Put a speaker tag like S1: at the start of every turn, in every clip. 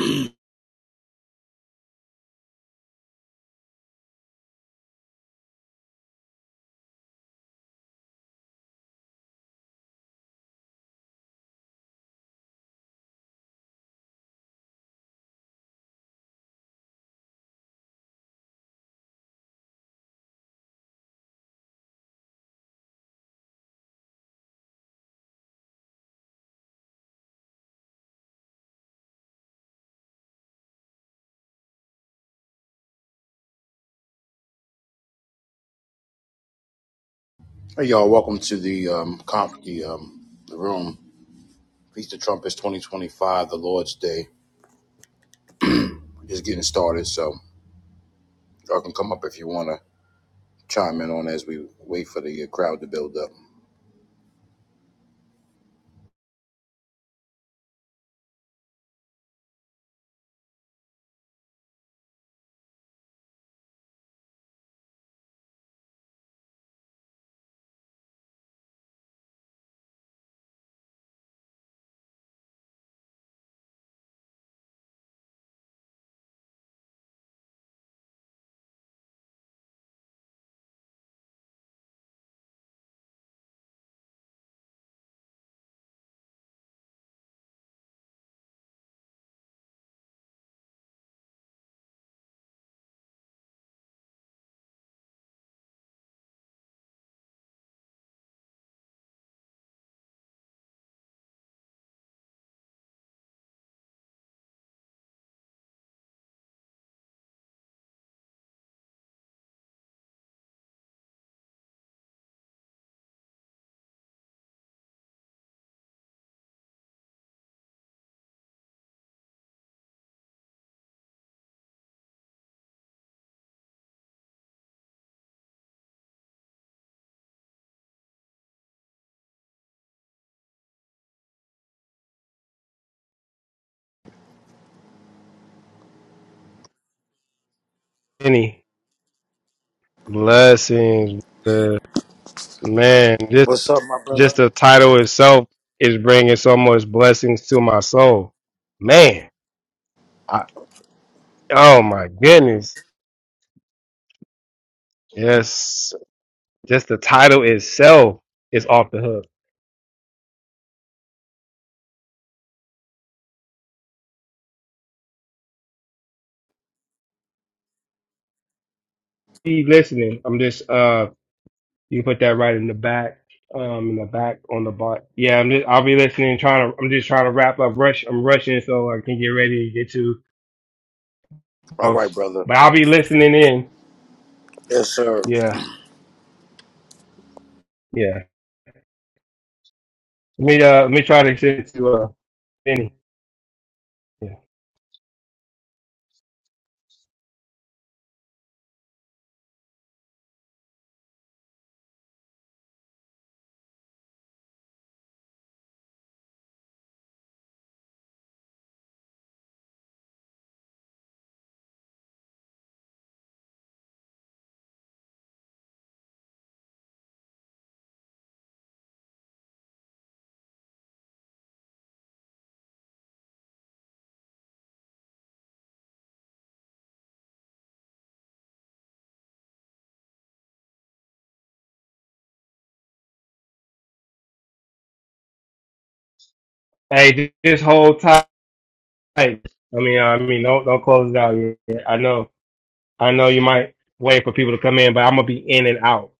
S1: Hey, y'all. Welcome to the um, conf- the, um, the room. Feast of Trumpets 2025, the Lord's Day. We're just getting started, so y'all can come up if you want to chime in on as we wait for the uh, crowd to build up.
S2: Any blessings, brother. man. Just
S1: What's up, my brother?
S2: just the title itself is bringing so much blessings to my soul, man. I, oh my goodness, yes. Just the title itself is off the hook. Be listening. I'm just uh, you put that right in the back, um, in the back on the bot. Yeah, I'm just I'll be listening. Trying to I'm just trying to wrap up. Rush. I'm rushing so I can get ready to get to
S1: All right,
S2: house,
S1: brother.
S2: but I'll be listening in.
S1: Yes, sir.
S2: Yeah, yeah. Let me uh let me try to get to uh Benny. Yeah. Hey, ju- just hold tight. I mean, uh, I mean, don't don't close it out yet. I know, I know you might wait for people to come in, but I'm gonna be in and out.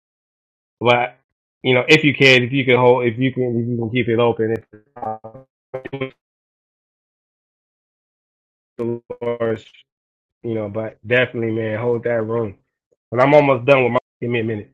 S2: But you know, if you can, if you can hold, if you can, if you can keep it open, if uh, the Lord's, you know, but definitely, man, hold that room. And I'm almost done with my. Give me a minute.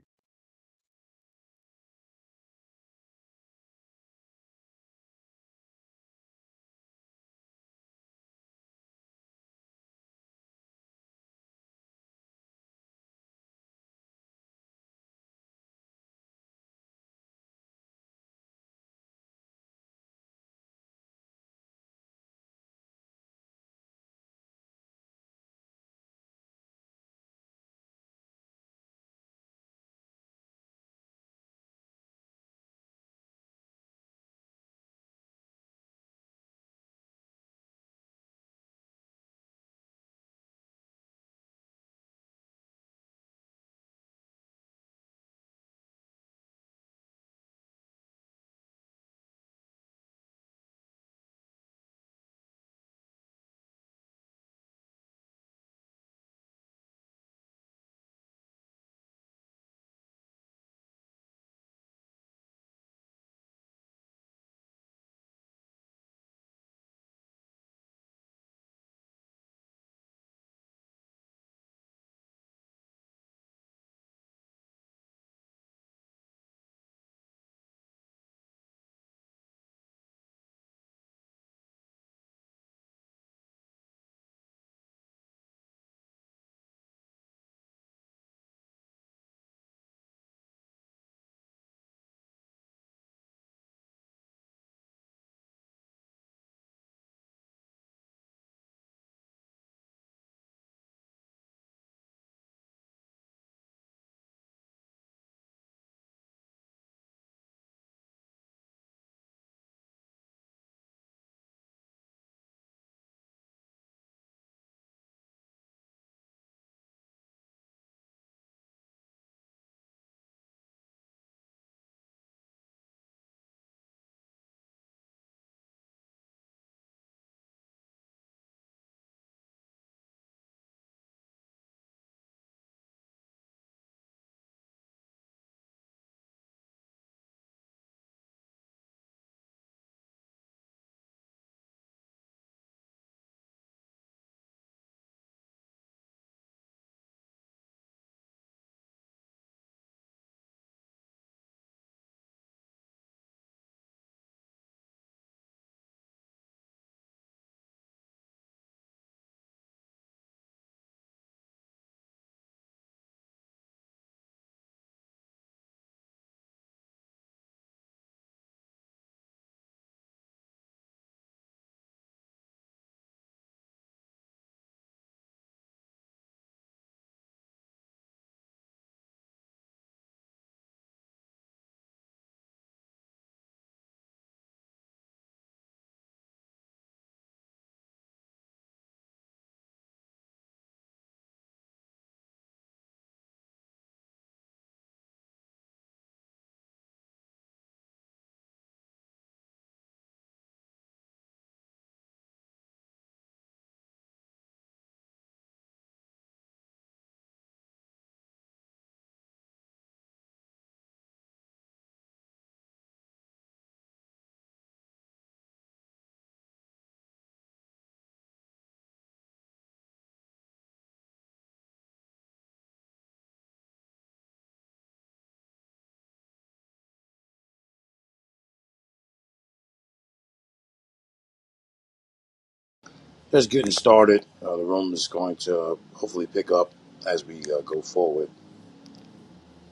S1: Just getting started. Uh, the room is going to uh, hopefully pick up as we uh, go forward.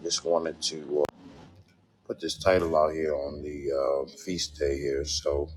S1: Just wanted to uh, put this title out here on the uh, feast day here, so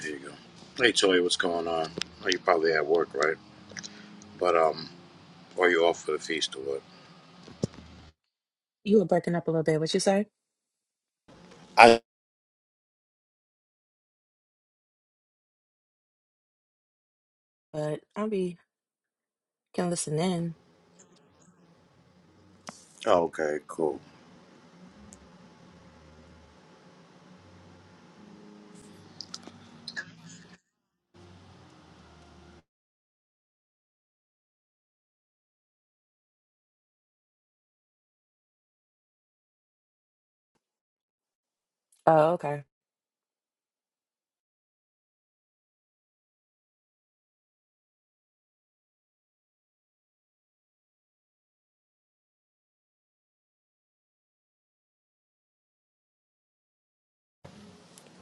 S1: there you go. Hey, Toy, what's going on? Oh, You're probably at work, right? But um, are you off for the feast or what?
S3: You were breaking up a little bit. What you say?
S1: I
S3: But I'll be can listen in.
S1: Okay, cool.
S3: Oh, okay.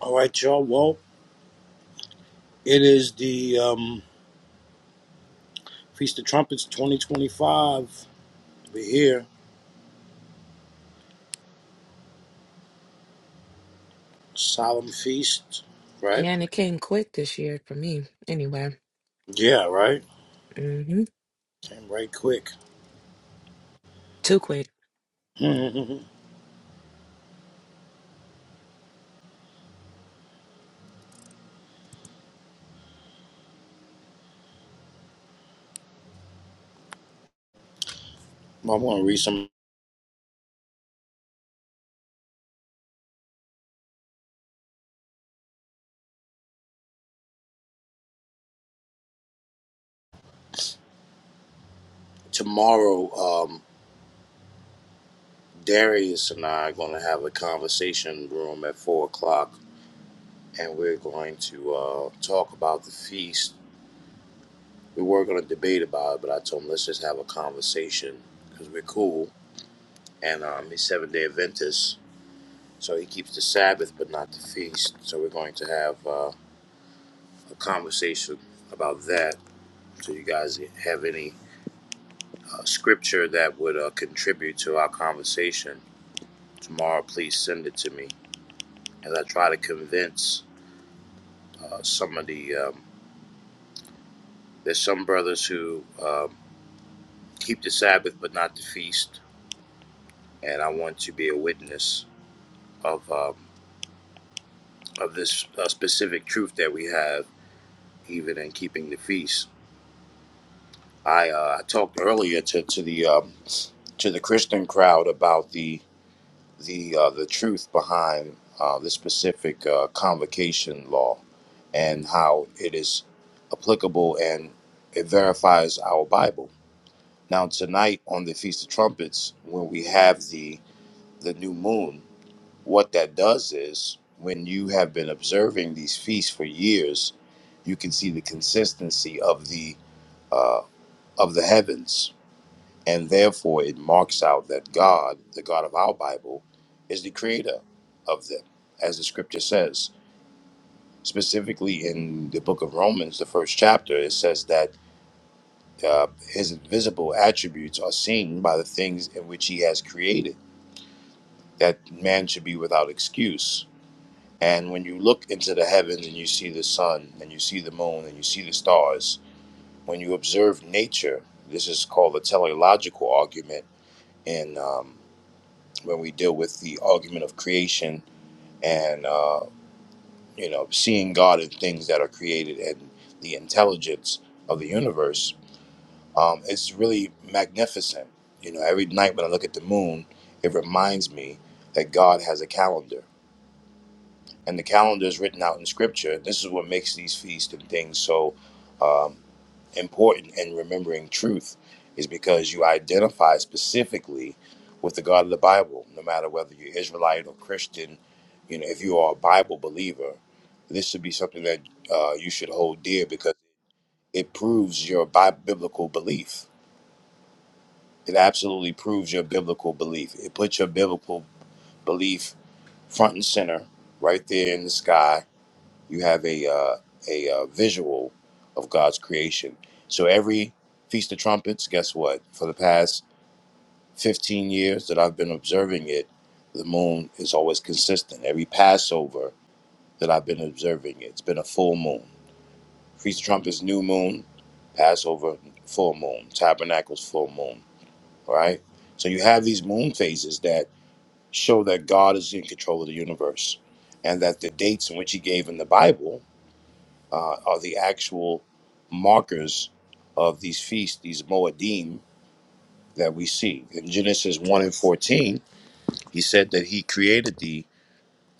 S1: all right, y'all. Well, it is the um Feast of Trumpets 2025. We're here, solemn feast, right?
S3: Yeah, and it came quick this year for me. Anyway,
S1: Yeah, right.
S3: hmm
S1: Came right quick.
S3: too quick.
S1: I'm gonna read some tomorrow. Um, Darius and I are gonna have a conversation room at four o'clock, and we're going to uh, talk about the feast. We were gonna debate about it, but I told him let's just have a conversation because we're cool and um, he's seven day Adventist, so he keeps the Sabbath but not the feast. So we're going to have uh, a conversation about that. So you guys have any uh, scripture that would uh, contribute to our conversation tomorrow? Please send it to me as I try to convince uh, some of the. Um, there's some brothers who um, keep the Sabbath but not the feast, and I want to be a witness of um, of this uh, specific truth that we have even in keeping the feast. I uh, I talked earlier to to the um, to the Christian crowd about the the uh, the truth behind uh, this specific uh, convocation law and how it is applicable and it verifies our Bible. Now tonight on the Feast of Trumpets, when we have the the new moon, what that does is when you have been observing these feasts for years, you can see the consistency of the uh, of the heavens And therefore, it marks out that God, the God of our Bible, is the creator of them, as the scripture says. Specifically in the book of Romans, the first chapter, it says that uh, his invisible attributes are seen by the things in which he has created, that man should be without excuse. And when you look into the heavens and you see the sun and you see the moon and you see the stars, when you observe nature, this is called the teleological argument. In um, when we deal with the argument of creation and uh, you know seeing God in things that are created and the intelligence of the universe, um, it's really magnificent. You know, every night when I look at the moon, it reminds me that God has a calendar, and the calendar is written out in Scripture. This is what makes these feasts and things so. Um, important in remembering truth is because you identify specifically with the God of the Bible, no matter whether you're Israelite or Christian. You know, if you are a Bible believer, this should be something that uh, you should hold dear because it proves your bi- biblical belief. It absolutely proves your biblical belief. It puts your biblical belief front and center, right there in the sky you have a uh, a uh, visual of God's creation. So every Feast of Trumpets, guess what? For the past 15 years that I've been observing it, the moon is always consistent. Every Passover that I've been observing it, it's been a full moon. Feast of Trumpets, new moon. Passover, full moon. Tabernacles, full moon. All Right. So you have these moon phases that show that God is in control of the universe, and that the dates in which He gave in the Bible uh, are the actual markers of these feasts, these Moedim that we see. In Genesis 1 and 14, he said that he created the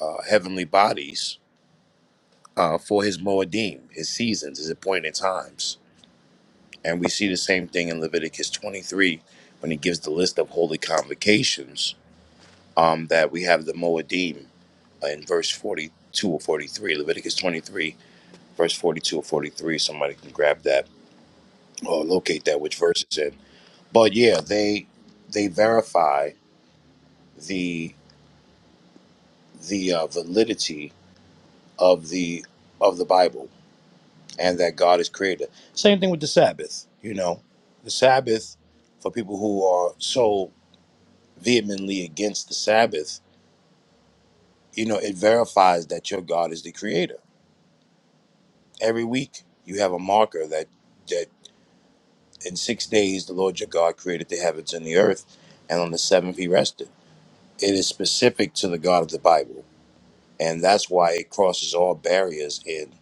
S1: uh, heavenly bodies uh, for his Moedim, his seasons, his appointed times. And we see the same thing in Leviticus 23 when he gives the list of holy convocations um, that we have the Moedim uh, in verse 42 or 43, Leviticus 23, verse 42 or 43. Somebody can grab that or locate that, which verse it's in But yeah, they they verify the the uh, validity of the of the Bible and that God is creator. Same thing with the Sabbath. You know, the Sabbath for people who are so vehemently against the Sabbath, you know, it verifies that your God is the creator. Every week you have a marker that that in six days the Lord your God created the heavens and the earth, and on the seventh he rested. It is specific to the God of the Bible and that's why it crosses all barriers in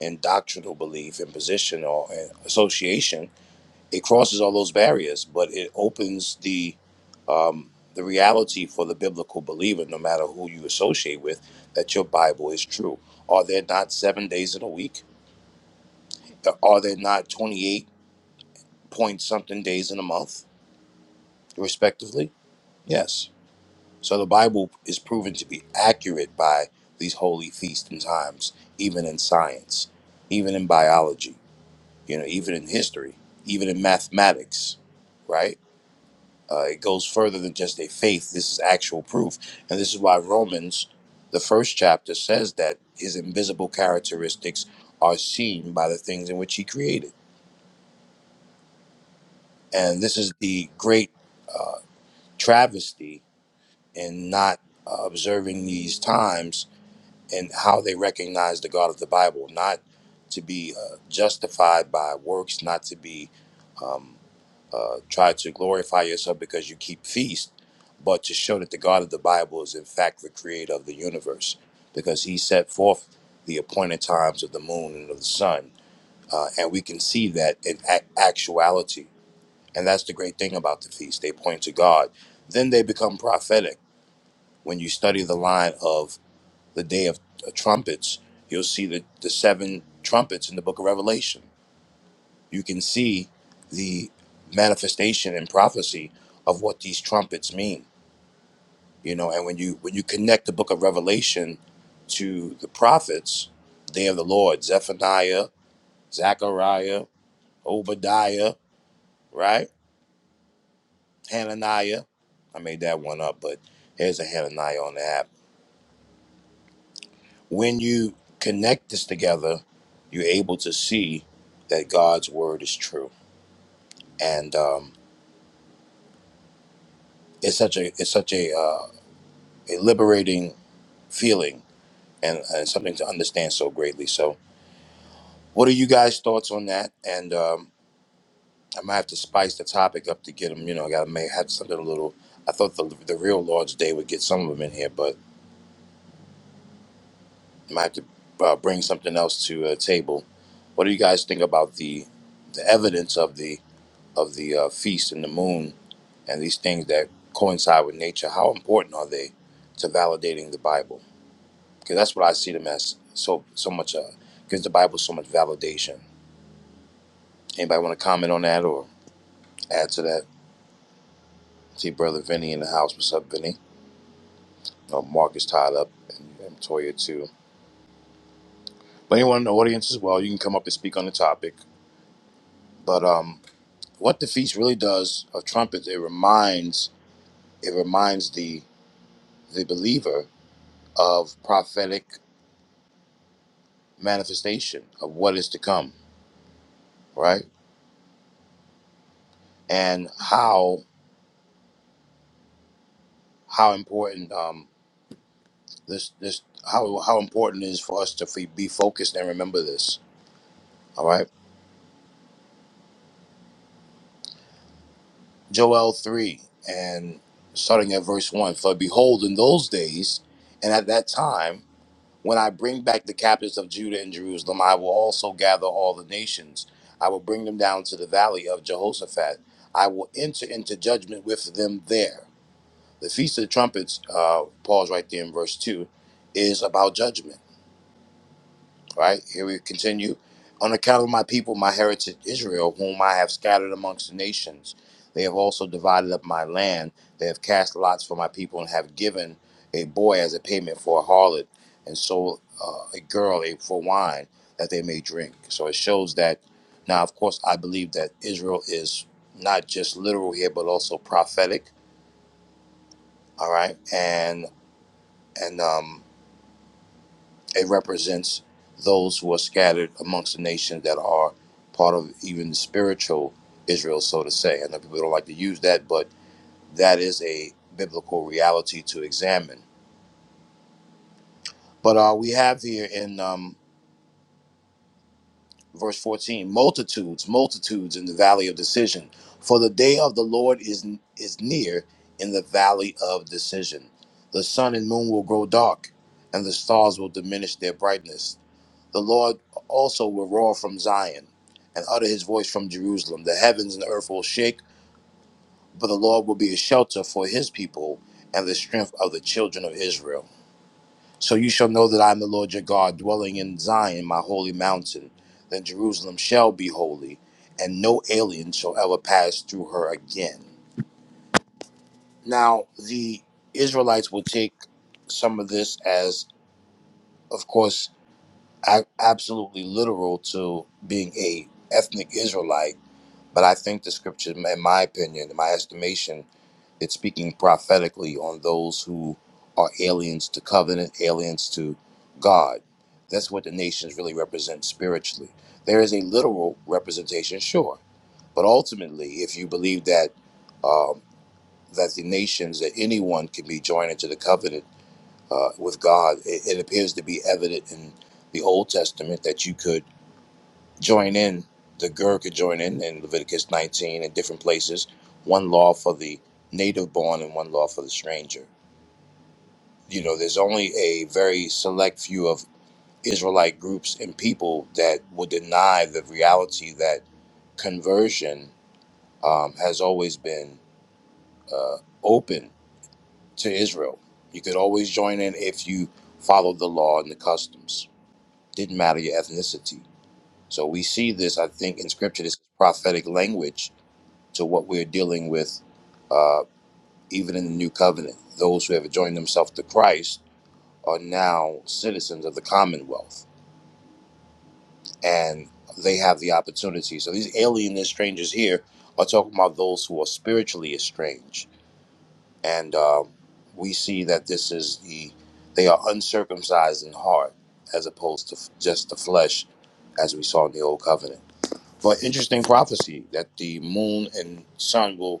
S1: in doctrinal belief and position or in association it crosses all those barriers but it opens the um, the reality for the biblical believer no matter who you associate with that your bible is true are there not seven days in a week are there not 28 point something days in a month respectively yes So the Bible is proven to be accurate by these holy feasts and times, even in science, even in biology, you know, even in history, even in mathematics, right? Uh, it goes further than just a faith. This is actual proof. And this is why Romans, the first chapter, says that his invisible characteristics are seen by the things in which he created. And this is the great uh, travesty in not uh, observing these times and how they recognize the God of the Bible, not to be uh, justified by works, not to be um, uh, try to glorify yourself because you keep feast, but to show that the God of the Bible is in fact the creator of the universe, because He set forth the appointed times of the moon and of the sun, uh, and we can see that in ac actuality. And that's the great thing about the feast; they point to God. Then they become prophetic when you study the line of the day of trumpets, you'll see the, the seven trumpets in the book of Revelation. You can see the manifestation and prophecy of what these trumpets mean. You know, and when you when you connect the book of Revelation to the prophets, day of the Lord, Zephaniah, Zechariah, Obadiah, right? Hananiah. I made that one up, but there's a Hananiah on the app when you connect this together, you're able to see that God's word is true, and um, it's such a it's such a uh, a liberating feeling and, and something to understand so greatly. So, what are you guys' thoughts on that? And um, I might have to spice the topic up to get them. You know, I got to may have something a little. I thought the the real Lord's Day would get some of them in here, but I might have to uh, bring something else to a table. What do you guys think about the the evidence of the of the uh, feast and the moon and these things that coincide with nature, how important are they to validating the Bible? Because that's what I see them as so so much. Uh, gives the Bible so much validation. Anybody want to comment on that or add to that? See brother Vinny in the house. What's up, Vinny? Oh, Mark is tied up, and, and Toya too. But anyone in the audience as well, you can come up and speak on the topic. But um, what the feast really does of trumpets, it reminds it reminds the the believer of prophetic manifestation of what is to come right? and how how important um, this this how how important it is for us to f- be focused and remember this. All right, Joel three and starting at verse one. For behold, in those days and at that time, when I bring back the captives of Judah and Jerusalem, I will also gather all the nations. I will bring them down to the valley of Jehoshaphat. I will enter into judgment with them there. The feast of the trumpets. Uh, pause right there in verse two is about judgment Right here we continue. On account of my people, my heritage Israel, whom I have scattered amongst the nations, they have also divided up my land. They have cast lots for my people and have given a boy as a payment for a harlot, and sold uh, a girl a, for wine that they may drink. So it shows that. Now, of course, I believe that Israel is not just literal here, but also prophetic. All right, and and um, It represents those who are scattered amongst the nations that are part of even the spiritual Israel, so to say. I know people don't like to use that, but that is a biblical reality to examine. But uh, we have here in um, verse 14 multitudes, multitudes in the valley of decision. For the day of the Lord is, is near in the valley of decision. The sun and moon will grow dark, and the stars will diminish their brightness The Lord also will roar from Zion and utter his voice from Jerusalem. The heavens and the earth will shake, but the Lord will be a shelter for his people and the strength of the children of Israel. So you shall know that I am the Lord your God, dwelling in Zion, my holy mountain. Then Jerusalem shall be holy, and no alien shall ever pass through her again. Now, the Israelites will take some of this as, of course, a- absolutely literal to being a ethnic Israelite But I think the scripture, in my opinion, in my estimation, it's speaking prophetically on those who are aliens to covenant, aliens to God. That's what the nations really represent spiritually. There is a literal representation, sure, but ultimately, if you believe that um, that the nations, that anyone can be joined into the covenant uh, with God, it, it appears to be evident in the Old Testament that you could join in, the Gur could join in in Leviticus 19 in different places, one law for the native born and one law for the stranger. You know, there's only a very select few of Israelite groups and people that will deny the reality that conversion um, has always been uh, open to Israel. You could always join in if you followed the law and the customs. Didn't matter your ethnicity. So we see this, I think, in scripture. This is prophetic language to what we're dealing with, uh, even in the new covenant. Those who have joined themselves to Christ are now citizens of the Commonwealth, and they have the opportunity. So these alien and strangers here are talking about those who are spiritually estranged, and um we see that this is the they are uncircumcised in heart as opposed to f- just the flesh, as we saw in the old covenant. But interesting prophecy that the moon and sun will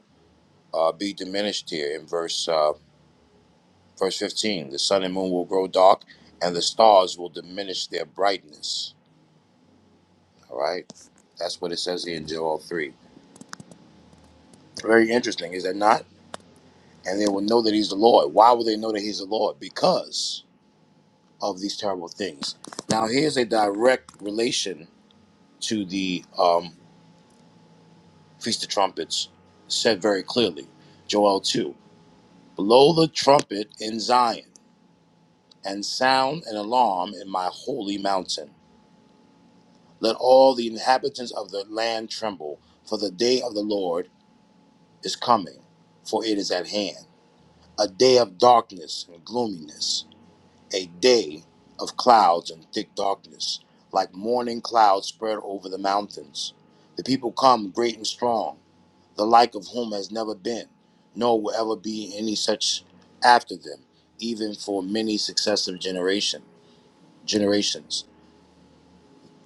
S1: uh, be diminished here in verse uh, verse 15 the sun and moon will grow dark and the stars will diminish their brightness all right that's what it says here in joel 3 very interesting is that not and they will know that he's the lord why will they know that he's the lord because of these terrible things now here's a direct relation to the um, feast of trumpets said very clearly joel 2 blow the trumpet in zion and sound an alarm in my holy mountain Let all the inhabitants of the land tremble, for the day of the Lord is coming, for it is at hand. A day of darkness and gloominess, a day of clouds and thick darkness, like morning clouds spread over the mountains. The people come great and strong, the like of whom has never been, nor will ever be any such after them, even for many successive generation, generations.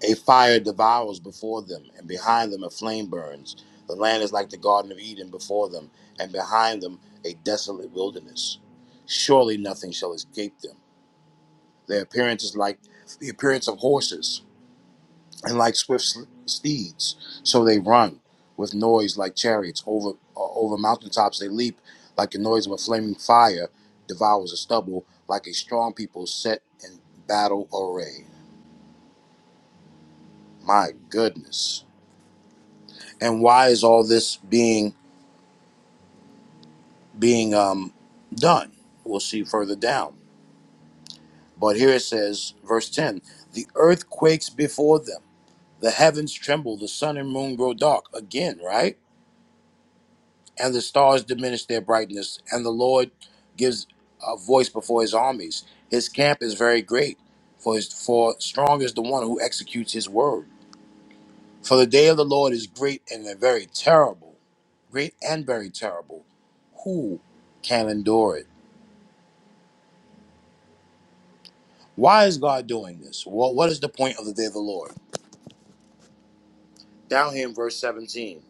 S1: A fire devours before them, and behind them a flame burns. The land is like the Garden of Eden before them, and behind them a desolate wilderness. Surely nothing shall escape them. Their appearance is like the appearance of horses, and like swift sl- steeds. So they run with noise like chariots. Over uh, over mountaintops they leap, like the noise of a flaming fire devours a stubble, like a strong people set in battle array. My goodness. and why is all this being being um, done? We'll see further down. But here it says, verse ten: the earth quakes before them, the heavens tremble, the sun and moon grow dark again, right? And the stars diminish their brightness, and the Lord gives a voice before His armies. His camp is very great, for his, for strong is the one who executes His word. For the day of the Lord is great and very terrible, great and very terrible. Who can endure it? Why is God doing this? Well, what is the point of the day of the Lord? Down here in verse 17.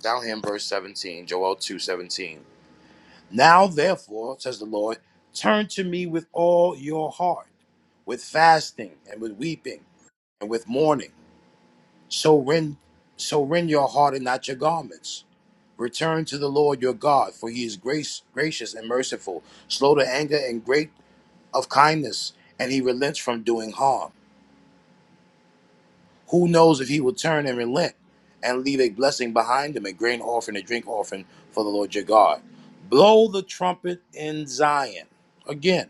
S1: Down here in verse 17, Joel 2 17. Now, therefore, says the Lord, turn to me with all your heart, with fasting and with weeping and with mourning. So rend, so rend your heart and not your garments. Return to the Lord your God, for he is grace, gracious and merciful, slow to anger and great of kindness, and he relents from doing harm. Who knows if he will turn and relent and leave a blessing behind him, a grain offering, a drink offering for the Lord your God. Blow the trumpet in Zion. Again,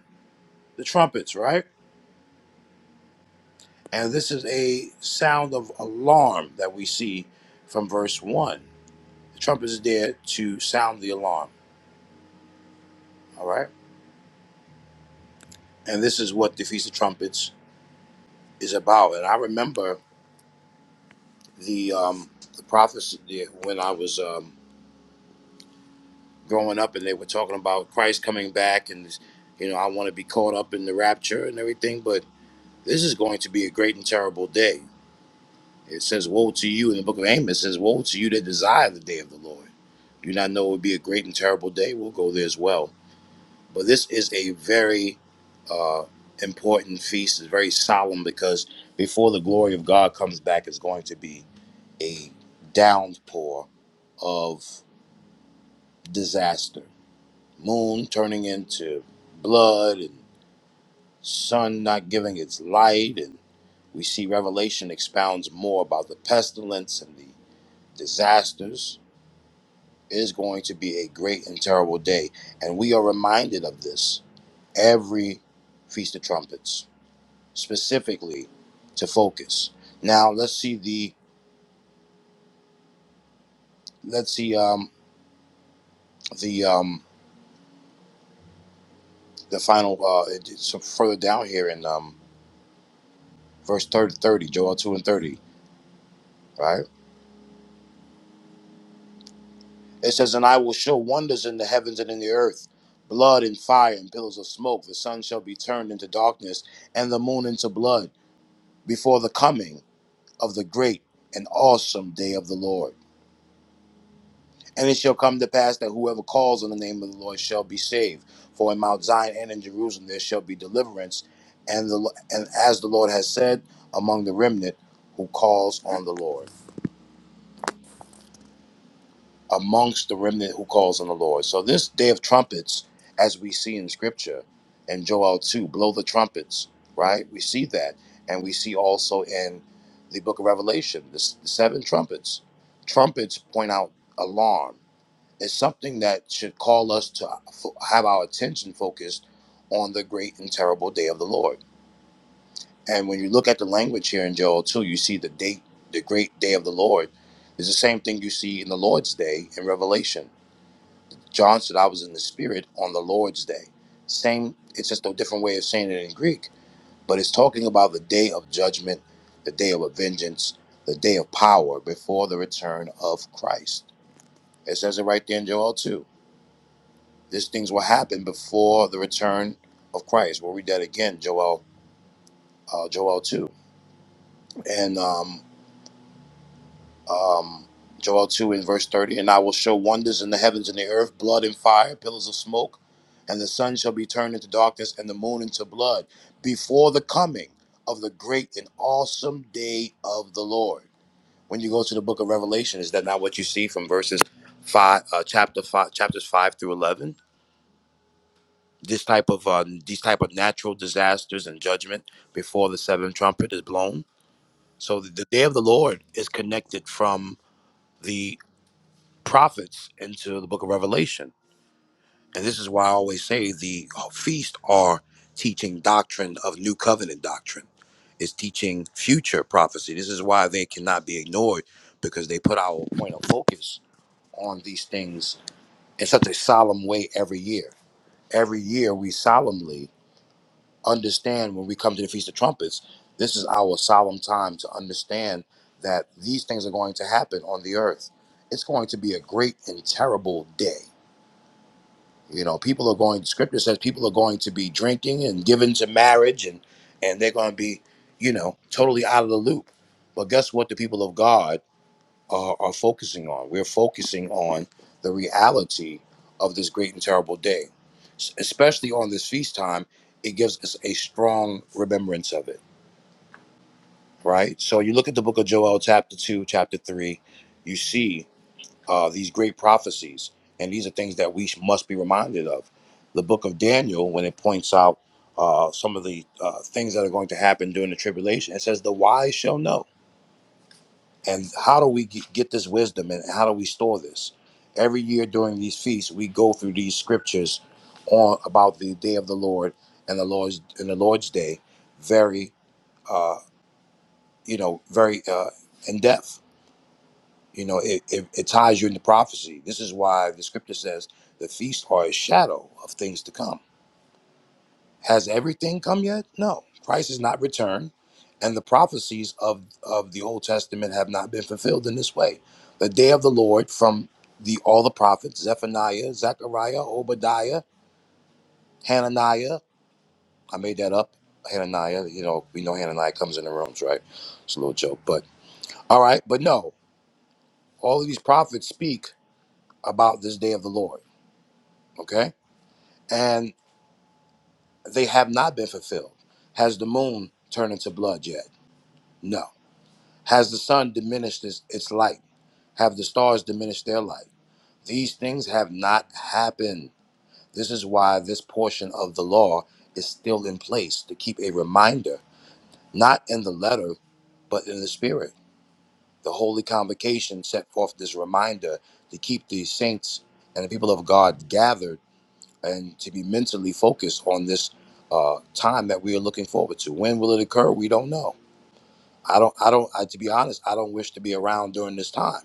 S1: the trumpets, right? And this is a sound of alarm that we see from verse 1. The trumpet is there to sound the alarm, all right? And this is what the Feast of Trumpets is about. And I remember the um, the prophecy when I was um, growing up and they were talking about Christ coming back and you know I want to be caught up in the rapture and everything but this is going to be a great and terrible day it says woe to you in the book of Amos it says woe to you that desire the day of the Lord do you not know it would be a great and terrible day we'll go there as well but this is a very uh, important feast it's very solemn because before the glory of God comes back is going to be a downpour of disaster moon turning into blood and sun not giving its light and we see revelation expounds more about the pestilence and the disasters it is going to be a great and terrible day and we are reminded of this every feast of trumpets specifically to focus now let's see the let's see um the um the final uh it- it's further down here in um verse 30 30 joel 2 and 30 right It says, And I will show wonders in the heavens and in the earth, blood and fire and pillars of smoke. The sun shall be turned into darkness and the moon into blood before the coming of the great and awesome day of the Lord. And it shall come to pass that whoever calls on the name of the Lord shall be saved. For in Mount Zion and in Jerusalem there shall be deliverance, and the and as the Lord has said, among the remnant who calls on the Lord. amongst the remnant who calls on the Lord. So this day of trumpets, as we see in scripture and Joel 2, blow the trumpets, right? We see that. And we see also in the book of Revelation, the, s- the seven trumpets. Trumpets point out alarm. It's something that should call us to fo- have our attention focused on the great and terrible day of the Lord. And when you look at the language here in Joel 2, you see the date, the great day of the Lord is the same thing you see in the Lord's day in Revelation John said, I was in the spirit on the Lord's day. Same, it's just a different way of saying it in Greek, but it's talking about the day of judgment, the day of vengeance, the day of power before the return of Christ. It says it right there in Joel 2. These things will happen before the return of Christ. We'll read that again, Joel, uh, Joel 2. And um, um, Joel 2 in verse 30, and I will show wonders in the heavens and the earth, blood and fire, pillars of smoke, and the sun shall be turned into darkness and the moon into blood before the coming of the great and awesome day of the Lord. When you go to the book of Revelation, is that not what you see from verses five, uh, chapter five, chapters five through eleven? This type of uh, these type of natural disasters and judgment before the seventh trumpet is blown. So the the day of the Lord is connected from the prophets into the book of Revelation. And this is why I always say the uh, feast are teaching doctrine of new covenant doctrine. It's teaching future prophecy. This is why they cannot be ignored because they put our point of focus on these things in such a solemn way every year. Every year we solemnly understand when we come to the Feast of Trumpets, this is our solemn time to understand that these things are going to happen on the earth. It's going to be a great and terrible day You know, people are going. Scripture says people are going to be drinking and given to marriage, and and they're going to be, you know, totally out of the loop. But guess what? The people of God are, are focusing on. We're focusing on the reality of this great and terrible day, S- especially on this feast time. It gives us a strong remembrance of it, right? So you look at the book of Joel, chapter two, chapter three. You see uh, these great prophecies. And these are things that we must be reminded of. The book of Daniel, when it points out uh, some of the uh, things that are going to happen during the tribulation, it says, The wise shall know. And how do we ge- get this wisdom and how do we store this? Every year during these feasts, we go through these scriptures on about the day of the Lord and the Lord's and the Lord's day very uh, you know very uh, in depth You know, it, it, it ties you into prophecy. This is why the scripture says the feasts are a shadow of things to come. Has everything come yet? No. Christ is not returned, and the prophecies of, of the Old Testament have not been fulfilled in this way. The day of the Lord from the all the prophets, Zephaniah, Zechariah, Obadiah, Hananiah. I made that up. Hananiah, you know, we know Hananiah comes in the rooms, right? It's a little joke, but all right, but no, all of these prophets speak about this day of the Lord. Okay and they have not been fulfilled. Has the moon turned into blood yet? No. Has the sun diminished its, its light? Have the stars diminished their light? These things have not happened. This is why this portion of the law is still in place to keep a reminder, not in the letter, but in the spirit. The Holy Convocation set forth this reminder to keep the saints and the people of God gathered and to be mentally focused on this uh, time that we are looking forward to. When will it occur? We don't know. I don't. I don't. I, to be honest, I don't wish to be around during this time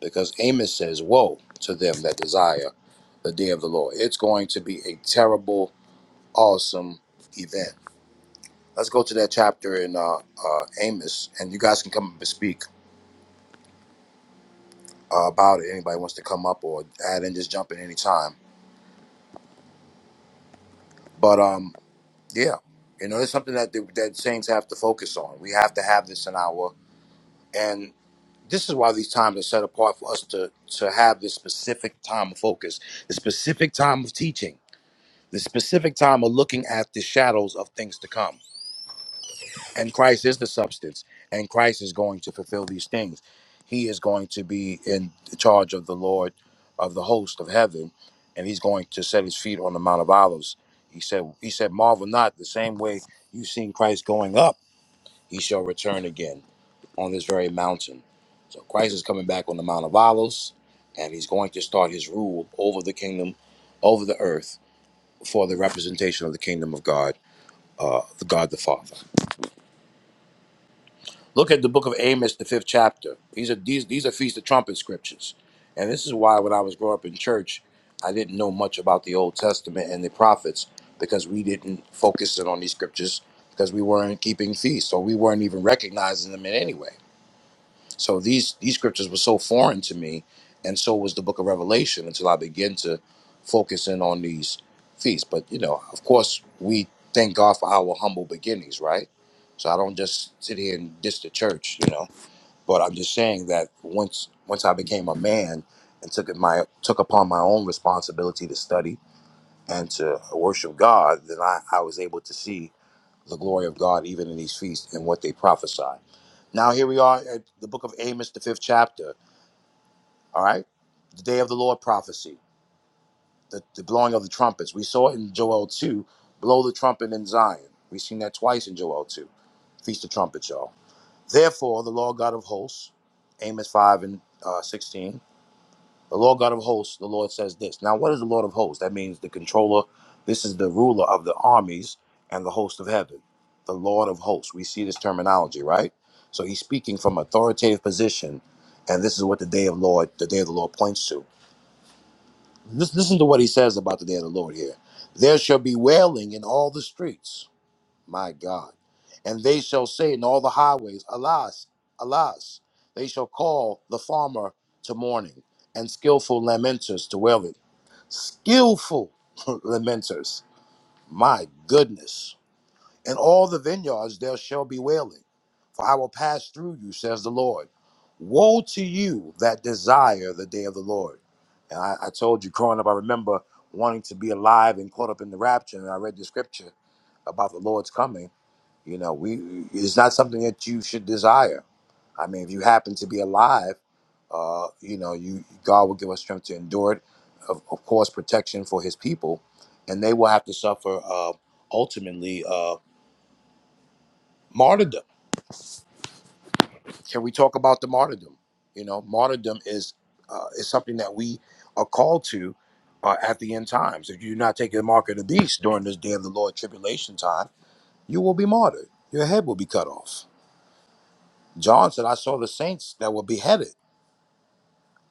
S1: because Amos says, "Woe to them that desire the day of the Lord." It's going to be a terrible, awesome event. Let's go to that chapter in uh, uh, Amos, and you guys can come up and speak uh, about it. Anybody wants to come up or add in, just jump in any time. But um, Yeah, you know, it's something that the, that saints have to focus on. We have to have this in our, and this is why these times are set apart for us to to have this specific time of focus, the specific time of teaching, the specific time of looking at the shadows of things to come. And Christ is the substance, and Christ is going to fulfill these things. He is going to be in charge of the Lord of the host of heaven, and he's going to set his feet on the Mount of Olives. He said, he said, marvel not the same way you've seen Christ going up he shall return again on this very mountain. So Christ is coming back on the Mount of Olives, and he's going to start his rule over the kingdom, over the earth, for the representation of the kingdom of God, uh, the God the Father. Look at the book of Amos, the fifth chapter. These are these these are feast of trumpet scriptures, and this is why when I was growing up in church, I didn't know much about the Old Testament and the prophets because we didn't focus in on these scriptures because we weren't keeping feasts or we weren't even recognizing them in any way So these these scriptures were so foreign to me, and so was the Book of Revelation until I began to focus in on these feasts. But you know, of course, we thank God for our humble beginnings, right? So I don't just sit here and diss the church, you know. But I'm just saying that once once I became a man and took it my took upon my own responsibility to study and to worship God, then I, I was able to see the glory of God even in these feasts and what they prophesy. Now here we are at the book of Amos, the fifth chapter. All right, the day of the Lord prophecy, the, the blowing of the trumpets. We saw it in Joel two, blow the trumpet in Zion. We've seen that twice in Joel two, feast of trumpets, y'all. Therefore, the Lord God of hosts, Amos five and uh, sixteen. The Lord God of hosts, the Lord says this. Now, what is the Lord of hosts? That means the controller. This is the ruler of the armies and the host of heaven. The Lord of hosts. We see this terminology, right? So he's speaking from authoritative position, and this is what the day of Lord, the day of the Lord points to. Lis- Listen to what he says about the day of the Lord here. There shall be wailing in all the streets my God. And they shall say in all the highways, Alas, alas. They shall call the farmer to mourning and skillful lamenters to wail it. Skillful lamenters, my goodness. In all the vineyards there shall be wailing, for I will pass through you, says the Lord. Woe to you that desire the day of the Lord. And I, I told you growing up, I remember wanting to be alive and caught up in the rapture, and I read the scripture about the Lord's coming. You know, we it's not something that you should desire. I mean, if you happen to be alive, uh, you know, you God will give us strength to endure it. Of, of course, protection for His people, and they will have to suffer uh, ultimately. Uh, martyrdom. Can we talk about the martyrdom? You know, martyrdom is uh, is something that we are called to uh, at the end times. If you're not taking the mark of the beast during this day of the Lord tribulation time, you will be martyred. Your head will be cut off. John said, "I saw the saints that were beheaded."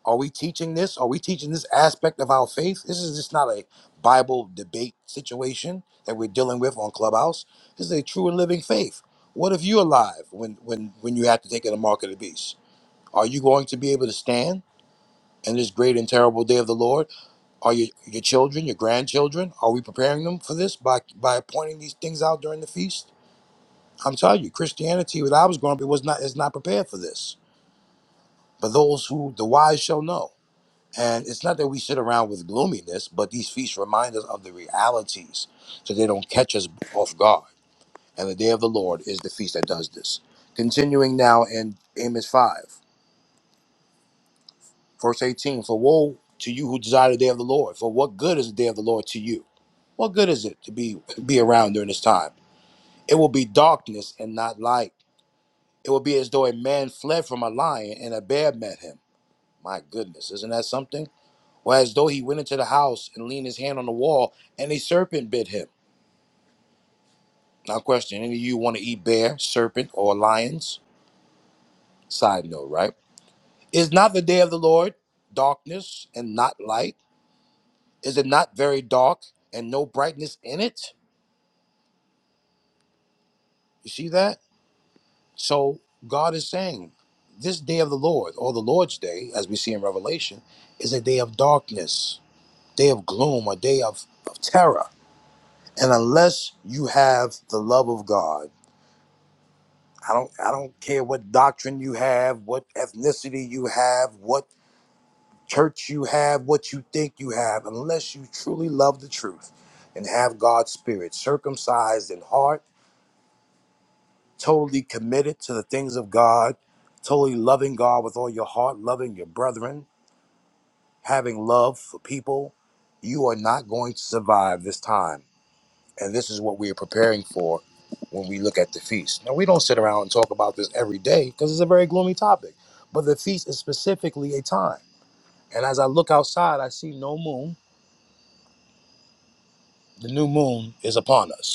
S1: Are we teaching this? Are we teaching this aspect of our faith? This is just not a Bible debate situation that we're dealing with on Clubhouse. This is a true and living faith. What if you're alive when when when you have to take the mark of the beast? Are you going to be able to stand in this great and terrible day of the Lord? Are your, your children, your grandchildren, are we preparing them for this by, by pointing these things out during the feast? I'm telling you, Christianity, when I was growing up, it was not, is not prepared for this. But those who, the wise shall know. And it's not that we sit around with gloominess, but these feasts remind us of the realities so they don't catch us off guard. And the day of the Lord is the feast that does this. Continuing now in Amos 5. Verse 18 For woe to you who desire the day of the Lord, for what good is the day of the Lord to you? What good is it to be, be around during this time? It will be darkness and not light. It will be as though a man fled from a lion and a bear met him. My goodness, isn't that something? Or as though he went into the house and leaned his hand on the wall and a serpent bit him. Now, question any of you want to eat bear, serpent, or lions? Side note, right? Is not the day of the Lord darkness and not light? Is it not very dark and no brightness in it? You see that? So God is saying, this day of the Lord, or the Lord's day, as we see in Revelation, is a day of darkness, day of gloom, a day of, of terror. And unless you have the love of God, I don't I don't care what doctrine you have, what ethnicity you have, what church you have, what you think you have, unless you truly love the truth and have God's spirit circumcised in heart totally committed to the things of God, totally loving God with all your heart, loving your brethren, having love for people, you are not going to survive this time. And this is what we are preparing for when we look at the feast. Now, we don't sit around and talk about this every day because it's a very gloomy topic, but the feast is specifically a time. And as I look outside, I see no moon. The new moon is upon us.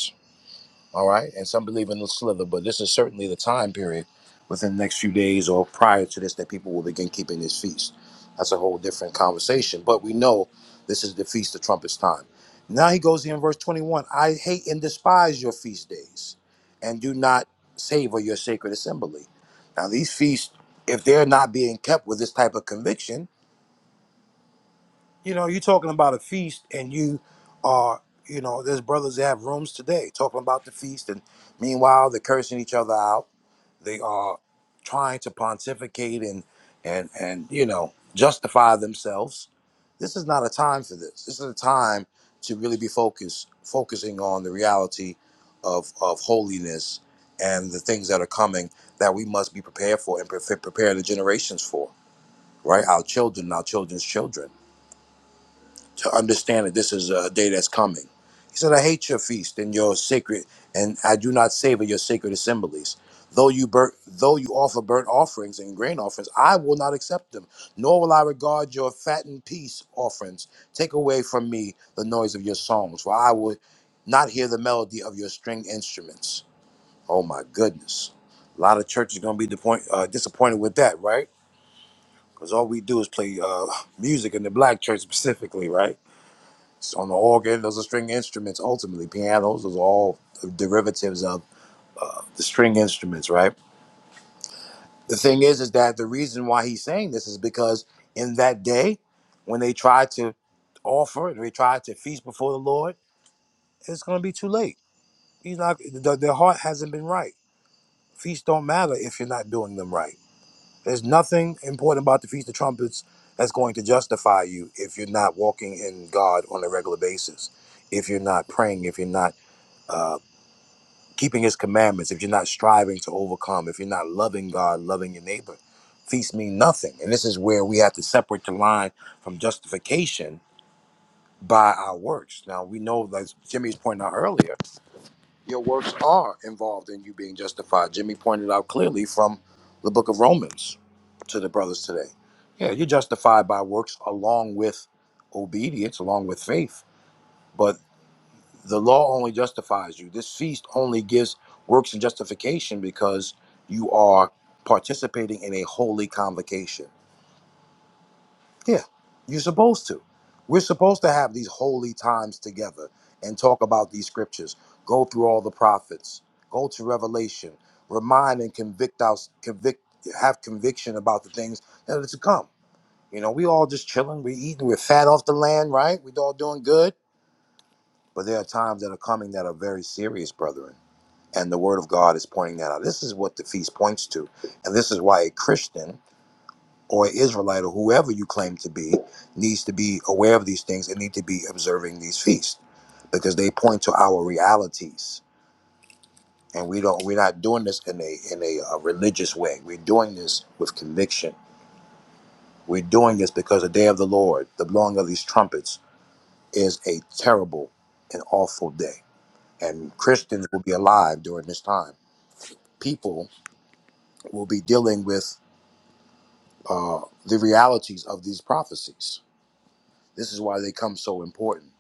S1: all right? And some believe in the slither, but this is certainly the time period within the next few days or prior to this that people will begin keeping this feast. That's a whole different conversation, but we know this is the feast of trumpets time. Now he goes in verse 21 I hate and despise your feast days and do not savor your sacred assembly. Now, these feasts, if they're not being kept with this type of conviction, you know, you're talking about a feast, and you are, you know, there's brothers that have rooms today talking about the feast, and meanwhile they're cursing each other out. They are trying to pontificate and and and you know justify themselves. This is not a time for this. This is a time to really be focused, focusing on the reality of of holiness and the things that are coming that we must be prepared for and pre- prepare the generations for. Right, our children, our children's children to understand that this is a day that's coming. He said, I hate your feast and your sacred, and I do not savor your sacred assemblies. Though you burn, though you offer burnt offerings and grain offerings, I will not accept them, nor will I regard your fattened peace offerings. Take away from me the noise of your songs, for I would not hear the melody of your string instruments. Oh my goodness, a lot of churches gonna be disappoint, uh, disappointed with that, right? Because all we do is play uh, music in the black church specifically, right? on the organ. Those are string instruments. Ultimately, pianos. Those are all derivatives of the string instruments, right? The thing is, is that the reason why he's saying this is because in that day, when they try to offer, they try to feast before the Lord, it's going to be too late. He's not. The, their heart hasn't been right. Feasts don't matter if you're not doing them right. There's nothing important about the feast of trumpets that's going to justify you if you're not walking in God on a regular basis, if you're not praying, if you're not uh, keeping his commandments, if you're not striving to overcome, if you're not loving God, loving your neighbor, feasts mean nothing. And this is where we have to separate the line from justification by our works. Now we know that Jimmy's pointed out earlier, your works are involved in you being justified. Jimmy pointed out clearly from the book of Romans to the brothers today. Yeah, you're justified by works along with obedience, along with faith. but the law only justifies you. This feast only gives works and justification because you are participating in a holy convocation. Yeah, you're supposed to. We're supposed to have these holy times together and talk about these scriptures, go through all the prophets, go to Revelation, remind and convict us, convict, have conviction about the things that are to come. You know, we all just chilling, we eating, we're fat off the land, right? we all doing good. But there are times that are coming that are very serious, brethren And the Word of God is pointing that out. This is what the feast points to. And this is why a Christian or an Israelite or whoever you claim to be needs to be aware of these things and need to be observing these feasts because they point to our realities. And we don't we're not doing this in a in a, uh religious way. We're doing this with conviction. We're doing this because the day of the Lord, the blowing of these trumpets, is a terrible and awful day. And Christians will be alive during this time. People will be dealing with uh, the realities of these prophecies. This is why they come so important.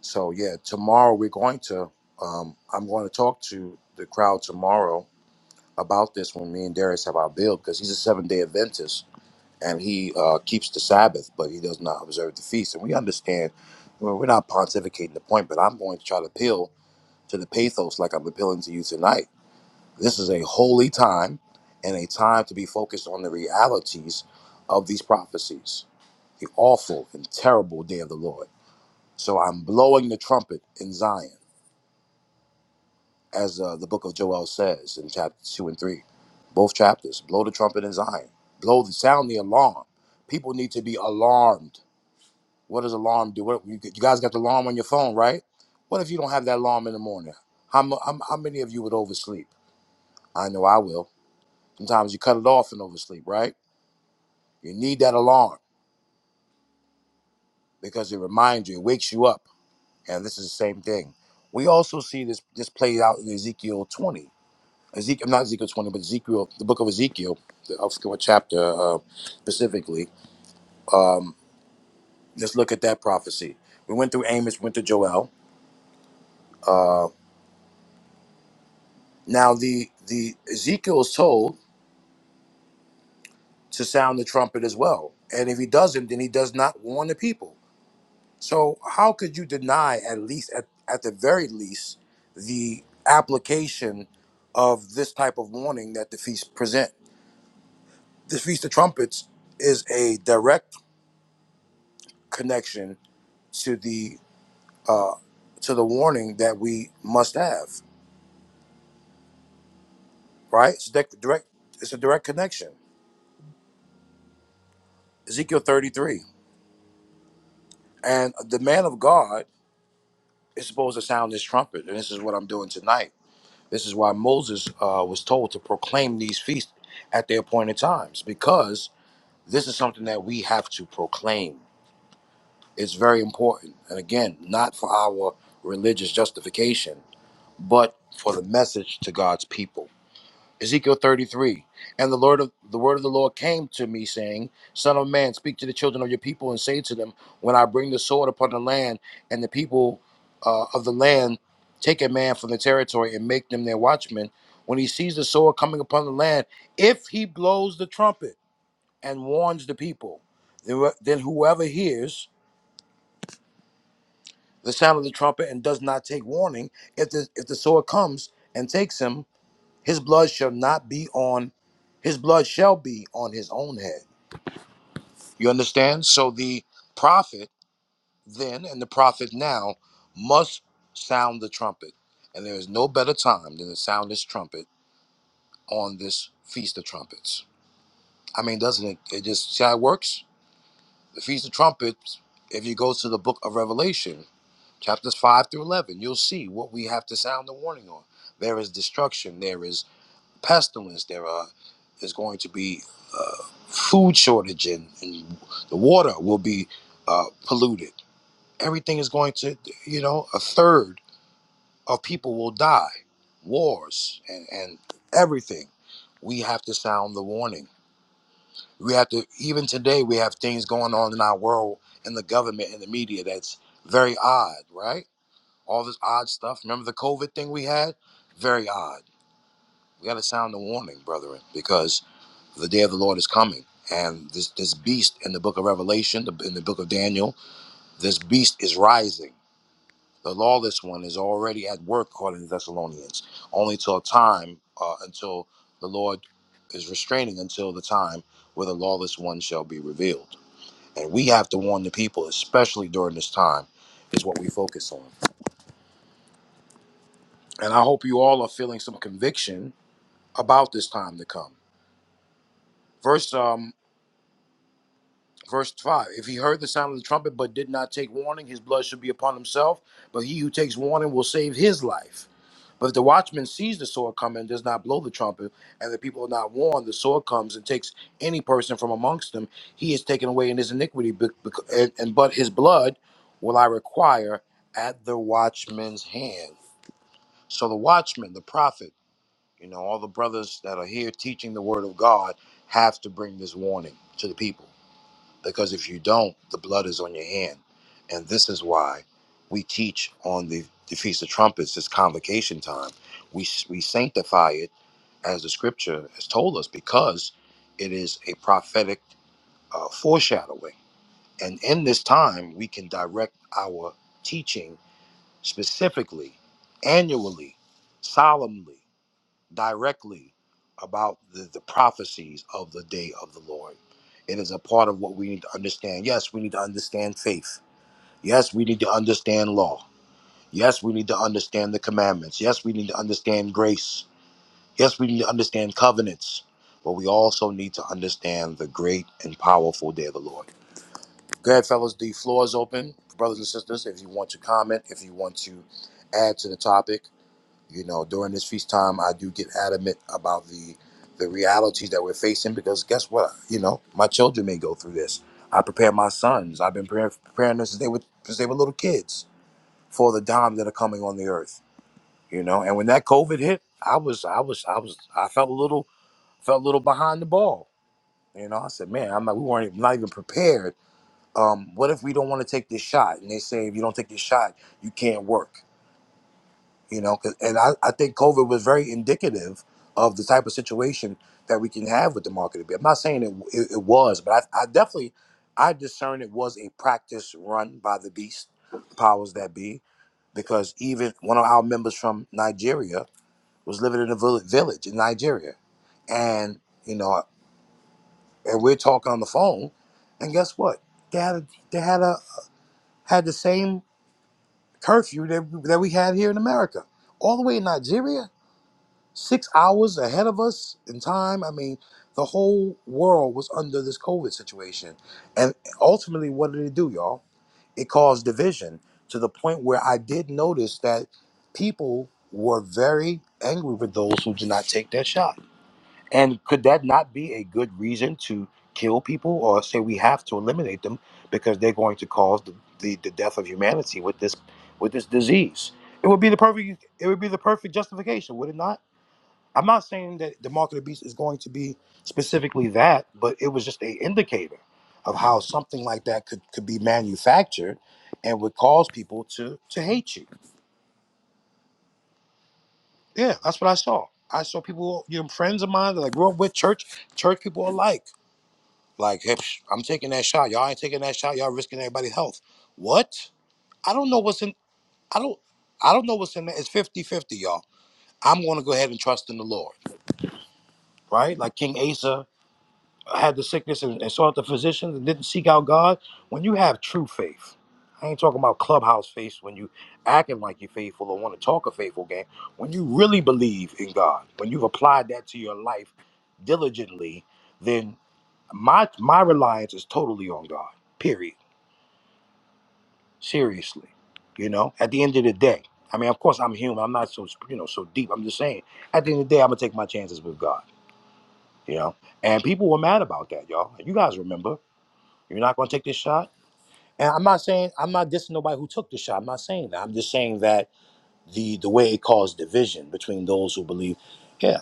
S1: So yeah, tomorrow we're going to. Um, I'm going to talk to the crowd tomorrow about this when me and Darius have our build because he's a seven day Adventist and he uh, keeps the Sabbath, but he does not observe the feast. And we understand. Well, we're not pontificating the point, but I'm going to try to appeal to the pathos like I'm appealing to you tonight. This is a holy time and a time to be focused on the realities of these prophecies the awful and terrible day of the Lord. So I'm blowing the trumpet in Zion, as uh, the book of Joel says in chapters 2 and 3. Both chapters, blow the trumpet in Zion. Blow the sound the alarm. People need to be alarmed. What does alarm do? What, you, you guys got the alarm on your phone, right? What if you don't have that alarm in the morning? How, mu- how, how many of you would oversleep? I know I will. Sometimes you cut it off and oversleep, right? You need that alarm because it reminds you, it wakes you up And this is the same thing. We also see this this played out in Ezekiel 20. Ezekiel, not Ezekiel 20, but Ezekiel, the book of Ezekiel, the, I forget what chapter uh, specifically. Um, let's look at that prophecy. We went through Amos, went to Joel. Uh, now the the Ezekiel is told to sound the trumpet as well, and if he doesn't, then he does not warn the people. So how could you deny at least at, at the very least the application of this type of warning that the feast present? the Feast of Trumpets is a direct connection to the to the warning that we must have, right? It's direct, direct it's a direct connection. Ezekiel 33. And the man of God is supposed to sound this trumpet, and this is what I'm doing tonight. This is why Moses uh, was told to proclaim these feasts at their appointed times, because this is something that we have to proclaim. It's very important. And again, not for our religious justification, but for the message to God's people. Ezekiel 33. And the Lord of the word of the Lord came to me, saying, Son of man, speak to the children of your people and say to them, When I bring the sword upon the land, and the people uh, of the land take a man from the territory and make them their watchmen, when he sees the sword coming upon the land, if he blows the trumpet and warns the people, then wh- then whoever hears the sound of the trumpet and does not take warning, if the if the sword comes and takes him, His blood shall not be on, his blood shall be on his own head. You understand? So the prophet then and the prophet now must sound the trumpet. And there is no better time than to sound this trumpet on this Feast of Trumpets. I mean, doesn't it? It just, see how it works? The Feast of Trumpets, if you go to the book of Revelation, chapters 5 through 11, you'll see what we have to sound the warning on. There is destruction, there is pestilence there are, there's going to be uh, food shortage and, and the water will be uh, polluted. Everything is going to, you know, a third of people will die. Wars and, and everything. We have to sound the warning. We have to, even today, we have things going on in our world, in the government, in the media that's very odd, right? All this odd stuff. Remember the COVID thing we had? Very odd. We got to sound the warning, brethren, because the day of the Lord is coming. And this, this beast in the book of Revelation, the, in the book of Daniel, this beast is rising. The lawless one is already at work, according to Thessalonians, only till a time, uh, until the Lord is restraining, until the time where the lawless one shall be revealed. And we have to warn the people, especially during this time, is what we focus on. And I hope you all are feeling some conviction about this time to come. Verse um, Verse 5 If he heard the sound of the trumpet but did not take warning, his blood should be upon himself. But he who takes warning will save his life. But if the watchman sees the sword coming and does not blow the trumpet, and the people are not warned, the sword comes and takes any person from amongst them. He is taken away in his iniquity, bec- bec- and, and but his blood will I require at the watchman's hand. So the watchman, the prophet, you know, all the brothers that are here teaching the word of God have to bring this warning to the people because if you don't, the blood is on your hand. And this is why we teach on the, the Feast of Trumpets, this convocation time. We, we sanctify it as the scripture has told us because it is a prophetic uh, foreshadowing. And in this time, we can direct our teaching specifically, annually, solemnly directly about the, the prophecies of the day of the Lord. It is a part of what we need to understand. Yes, we need to understand faith. Yes, we need to understand law. Yes, we need to understand the commandments. Yes, we need to understand grace. Yes, we need to understand covenants. But we also need to understand the great and powerful day of the Lord. Go ahead, fellas. The floor is open, brothers and sisters. If you want to comment, if you want to add to the topic, you know during this feast time i do get adamant about the the realities that we're facing because guess what you know my children may go through this i prepare my sons i've been preparing, preparing them since they were since they were little kids for the dime that are coming on the earth you know and when that covid hit i was i was i was i felt a little felt a little behind the ball you know i said man i'm not we weren't even, not even prepared um, what if we don't want to take this shot and they say if you don't take this shot you can't work you know 'cause- and I, I think covid was very indicative of the type of situation that we can have with the market i'm not saying it, it, it was but I, I definitely i discern it was a practice run by the beast powers that be because even one of our members from nigeria was living in a vill- village in nigeria and you know and we're talking on the phone and guess what they had a, they had a had the same curfew that, that we had here in america all the way in nigeria Six hours ahead of us in time. I mean, the whole world was under this COVID situation. And ultimately, what did it do, y'all? It caused division to the point where I did notice that people were very angry with those who did not take their shot. And could that not be a good reason to kill people or say we have to eliminate them because they're going to cause the, the, the death of humanity with this with this disease? It would be the perfect it would be the perfect justification, would it not? I'm not saying that the mark of the beast is going to be specifically that, but it was just a indicator of how something like that could, could be manufactured and would cause people to to hate you. Yeah, that's what I saw. I saw people, you know, friends of mine that I grew up with, church church people alike. Like, hey, psh, I'm taking that shot. Y'all ain't taking that shot. Y'all risking everybody's health. What? I don't know what's in. I don't. I don't know what's in there. It's 5050 y'all. I'm going to go ahead and trust in the Lord, right? Like King Asa had the sickness and, and sought the physicians and didn't seek out God, when you have true faith, I ain't talking about clubhouse faith when you acting like you're faithful or want to talk a faithful game. When you really believe in God, when you've applied that to your life diligently, then my my reliance is totally on God. Period. Seriously. You know, at the end of the day. I mean, of course I'm human. I'm not so you know so deep. I'm just saying, at the end of the day, I'm gonna take my chances with God, you know. And people were mad about that, y'all. You guys remember. You're not going to take this shot. And I'm not saying I'm not dissing nobody who took the shot. I'm not saying that. I'm just saying that the the way it caused division between those who believe. Yeah.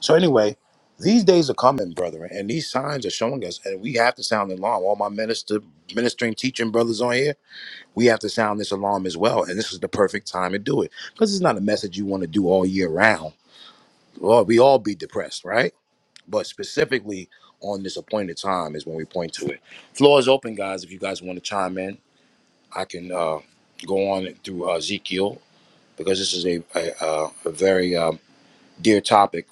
S1: So anyway, these days are coming, brethren, and these signs are showing us, and we have to sound the alarm. All my minister, ministering, teaching brothers on here, we have to sound this alarm as well. And this is the perfect time to do it because it's not a message you want to do all year round. Well, we all be depressed, right? But specifically on this appointed time is when we point to it. Floor is open, guys. If you guys want to chime in, I can uh, go on through uh, Ezekiel because this is a a, uh, a very um, dear topic.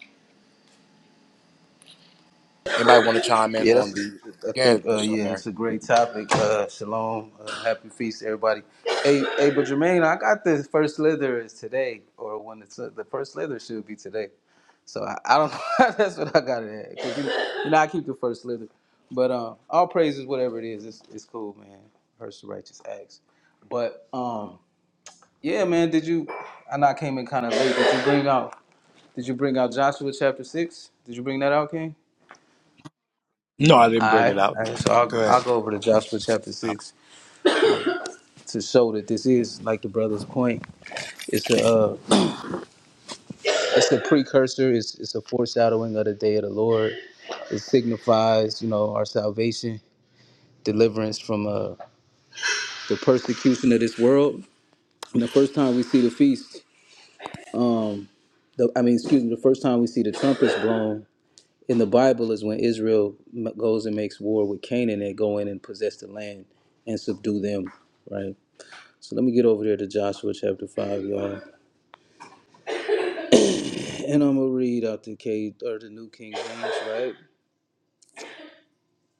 S1: Anybody want to chime in
S4: Yeah,
S1: on
S4: that's.
S1: the?
S4: I
S1: Yeah,
S4: think. Uh,
S1: Brother
S4: yeah,
S1: Mary.
S4: it's a great topic. Uh, shalom, uh, happy feast, everybody. Hey, hey, but Jermaine, I got the first slither is today, or when it's uh, the first slither should be today. So I, I don't. know. that's what I got it at. 'Cause, you, know, you know, I keep the first slither, but um, all praises, whatever it is, it's it's cool, man. First the righteous acts, but um, yeah, man. Did you? I know I came in kind of late. Did you bring out? Did you bring out Joshua chapter six? Did you bring that out, King?
S1: No, I
S4: All
S1: didn't bring it
S4: right,
S1: out.
S4: all right. So
S1: Go
S4: I'll, I'll
S1: ahead.
S4: go over to Joshua chapter six to show that this is like the brother's point. It's a uh, it's a precursor. It's it's a foreshadowing of the day of the Lord. It signifies, you know, our salvation, deliverance from uh, the persecution of this world. And the first time we see the feast, um, the, I mean, excuse me, the first time we see the trumpets blown in the Bible is when Israel m- goes and makes war with Canaan and go in and possess the land and subdue them, right? So let me get over there to Joshua chapter five, y'all, and I'm gonna read out the K or the New King James, right?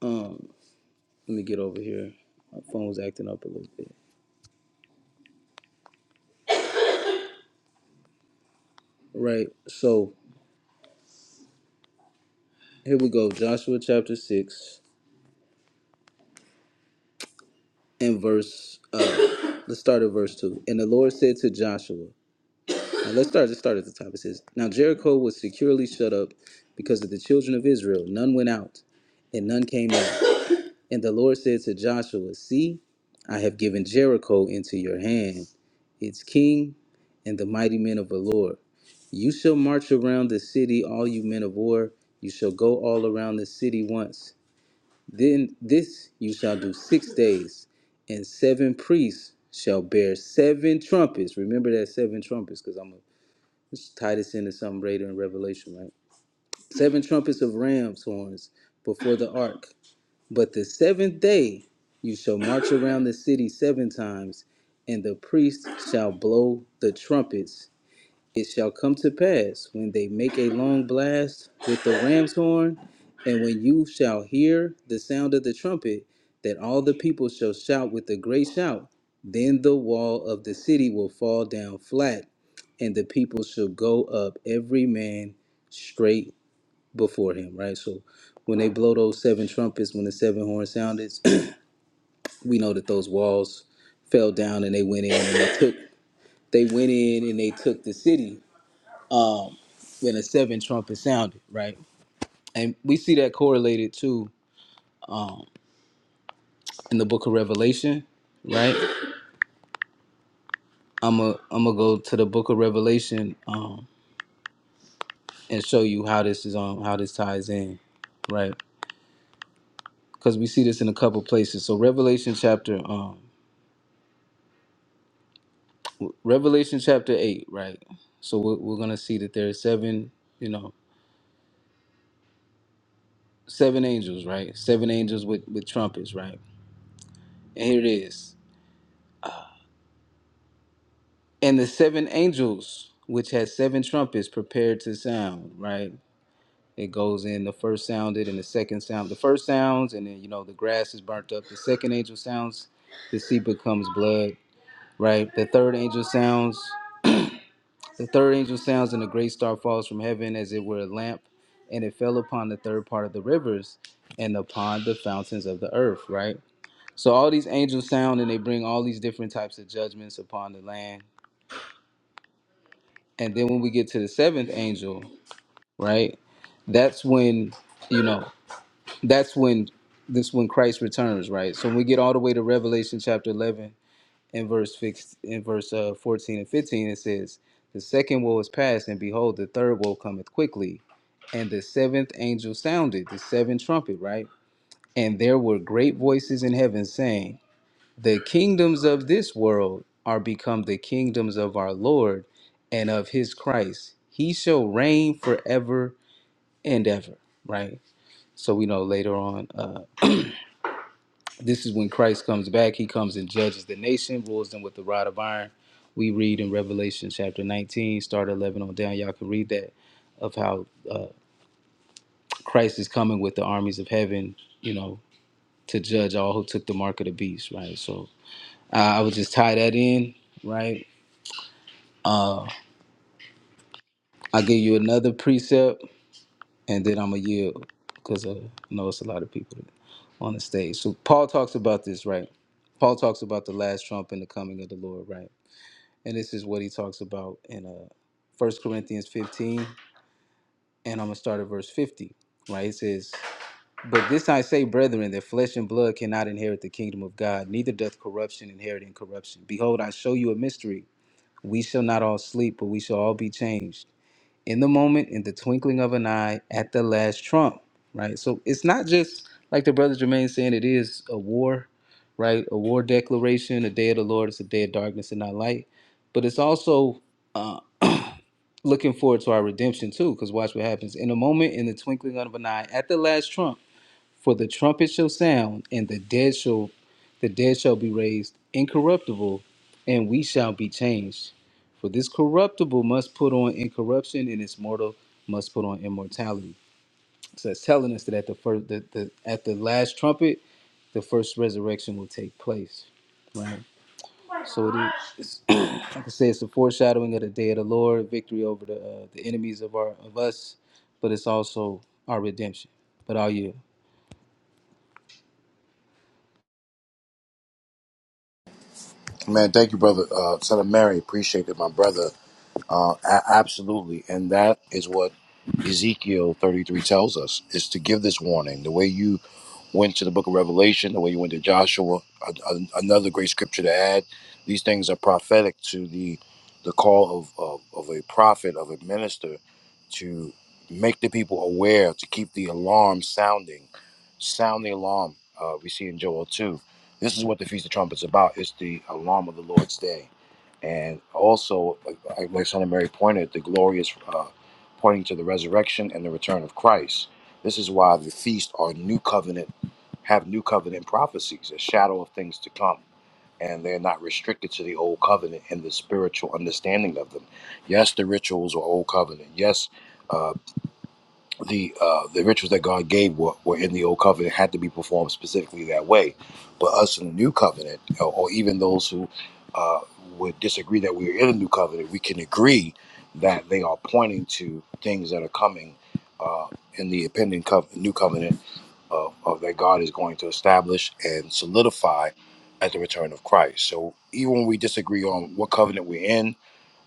S4: Um, let me get over here. My phone's acting up a little bit. Right. So here we go. Joshua chapter six and verse. Uh, let's start at verse two. And the Lord said to Joshua, now let's start. Let's start at the top. It says, "Now Jericho was securely shut up because of the children of Israel. None went out, and none came in." And the Lord said to Joshua, "See, I have given Jericho into your hand." its king, and the mighty men of Valor. You shall march around the city, all you men of war. You shall go all around the city once. Then this you shall do six days, and seven priests shall bear seven trumpets. Remember that seven trumpets, because I'm going to tie this into something later in Revelation, right? Seven trumpets of ram's horns before the ark. But the seventh day you shall march around the city seven times, and the priests shall blow the trumpets it shall come to pass when they make a long blast with the ram's horn, and when you shall hear the sound of the trumpet, that all the people shall shout with a great shout. Then the wall of the city will fall down flat, and the people shall go up every man straight before him. Right? So when they blow those seven trumpets, when the seven horns sounded, we know that those walls fell down and they went in and they took they went in and they took the city when a seventh trumpet sounded, right? And we see that correlated too in the book of Revelation, right? I'm a I'm gonna go to the book of Revelation um, and show you how this is um how this ties in, right? Because we see this in a couple places. So Revelation chapter um Revelation chapter eight, right? So we're, we're gonna see that there are seven, you know, seven angels, right? Seven angels with with trumpets, right? And here it is. And the seven angels which had seven trumpets prepared to sound, right? It goes in the first sounded and the second sound, the first sounds, and then you know the grass is burnt up. The second angel sounds, the sea becomes blood. Right. The third angel sounds. The third angel sounds, and the great star falls from heaven as it were a lamp, and it fell upon the third part of the rivers, and upon the fountains of the earth. Right. So all these angels sound, and they bring all these different types of judgments upon the land. And then when we get to the seventh angel, right, that's when you know. that's when this when Christ returns, right? So when we get all the way to Revelation chapter eleven and verse fix in verse uh, fourteen and fifteen, it says, "The second woe is past, and behold, the third woe cometh quickly." And the seventh angel sounded the seventh trumpet, right? And there were great voices in heaven saying, "The kingdoms of this world are become the kingdoms of our Lord and of His Christ. He shall reign forever and ever." Right. So we know later on. uh, This is when Christ comes back. He comes and judges the nation, rules them with the rod of iron. We read in Revelation chapter 19, start 11 on down. Y'all can read that of how uh, Christ is coming with the armies of heaven, you know, to judge all who took the mark of the beast, right? So uh, I would just tie that in, right? I'll give you another precept and then I'm going to yield because uh, I know it's a lot of people on the stage. So Paul talks about this, right? Paul talks about the last trump and the coming of the Lord, right? And this is what he talks about in uh, 1 Corinthians 15. And I'm going to start at verse 50. Right? It says, But this I say, brethren, that flesh and blood cannot inherit the kingdom of God, neither doth corruption inherit in corruption. Behold, I show you a mystery. We shall not all sleep, but we shall all be changed. In the moment, in the twinkling of an eye, at the last trump. Right? So it's not just like the brother Jermaine saying it is a war, right? A war declaration, a day of the Lord, it's a day of darkness and not light. But it's also uh, looking forward to our redemption too, because watch what happens. In a moment, in the twinkling of an eye, at the last trump, for the trumpet shall sound, and the dead shall the dead shall be raised incorruptible, and we shall be changed. For this corruptible must put on incorruption, and its mortal must put on immortality. So it's telling us that at the first the, the at the last trumpet, the first resurrection will take place. Right? So it is. It says the foreshadowing of the day of the Lord, victory over the uh, the enemies of our of us, but it's also our redemption. But all you,
S1: Man, thank you, brother. Uh, Son of Mary, appreciate it, my brother. Uh, a- absolutely, and that is what Ezekiel 33 tells us: is to give this warning. The way you went to the Book of Revelation, the way you went to Joshua, a- a- another great scripture to add. These things are prophetic to the the call of, of of a prophet, of a minister, to make the people aware, to keep the alarm sounding, sound the alarm. Uh, we see in Joel 2. This is what the Feast of Trumpets is about. It's the alarm of the Lord's day and also like my son and Mary pointed, the glory is uh, pointing to the resurrection and the return of Christ. This is why the feasts are new covenant, have new covenant prophecies, a shadow of things to come. And they're not restricted to the old covenant and the spiritual understanding of them. Yes, the rituals are old covenant. Yes, uh, the uh, the rituals that God gave were, were in the old covenant had to be performed specifically that way. But us in the new covenant, or, or even those who uh, would disagree that we are in the new covenant, we can agree that they are pointing to things that are coming uh, in the impending cov new covenant uh, of that God is going to establish and solidify at the return of Christ. So even when we disagree on what covenant we're in,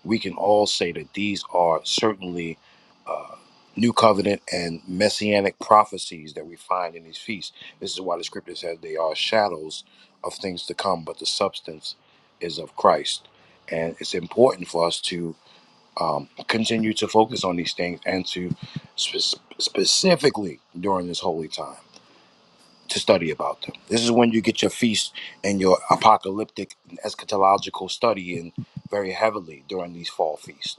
S1: we can all say that these are certainly uh, new covenant and messianic prophecies that we find in these feasts. This is why the scripture says they are shadows of things to come, but the substance is of Christ. And it's important for us to um, continue to focus on these things and to spe- specifically during this holy time to study about them. This is when you get your feast and your apocalyptic and eschatological study in very heavily during these fall feasts.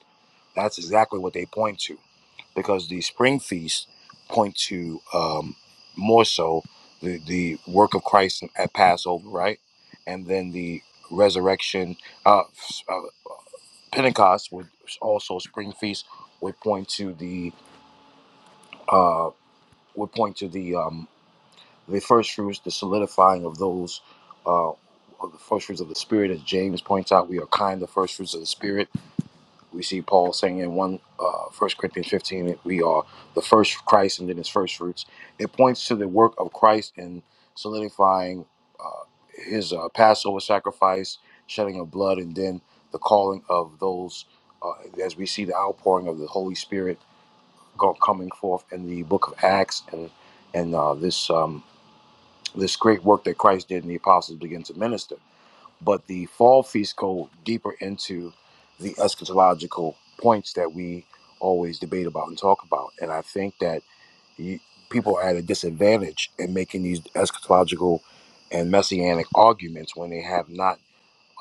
S1: That's exactly what they point to because the spring feasts point to um, more so the, the work of Christ at Passover, right? And then the resurrection, uh, s- uh, Pentecost would also spring feast would point to the uh, would point to the um, the first fruits, the solidifying of those, uh, of the first fruits of the Spirit, as James points out, we are kind of first fruits of the Spirit. We see Paul saying in one, uh, 1 Corinthians 15 that we are the first Christ and then his first fruits. It points to the work of Christ in solidifying uh, his uh, Passover sacrifice, shedding of blood, and then the calling of those, uh, as we see the outpouring of the Holy Spirit go, coming forth in the book of Acts and, and uh, this. Um, this great work that Christ did and the apostles began to minister. But the fall feast go deeper into the eschatological points that we always debate about and talk about. And I think that you, people are at a disadvantage in making these eschatological and messianic arguments when they have not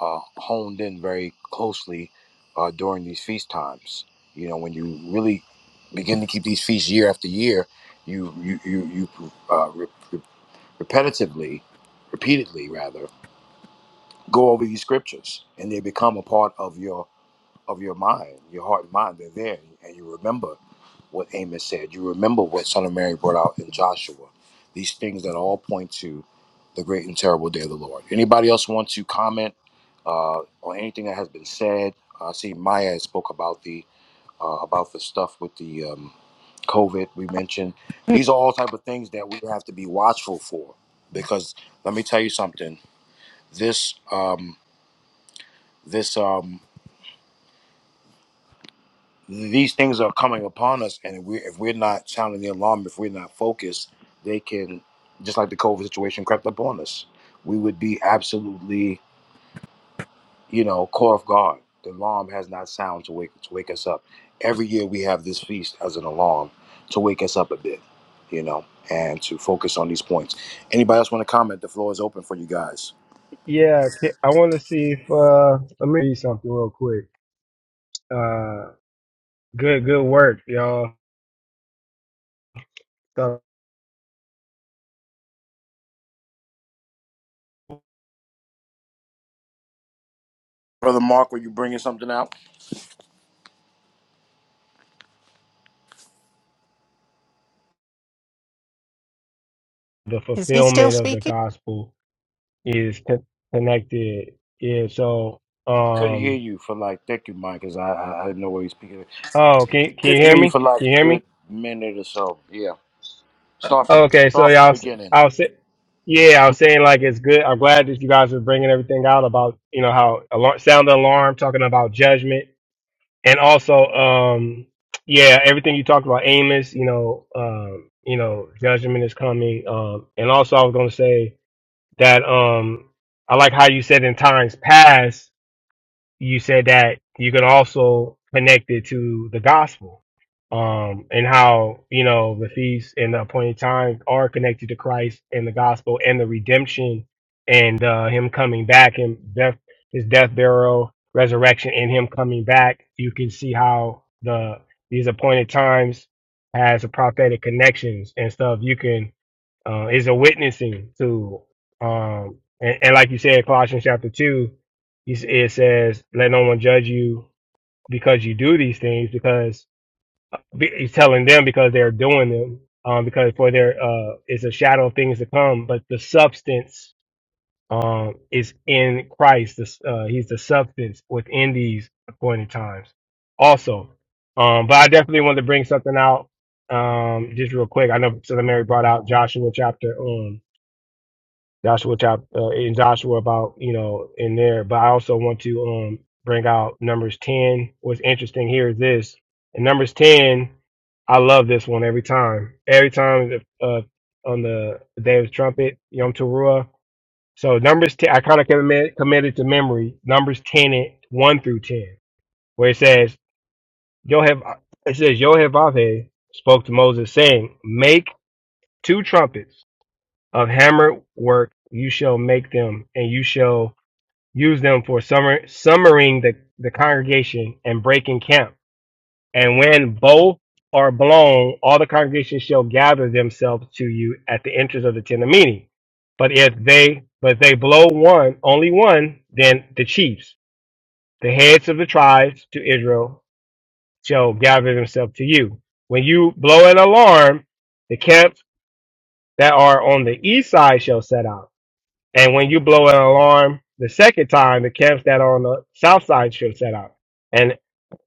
S1: uh, honed in very closely uh, during these feast times. You know, when you really begin to keep these feasts year after year, you you you, you uh, re repetitively, repeatedly rather, go over these scriptures, and they become a part of your of your mind, your heart and mind. They're there, and you remember what Amos said. You remember what Son of Mary brought out in Joshua. These things that all point to the great and terrible day of the Lord. Anybody else want to comment uh, on anything that has been said? I see Maya spoke about the uh, about the stuff with the um, COVID, we mentioned. These are all type of things that we have to be watchful for, because let me tell you something. This, um, this, um, these things are coming upon us, and if we if we're not sounding the alarm, if we're not focused, they can, just like the COVID situation crept upon us, we would be absolutely you know, call of God. The alarm has not sound to wake to wake us up. Every year we have this feast as an alarm to wake us up a bit, you know, and to focus on these points. Anybody else want to comment? The floor is open for you guys.
S2: Yeah, ca- I want to see if uh, let me read something real quick. Uh, good, good work, y'all.
S1: Brother Mark, were you bringing something out?
S2: the
S5: Is he still
S2: fulfillment of the
S5: speaking?
S2: gospel is con- connected. Yeah. So,
S1: Couldn't hear
S2: um,
S1: you for like, thank you, Mike, because I, I I didn't know where he's speaking.
S2: oh, can can you
S1: Couldn't
S2: hear
S1: hear you
S2: me?
S1: for like
S2: Can you
S1: a
S2: hear me?
S1: good minute or so. Yeah, start from
S2: Okay. So
S1: start from
S2: y'all,
S1: the
S2: s-
S1: beginning.
S2: I was, sa- yeah, I was saying like it's good. I'm glad that you guys are bringing everything out about you know how alarm, sound the alarm, talking about judgment, and also, um, yeah, everything you talked about Amos. You know, um, you know, judgment is coming. Um, and also I was gonna say that um, I like how you said in times past you said that you could also connect it to the gospel um and how you know the feasts and the appointed times are connected to christ and the gospel and the redemption and uh him coming back and death his death burial resurrection and him coming back you can see how the these appointed times has a prophetic connections and stuff you can uh, it's a witnessing to, um, and, and like you said, Colossians chapter two, you s- it says, "Let no one judge you because you do these things," because be- he's telling them because they're doing them, um, because for their uh, it's a shadow of things to come, but the substance um is in Christ. This, uh, he's the substance within these appointed times. Also, um, but I definitely wanted to bring something out um, just real quick. I know Sister Mary brought out Joshua chapter um Joshua chapter uh, in Joshua about you know in there. But I also want to um bring out Numbers ten. What's interesting here is this in Numbers ten. I love this one every time. Every time uh, on the day of the trumpet, Yom Teruah. So Numbers ten. I kind of commit, committed to memory Numbers ten and one through ten, where it says Yohev. It says Yohevav spoke to Moses saying, "Make two trumpets." of hammered work you shall make them, and you shall use them for summer, summering the, the congregation and breaking camp. And when both are blown, all the congregation shall gather themselves to you at the entrance of the tent of meeting. But if they but they blow one, only one, then the chiefs, the heads of the tribes to Israel, shall gather themselves to you. When you blow an alarm, the camps that are on the east side shall set out And when you blow an alarm the second time, the camps that are on the south side should set out. And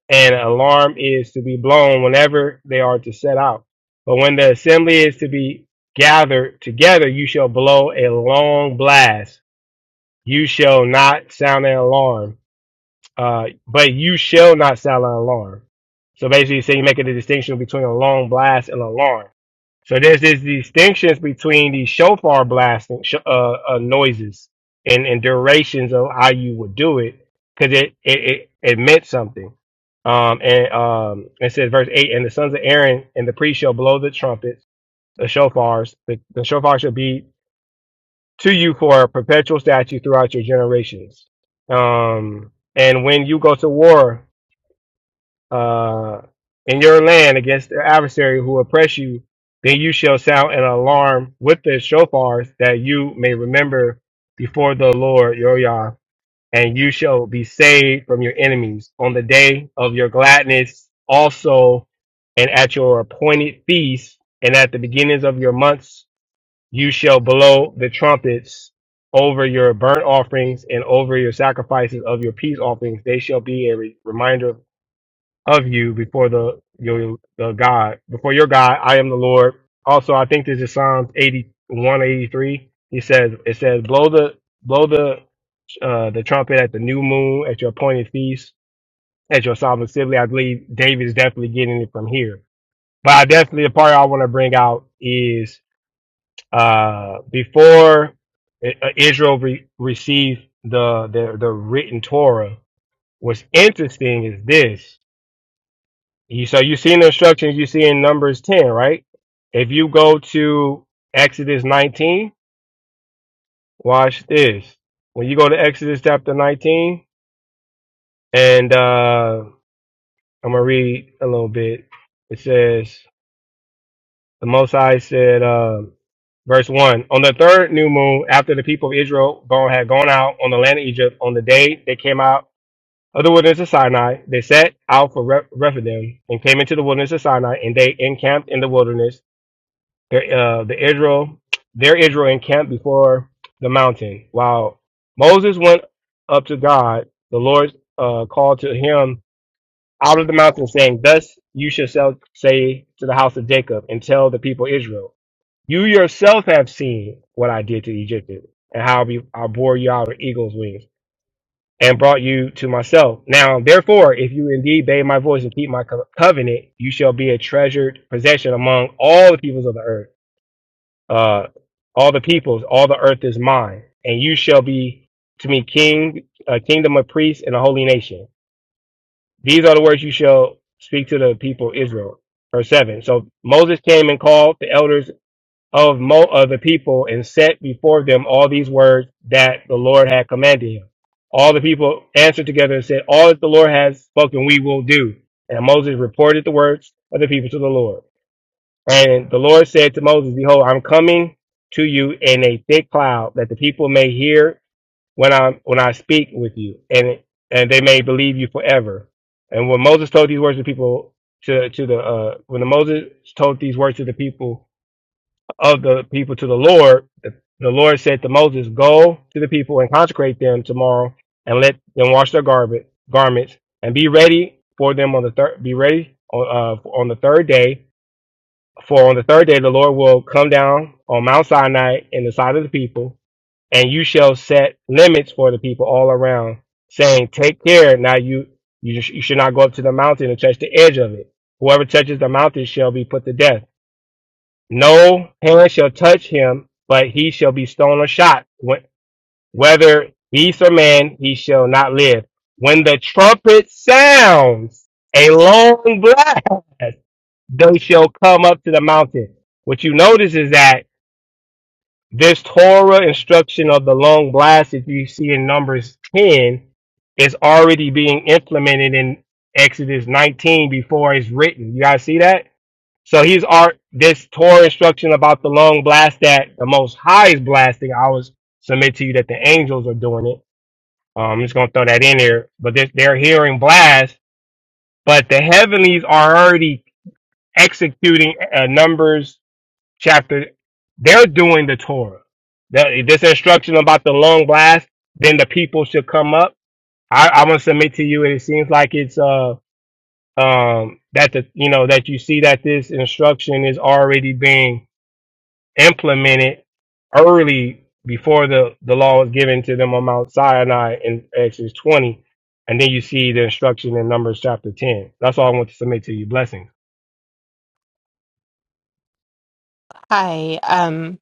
S2: an alarm is to be blown whenever they are to set out. But when the assembly is to be gathered together, you shall blow a long blast. You shall not sound an alarm. Uh, but you shall not sound like an alarm. So basically, saying you're making the distinction between a long blast and alarm. So there's these distinctions between the shofar blasting sh- uh, uh, noises and, and durations of how you would do it because it, it, it, it meant something. Um, and um, it says verse eight, and the sons of Aaron and the priest shall blow the trumpets, the shofars. The, the shofar shall be to you for a perpetual statue throughout your generations. Um, and when you go to war uh, in your land against the adversary who oppress you, then you shall sound an alarm with the shofars that you may remember before the Lord your Yah, and you shall be saved from your enemies on the day of your gladness also, and at your appointed feasts and at the beginnings of your months you shall blow the trumpets over your burnt offerings and over your sacrifices of your peace offerings. They shall be a re- reminder of you before the your the God before your God. I am the Lord. Also, I think this is Psalms 81 83. He says it says blow the blow the uh, the trumpet at the new moon at your appointed feast at your solemn assembly. I believe David is definitely getting it from here. But I definitely the part I want to bring out is uh, before uh, Israel re- received the, the the written Torah, what's interesting is this. You, so you see in the instructions you see in Numbers ten, right? If you go to Exodus nineteen, watch this. When you go to Exodus chapter nineteen, and uh, I'm gonna read a little bit. It says the Most High said. uh, Verse 1 On the third new moon, after the people of Israel had gone out on the land of Egypt, on the day they came out of the wilderness of Sinai, they set out for Re- Rephidim and came into the wilderness of Sinai, and they encamped in the wilderness. Their, uh, the Israel, their Israel encamped before the mountain. While Moses went up to God, the Lord uh, called to him out of the mountain, saying, Thus you shall sell- say to the house of Jacob and tell the people Israel, You yourself have seen what I did to the Egyptians, and how be- I bore you out of eagle's wings, and brought you to myself. Now, therefore, if you indeed obey my voice and keep my co- covenant, you shall be a treasured possession among all the peoples of the earth. Uh, all the peoples, all the earth is mine, and you shall be to me king, a kingdom of priests, and a holy nation. These are the words you shall speak to the people Israel. Verse seven. So Moses came and called the elders of Mo of the people and set before them all these words that the Lord had commanded him. All the people answered together and said, All that the Lord has spoken, we will do. And Moses reported the words of the people to the Lord. And the Lord said to Moses, Behold, I'm coming to you in a thick cloud, that the people may hear when I when I speak with you, and and they may believe you forever. And when Moses told these words to people to to the uh, when the Moses told these words to the people of the people to the Lord, the, the Lord said to Moses, "Go to the people and consecrate them tomorrow, and let them wash their garment garments, and be ready for them on the third. Be ready on uh, on the third day." For on the third day the Lord will come down on Mount Sinai in the sight of the people, and you shall set limits for the people all around, saying, "Take care! Now you you, sh- you should not go up to the mountain and touch the edge of it. Whoever touches the mountain shall be put to death. No hand shall touch him, but he shall be stoned or shot. Wh- Whether beast or man, he shall not live. When the trumpet sounds a long blast, they shall come up to the mountain." What you notice is that this Torah instruction of the long blast that you see in Numbers 10 is already being implemented in Exodus 19 before it's written. You guys see that? So he's art this Torah instruction about the long blast that the Most High is blasting. I was submit to you that the angels are doing it. Um, I'm just gonna throw that in there, but they're, they're hearing blast, but the heavenlies are already executing uh, numbers chapter, they're doing the Torah. The, this instruction about the long blast, then the people should come up. I, I want to submit to you, it seems like it's uh um that the you know that you see that this instruction is already being implemented early before the the law was given to them on Mount Sinai in Exodus twenty, and then you see the instruction in Numbers chapter ten. That's all I want to submit to you. Blessings.
S5: Hi. Um,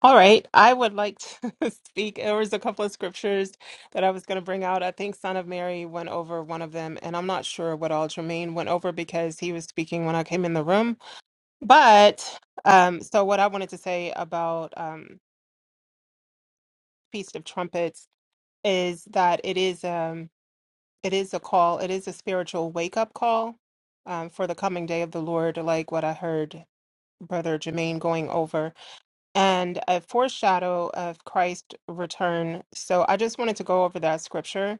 S5: all right. I would like to speak. There was a couple of scriptures that I was going to bring out. I think Son of Mary went over one of them, and I'm not sure what all Jermaine went over because he was speaking when I came in the room. But um, so what I wanted to say about um, Feast of Trumpets is that it is um, it is a call. It is a spiritual wake up call um, for the coming day of the Lord, like what I heard Brother Jermaine going over. and a foreshadow of Christ's return. So I just wanted to go over that scripture.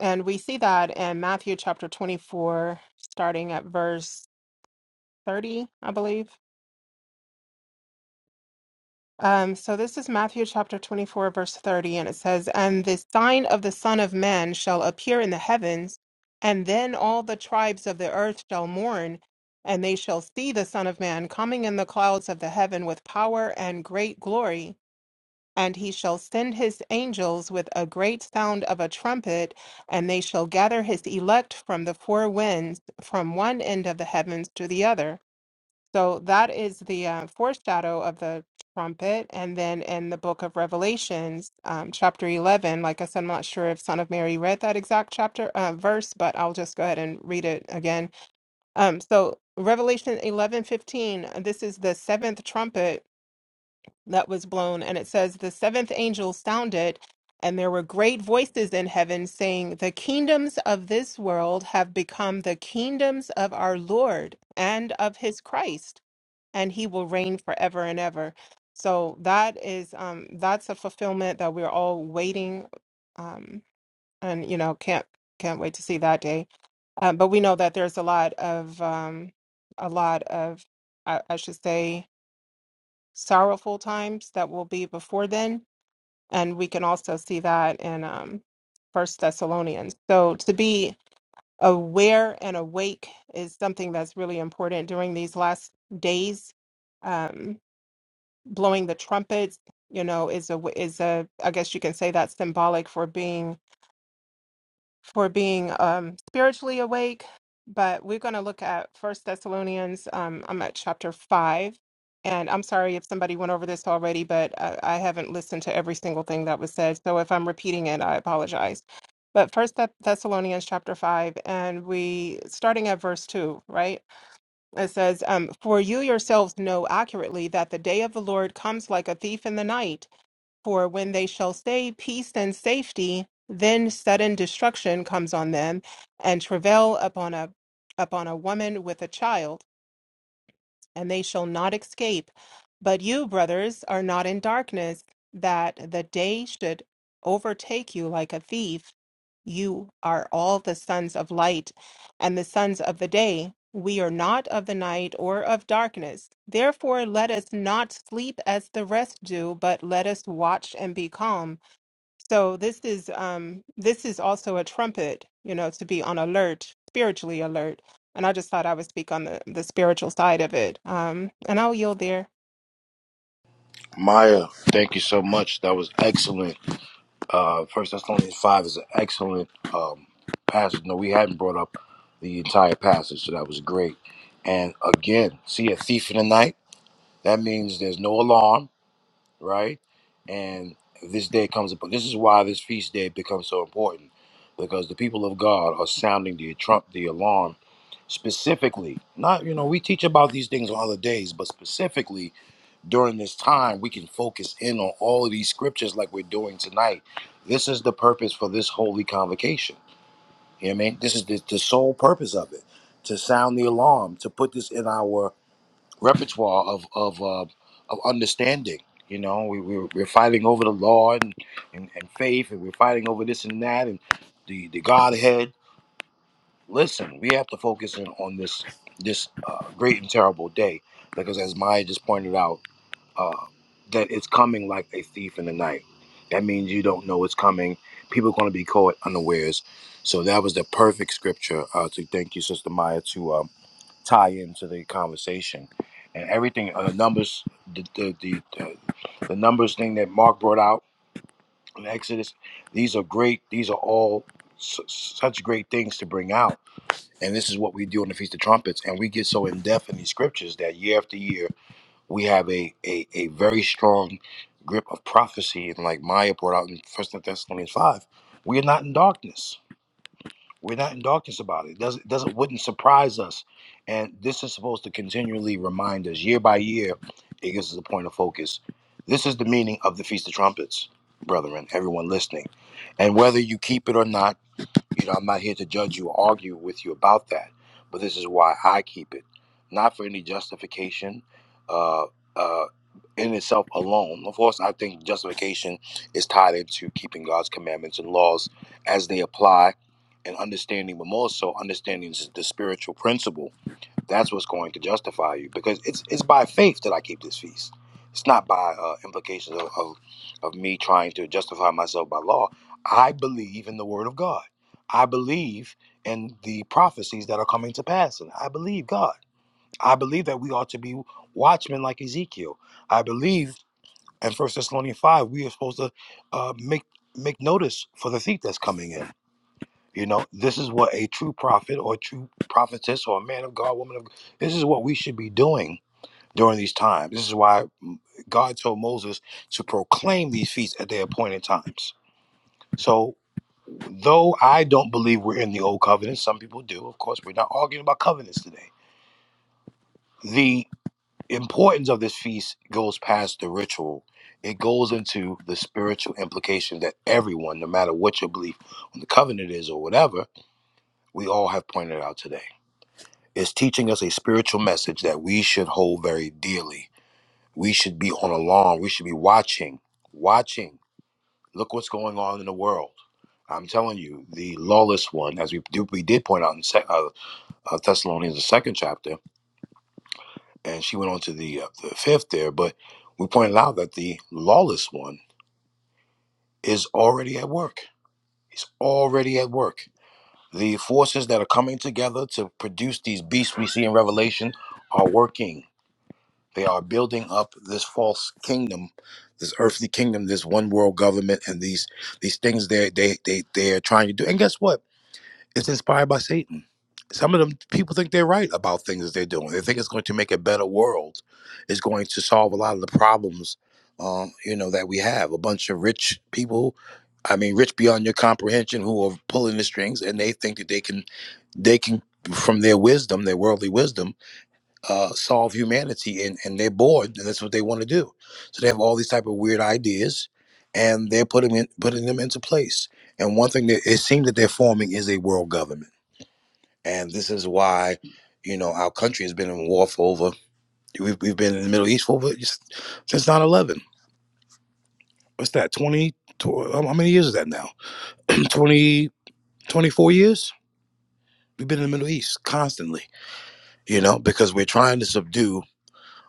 S5: And we see that in Matthew chapter 24, starting at verse 30, I believe. Um, so this is Matthew chapter 24, verse 30, and it says, And the sign of the Son of Man shall appear in the heavens, and then all the tribes of the earth shall mourn, and they shall see the Son of Man coming in the clouds of the heaven with power and great glory. And he shall send his angels with a great sound of a trumpet, and they shall gather his elect from the four winds, from one end of the heavens to the other. So that is the uh, foreshadow of the trumpet. And then in the book of Revelations, um, chapter 11, like I said, I'm not sure if Son of Mary read that exact chapter uh, verse, but I'll just go ahead and read it again. Um, so Revelation 11 15. this is the seventh trumpet that was blown. And it says, The seventh angel sounded, and there were great voices in heaven saying, The kingdoms of this world have become the kingdoms of our Lord and of his Christ, and he will reign forever and ever. So that is um that's a fulfillment that we're all waiting um and you know can't can't wait to see that day. Um, but we know that there's a lot of um a lot of I, I should say sorrowful times that will be before then and we can also see that in um first thessalonians so to be aware and awake is something that's really important during these last days um blowing the trumpets you know is a is a i guess you can say that's symbolic for being for being um, spiritually awake, but we're going to look at First Thessalonians. Um, I'm at chapter five, and I'm sorry if somebody went over this already, but I, I haven't listened to every single thing that was said. So if I'm repeating it, I apologize. But First Thess- Thessalonians chapter five, and we starting at verse two, right? It says, um, "For you yourselves know accurately that the day of the Lord comes like a thief in the night." For when they shall say peace and safety, then sudden destruction comes on them, and travail upon a upon a woman with a child, and they shall not escape. But you, brothers, are not in darkness, that the day should overtake you like a thief. You are all the sons of light and the sons of the day. We are not of the night or of darkness. Therefore, let us not sleep as the rest do, but let us watch and be calm so this is um this is also a trumpet, you know, to be on alert, spiritually alert. And I just thought I would speak on the the spiritual side of it. Um and I'll yield there.
S1: Maya, thank you so much. That was excellent. Uh, First Thessalonians five is an excellent um, passage. No, we hadn't brought up the entire passage, so that was great. And again, see a thief in the night. That means there's no alarm, right? And this day comes upon. This is why this feast day becomes so important, because the people of God are sounding the trump, the alarm, specifically. Not you know we teach about these things on other days, but specifically during this time we can focus in on all of these scriptures like we're doing tonight. This is the purpose for this holy convocation. You know what I mean? This is the, the sole purpose of it to sound the alarm, to put this in our repertoire of of uh, of understanding. You know, we, we, we're fighting over the law and, and, and faith, and we're fighting over this and that and the, the Godhead. Listen, we have to focus in on this this uh, great and terrible day because, as Maya just pointed out, uh, that it's coming like a thief in the night. That means you don't know it's coming. People are going to be caught unawares. So that was the perfect scripture uh, to thank you, Sister Maya, to um, tie into the conversation and everything. Uh, numbers, the the, the the the numbers thing that Mark brought out in Exodus. These are great. These are all su- such great things to bring out. And this is what we do on the Feast of Trumpets. And we get so in depth in these scriptures that year after year we have a, a, a very strong grip of prophecy. And like Maya brought out in First Thessalonians 5, we are not in darkness. We're not in darkness about it. It doesn't, it doesn't wouldn't surprise us. And this is supposed to continually remind us year by year. It gives us a point of focus. This is the meaning of the Feast of Trumpets, brethren, everyone listening. And whether you keep it or not, you know, I'm not here to judge you or argue with you about that, but this is why I keep it, not for any justification uh, uh, in itself alone. Of course, I think justification is tied into keeping God's commandments and laws as they apply and understanding, but more so understanding the spiritual principle that's what's going to justify you because it's it's by faith that I keep this feast. It's not by uh, implications of, of of me trying to justify myself by law. I believe in the Word of God. I believe in the prophecies that are coming to pass, and I believe God. I believe that we ought to be watchmen like Ezekiel. I believe in First Thessalonians five we are supposed to uh, make make notice for the thief that's coming in. You know, this is what a true prophet or true prophetess or a man of God, woman of God, this is what we should be doing during these times. This is why mm, God told Moses to proclaim these feasts at their appointed times. So, though I don't believe we're in the old covenant, some people do, of course, we're not arguing about covenants today. The importance of this feast goes past the ritual, it goes into the spiritual implication that everyone, no matter what your belief on the covenant is or whatever, we all have pointed out today. is teaching us a spiritual message that we should hold very dearly. We should be on alarm. We should be watching, watching. Look what's going on in the world. I'm telling you, the lawless one, as we do, we did point out in sec, uh, uh, Thessalonians, the second chapter, and she went on to the, uh, the fifth there, but we pointed out that the lawless one is already at work. He's already at work. The forces that are coming together to produce these beasts we see in Revelation are working They are building up this false kingdom, this earthly kingdom, this one world government, and these these things they they they they are trying to do. And guess what? It's inspired by Satan. Some of them people think they're right about things that they're doing. They think it's going to make a better world. It's going to solve a lot of the problems, um, you know, that we have. A bunch of rich people, I mean, rich beyond your comprehension, who are pulling the strings, and they think that they can they can from their wisdom, their worldly wisdom uh, solve humanity and, and they're bored and that's what they want to do so they have all these type of weird ideas and they're putting in, putting them into place and one thing that it seems that they're forming is a world government and this is why you know our country has been in war for over we've, we've been in the middle east for over since nine eleven. what's that 20 tw- how many years is that now 20 24 years we've been in the middle east constantly you know because we're trying to subdue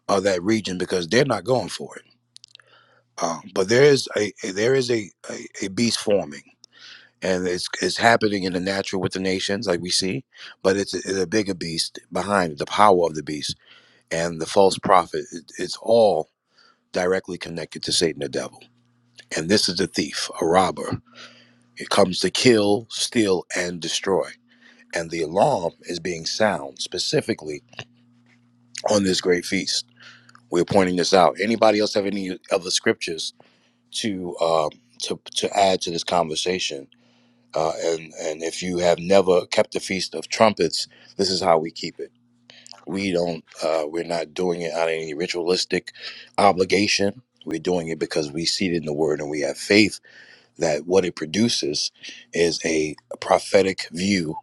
S1: uh, that region because they're not going for it Um, but there is a, a there is a, a, a beast forming, and it's it's happening in the natural with the nations, like we see. But it's a, it's a bigger beast behind it, the power of the beast and the false prophet. It, it's all directly connected to Satan, the devil, and this is the thief, a robber. It comes to kill, steal, and destroy. And the alarm is being sound specifically on this great feast. We're pointing this out. Anybody else have any other scriptures to um, to to add to this conversation? Uh, and and if you have never kept the feast of trumpets, this is how we keep it. We don't. Uh, we're not doing it out of any ritualistic obligation. We're doing it because we see it in the word, and we have faith that what it produces is a prophetic view,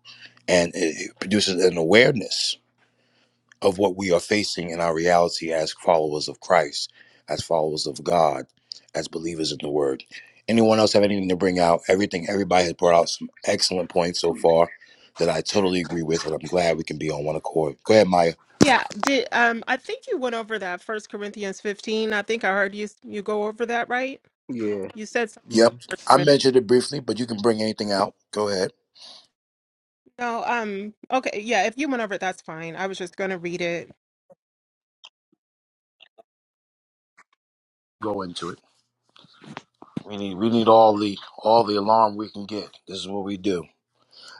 S1: and it it produces an awareness of what we are facing in our reality as followers of Christ, as followers of God, as believers in the Word. Anyone else have anything to bring out? Everything, everybody has brought out some excellent points so far that I totally agree with, and I'm glad we can be on one accord. Go ahead, Maya.
S5: Yeah, did um I think you went over that First Corinthians 15. I think I heard you you go over that, right?
S4: yeah,
S5: You said something
S4: hmm
S1: Yep,
S5: First
S1: I
S5: Corinthians.
S1: mentioned it briefly, but you can bring anything out. Go ahead,
S5: No, um okay, yeah, if you went over it, that's fine. I was just going to read it.
S1: go into it. We need, we need all the all the alarm we can get. This is what we do.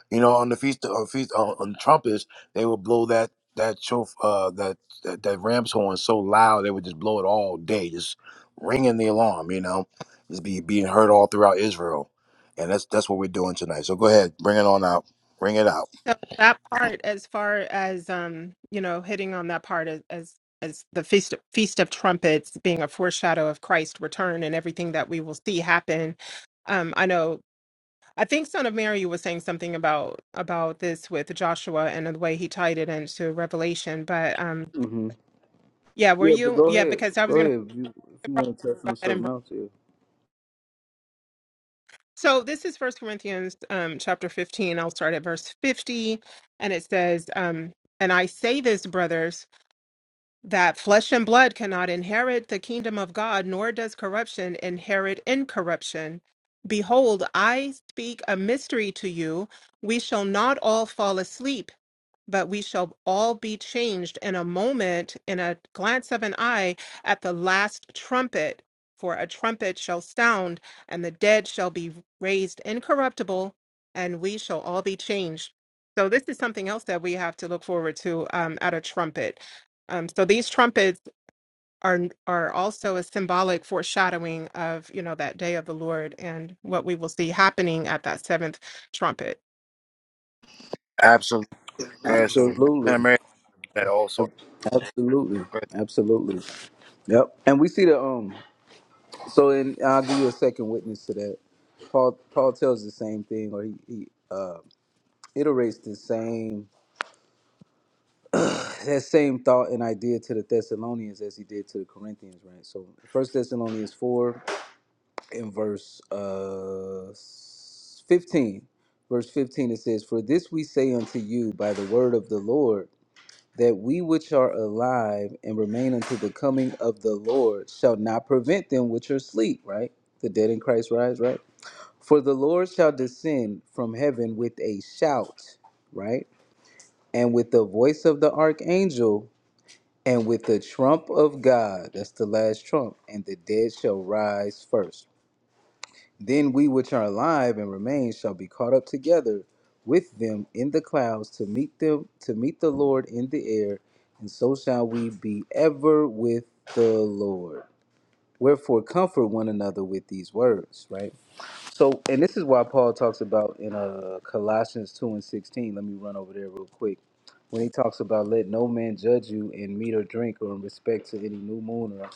S1: You know, on the feast on feast on, on trumpets, they would blow that that show uh that, that that ram's horn so loud they would just blow it all day, just ringing the alarm. You know, just be being heard all throughout Israel, and that's that's what we're doing tonight. So go ahead, bring it on out, bring it out.
S5: So that part, as far as um, you know, hitting on that part as as, as the feast of, feast of trumpets being a foreshadow of Christ's return and everything that we will see happen. Um, I know. I think Son of Mary was saying something about about this with Joshua and the way he tied it into Revelation. But um,
S4: hmm
S5: yeah, were
S4: yeah. But
S5: you?
S4: go
S5: Yeah,
S4: ahead,
S5: because I was
S4: go
S5: going to
S4: ahead. If you, if you want to touch
S5: go
S4: on
S5: ahead and.
S4: something
S5: Bring,
S4: else, yeah,
S5: so this is First Corinthians um, chapter fifteen. I'll start at verse fifty, and it says, um, "And I say this, brothers." that flesh and blood cannot inherit the kingdom of God, nor does corruption inherit incorruption. Behold, I speak a mystery to you. We shall not all fall asleep but we shall all be changed in a moment, in a glance of an eye, at the last trumpet. For a trumpet shall sound, and the dead shall be raised incorruptible, and we shall all be changed. So, this is something else that we have to look forward to um, at a trumpet. Um, so, these trumpets are are also a symbolic foreshadowing of you know that day of the Lord and what we will see happening at that seventh trumpet.
S1: Absolutely, Pastor
S4: absolutely,
S1: America. That also.
S4: Ab- absolutely, absolutely. Yep. And we see the um. So, and I'll give you a second witness to that. Paul Paul tells the same thing, or he, he uh, iterates the same that same thought and idea to the Thessalonians as he did to the Corinthians, right? So First Thessalonians four in verse uh fifteen. Verse fifteen it says, For this we say unto you by the word of the Lord, that we which are alive and remain unto the coming of the Lord shall not prevent them which are asleep, right? The dead in Christ rise, right? For the Lord shall descend from heaven with a shout, right? And with the voice of the archangel and with the trump of God, that's the last trump, and the dead shall rise first. Then we which are alive and remain shall be caught up together with them in the clouds to meet them to meet the Lord in the air, and so shall we be ever with the Lord. Wherefore comfort one another with these words, right? So, and this is why Paul talks about in uh, Colossians 2 and 16. Let me run over there real quick. When he talks about let no man judge you in meat or drink or in respect to any new moon or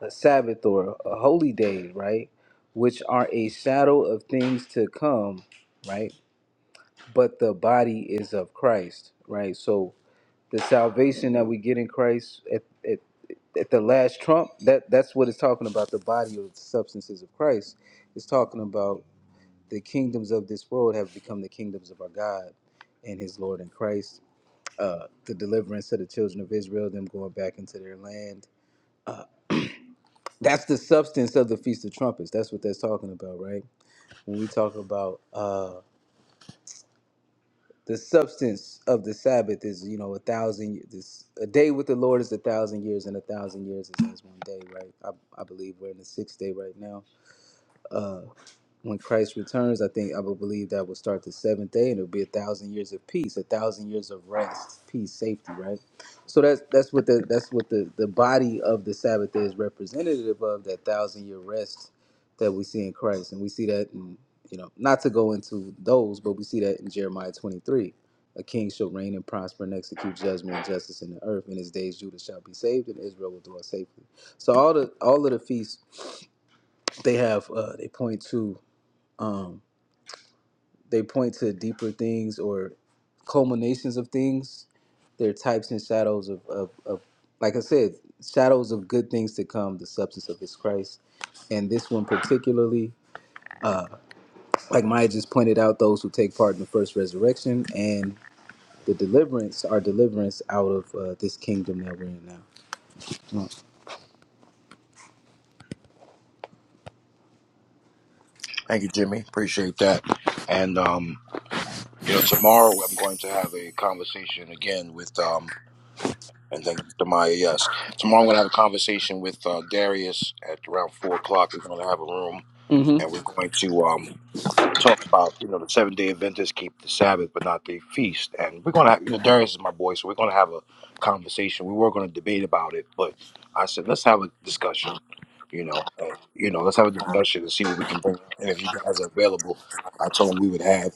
S4: a Sabbath or a holy day, right? Which are a shadow of things to come, right? But the body is of Christ, right? So the salvation that we get in Christ at, at, at the last trump, that, that's what it's talking about. The body or the substances of Christ. It's talking about the kingdoms of this world have become the kingdoms of our God and his Lord and Christ. Uh, the deliverance of the children of Israel, them going back into their land. That's the substance of the Feast of Trumpets. That's what that's talking about, right? When we talk about uh, the substance of the Sabbath is, you know, a thousand. This a day with the Lord is a thousand years, and a thousand years is as one day, right? I, I believe we're in the sixth day right now. Uh, when Christ returns, I think I will believe that will start the seventh day, and it'll be a thousand years of peace, a thousand years of rest, peace, safety, right? So that's that's what the that's what the the body of the Sabbath is representative of that thousand year rest that we see in Christ, and we see that in you know not to go into those, but we see that in Jeremiah twenty three. A king shall reign and prosper and execute judgment and justice in the earth. In his days, Judah shall be saved, and Israel will dwell safely. So all the all of the feasts they have, uh, they point to. Um, they point to deeper things or culminations of things. They're types and shadows of, of, of like I said, shadows of good things to come, the substance of his Christ. And this one particularly, like Maya just pointed out, those who take part in the first resurrection and the deliverance, our deliverance out of uh, this kingdom that we're in now.
S1: Thank you, Jimmy. Appreciate that. And um, you know, tomorrow I'm going to have a conversation again with um And thank you, Demaya. Yes. Tomorrow I'm going to have a conversation with uh, Darius at around 4 o'clock. We're going to have a room
S4: Mm-hmm.
S1: and we're going to um, talk about, you know, the seven day Adventists keep the Sabbath, but not the feast. And we're going to have, you know, Darius is my boy, so we're going to have a conversation. We were going to debate about it, but I said, let's have a discussion. You know, uh, you know, let's have a discussion and see what we can bring. And if you guys are available, I told him we would have,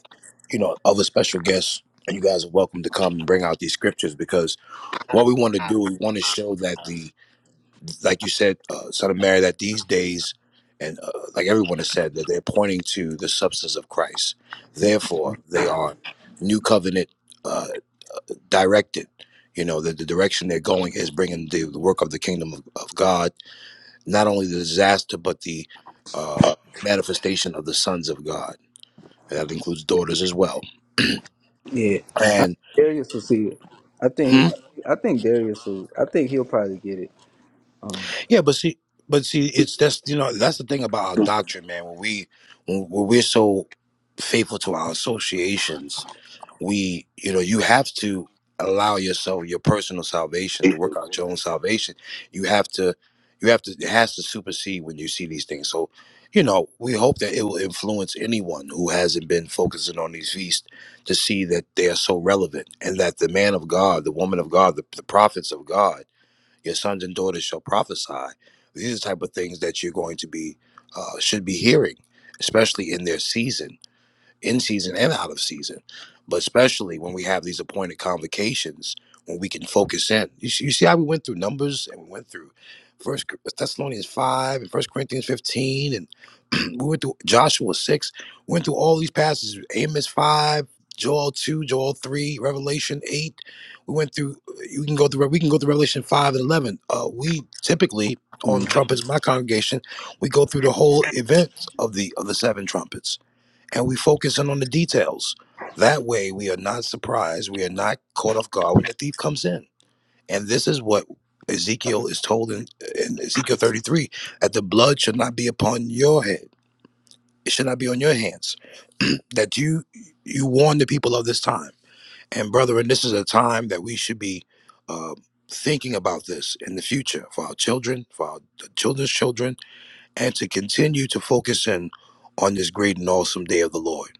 S1: you know, other special guests, and you guys are welcome to come and bring out these scriptures because what we want to do we want to show that the like you said uh, son of mary that these days and uh, like everyone has said that they're pointing to the substance of christ therefore they are new covenant uh, directed you know that the direction they're going is bringing the, the work of the kingdom of, of god not only the disaster but the uh, manifestation of the sons of god and that includes daughters as well
S4: Yeah,
S1: and
S4: Darius will see it. I
S1: hmm,
S4: think, I think Darius will. I think he'll probably get it. Um,
S1: Yeah, but see, but see, it's that's you know that's the thing about our doctrine, man. When we when, when we're so faithful to our associations, we you know you have to allow yourself your personal salvation to work out your own salvation. You have to, you have to. It has to supersede when you see these things. So, you know, we hope that it will influence anyone who hasn't been focusing on these feasts to see that they are so relevant and that the man of God, the woman of God, the, the prophets of God your sons and daughters shall prophesy. These are the type of things that you're going to be uh, should be hearing, especially in their season in season and out of season. But especially when we have these appointed convocations, when we can focus in. You, see- you see how we went through Numbers and we went through First Thessalonians five and First Corinthians fifteen, and we went through Joshua six. Went through all these passages: Amos five, Joel two, Joel three, Revelation eight. We went through. You can go through. We can go through Revelation five and eleven. Uh, we typically on trumpets, my congregation, we go through the whole event of the of the seven trumpets and we focus in on the details. That way, we are not surprised. We are not caught off guard when the thief comes in. And this is what Ezekiel is told in, in Ezekiel 33 that the blood should not be upon your head, it should not be on your hands. that you you warn the people of this time. And brethren, this is a time that we should be uh, thinking about this in the future for our children, for our children's children, and to continue to focus in on this great and awesome day of the Lord.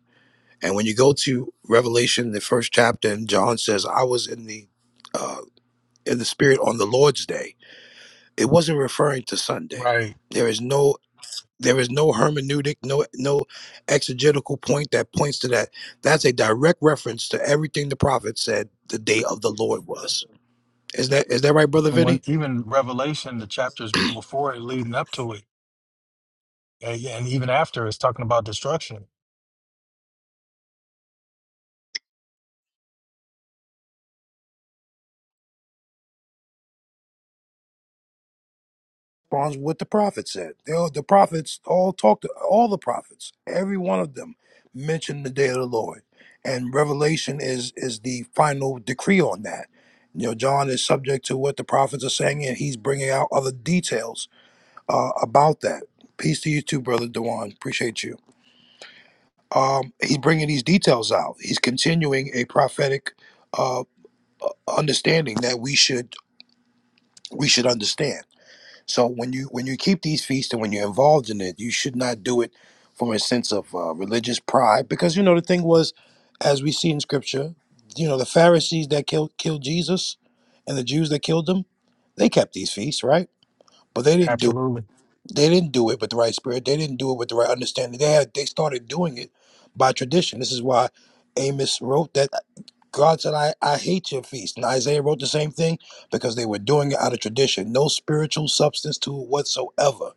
S1: And when you go to Revelation, the first chapter, and John says, "I was in the uh, in the Spirit on the Lord's day." It wasn't referring to Sunday.
S6: Right.
S1: There is no there is no hermeneutic, no no exegetical point that points to that. That's a direct reference to everything the prophet said the day of the Lord was. Is that is that right, brother
S6: And
S1: Vinny?
S6: when even Revelation, the chapters before it leading up to it, and yeah, and even after, it's talking about destruction.
S1: responds what the prophet said. They all, the prophets all talked to all the prophets, every one of them mentioned the day of the Lord. And Revelation is is the final decree on that. You know, John is subject to what the prophets are saying, and he's bringing out other details uh, about that. Peace to you too, brother Dewan. Appreciate you. Um, he's bringing these details out. He's continuing a prophetic uh, understanding that we should we should understand. So when you when you keep these feasts and when you're involved in it, you should not do it from a sense of uh, religious pride, because you know the thing was, as we see in scripture, you know the Pharisees that killed killed Jesus, and the Jews that killed him, they kept these feasts, right? But they didn't do
S6: Absolutely.
S1: they didn't do it with the right spirit. They didn't do it with the right understanding. They had they started doing it by tradition. This is why Amos wrote that God said, I, I hate your feast. And Isaiah wrote the same thing because they were doing it out of tradition. No spiritual substance to it whatsoever.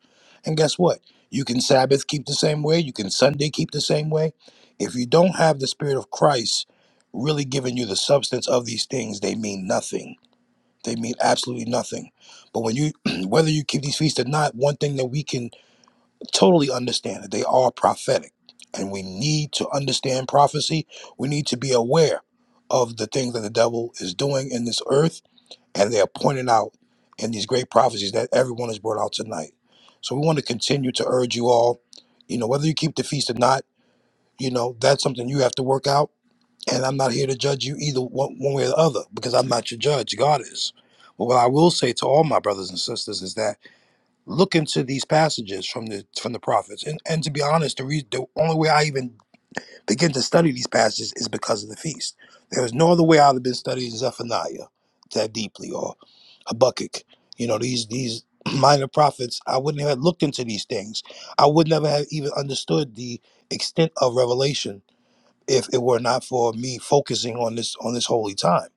S1: And guess what? You can Sabbath keep the same way. You can Sunday keep the same way. If you don't have the Spirit of Christ really giving you the substance of these things, they mean nothing. They mean absolutely nothing. But when you, whether you keep these feasts or not, one thing that we can totally understand that they are prophetic and we need to understand prophecy we need to be aware of the things that the devil is doing in this earth and they are pointed out in these great prophecies that everyone has brought out tonight so we want to continue to urge you all you know whether you keep the feast or not you know that's something you have to work out and i'm not here to judge you either one, one way or the other because i'm not your judge god is but what i will say to all my brothers and sisters is that look into these passages from the from the prophets. And and to be honest, the reason the only way I even begin to study these passages is because of the feast. There was no other way I'd have been studying Zephaniah that deeply or Habakkuk. You know these these minor prophets. I wouldn't have looked into these things. I would never have even understood the extent of revelation if it were not for me focusing on this on this holy time.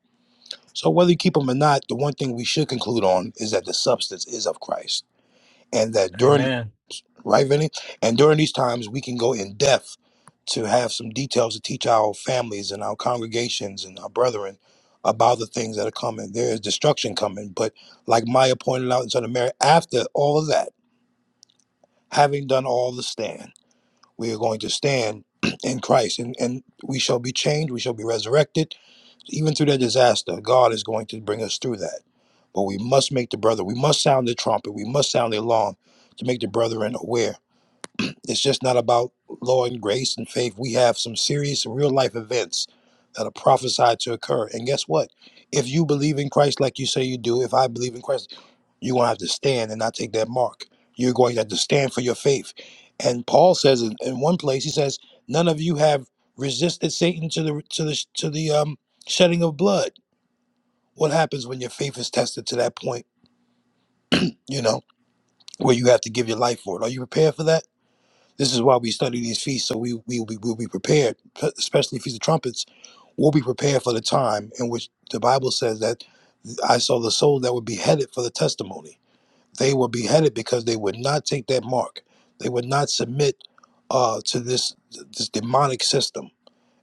S1: So whether you keep them or not, the one thing we should conclude on is that the substance is of Christ and that during
S6: Amen.
S1: right, Vinny? And during these times, we can go in depth to have some details to teach our families and our congregations and our brethren about the things that are coming. There is destruction coming, but like Maya pointed out in Son of Mary, after all of that, having done all the stand, we are going to stand in Christ and, and we shall be changed, we shall be resurrected. Even through that disaster, God is going to bring us through that. But we must make the brother, we must sound the trumpet, we must sound the alarm to make the brethren aware it's just not about law and grace and faith. We have some serious real life events that are prophesied to occur. And guess what? If you believe in Christ like you say you do, if I believe in Christ, you're going to have to stand and not take that mark. You're going to have to stand for your faith. And Paul says in, in one place, he says, none of you have resisted Satan to the to the to the um, shedding of blood. What happens when your faith is tested to that point? You know where you have to give your life for it. Are you prepared for that? This is why we study these feasts, so we we we will be prepared, p- especially feast of trumpets. We'll be prepared for the time in which the Bible says that I saw the souls that were beheaded for the testimony. They were beheaded because they would not take that mark. They would not submit uh, to this this demonic system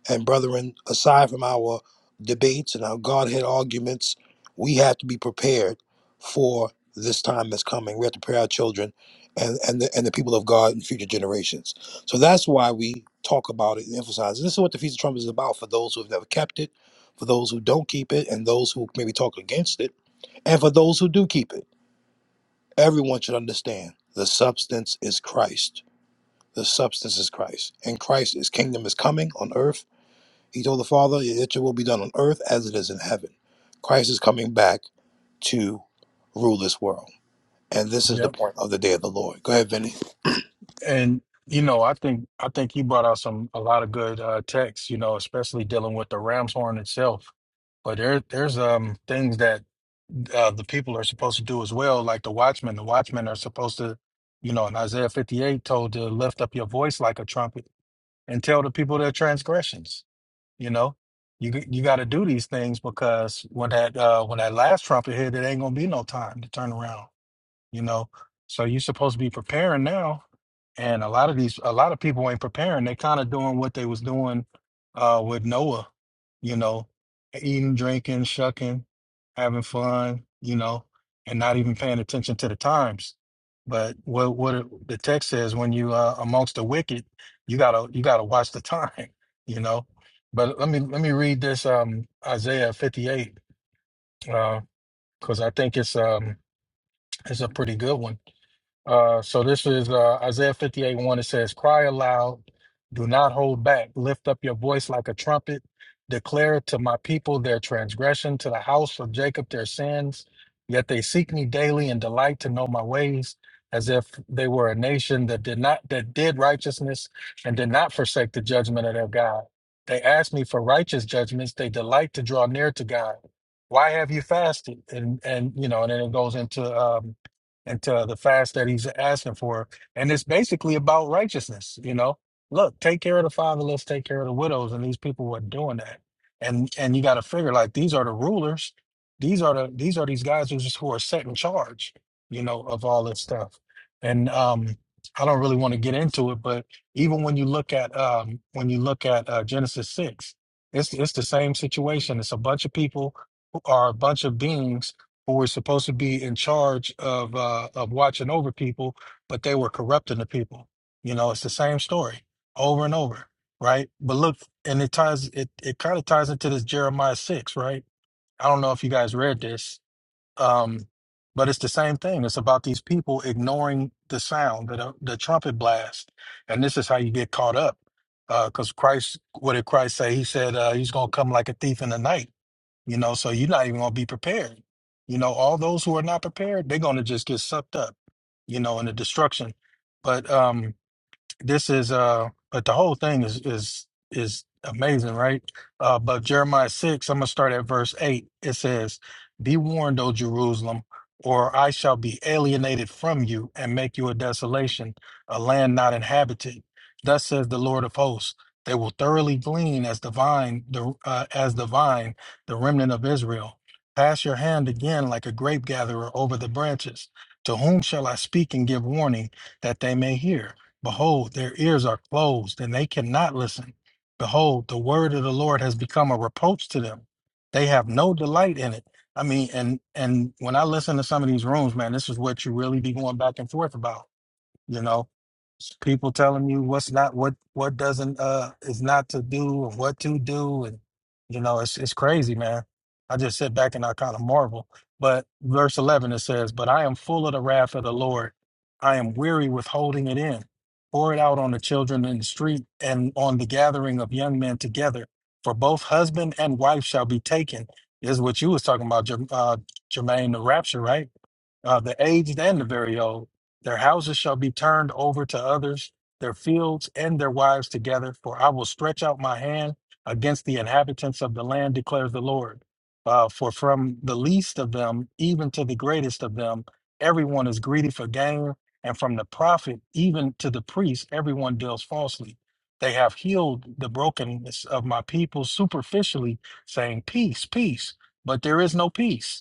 S1: and brethren, aside from our debates and our Godhead arguments, we have to be prepared for this time that's coming. We have to prepare our children and, and, the, and the people of God in future generations. So that's why we talk about it and emphasize. it. this is what the Feast of Trumpets is about for those who have never kept it, for those who don't keep it, and those who maybe talk against it, and for those who do keep it. Everyone should understand the substance is Christ. The substance is Christ. And Christ's kingdom is coming on earth he told the Father, That your will be done on earth as it is in heaven. Christ is coming back to rule this world. And this is the
S6: Yep.
S1: point of the day of the Lord. Go ahead, Vinny.
S6: And you know, I think I think you brought out some a lot of good uh texts, you know, especially dealing with the ram's horn itself. But there there's um things that uh, the people are supposed to do as well, like the watchmen. The watchmen are supposed to, you know, in Isaiah 58 told to lift up your voice like a trumpet and tell the people their transgressions You know, you g- you got to do these things because when that uh, when that last trumpet hit, it ain't gonna be no time to turn around you know. So you're supposed to be preparing now, and a lot of these, a lot of people ain't preparing. They kind of doing what they was doing uh, with Noah, you know, eating, drinking, shucking, having fun, you know, and not even paying attention to the times. But what what it- the text says when you uh, amongst the wicked, you gotta you gotta watch the time, you know. But let me let me read this um, Isaiah 58 because I think it's um, it's a pretty good one uh, so this is uh, Isaiah 58 1. It says, Cry aloud, do not hold back. Lift up your voice like a trumpet. Declare to my people their transgression, to the house of Jacob their sins. Yet they seek me daily and delight to know my ways, as if they were a nation that did not that did righteousness and did not forsake the judgment of their God. They ask me for righteous judgments. They delight to draw near to God. Why have you fasted? And and you know, and then it goes into um, and to the fast that he's asking for. And it's basically about righteousness, you know. Look, take care of the fatherless, take care of the widows, and these people were doing that. And and you got to figure like these are the rulers, these are the these are these guys who's who are set in charge, you know, of all this stuff. And um, I don't really want to get into it, but even when you look at um, when you look at uh, Genesis six, it's it's the same situation. It's a bunch of people who are a bunch of beings who were supposed to be in charge of uh, of watching over people, but they were corrupting the people. You know, it's the same story over and over, right? But look, and it ties it it kind of ties into this Jeremiah six, right? I don't know if you guys read this, um, but it's the same thing. It's about these people ignoring the sound, the the trumpet blast, and this is how you get caught up. Because Christ, what did Christ say? He said uh, he's going to come like a thief in the night you know, so you're not even going to be prepared. You know, all those who are not prepared, they're going to just get sucked up, you know, in the destruction. But um, this is uh but the whole thing is is is amazing right uh but jeremiah 6 i'm gonna start at verse 8 it says be warned o jerusalem or i shall be alienated from you and make you a desolation a land not inhabited thus says the lord of hosts they will thoroughly glean as the vine the uh, as the vine the remnant of israel pass your hand again like a grape gatherer over the branches to whom shall i speak and give warning that they may hear Behold, their ears are closed, and they cannot listen. Behold, the word of the Lord has become a reproach to them. They have no delight in it. I mean, and and when I listen to some of these rooms, man, this is what you really be going back and forth about. You know, people telling you what's not what what doesn't uh is not to do and what to do and you know it's it's crazy man i just sit back and i kind of marvel but verse 11 it says but i am full of the wrath of the lord i am weary with holding it in pour it out on the children in the street and on the gathering of young men together for both husband and wife shall be taken this is what you was talking about Jer- uh, jermaine the rapture right uh, the aged and the very old. Their houses shall be turned over to others, their fields and their wives together, for I will stretch out my hand against the inhabitants of the land, declares the Lord. Uh, for from the least of them, even to the greatest of them, everyone is greedy for gain, and from the prophet, even to the priest, everyone deals falsely. They have healed the brokenness of my people superficially, saying, Peace, peace, but there is no peace.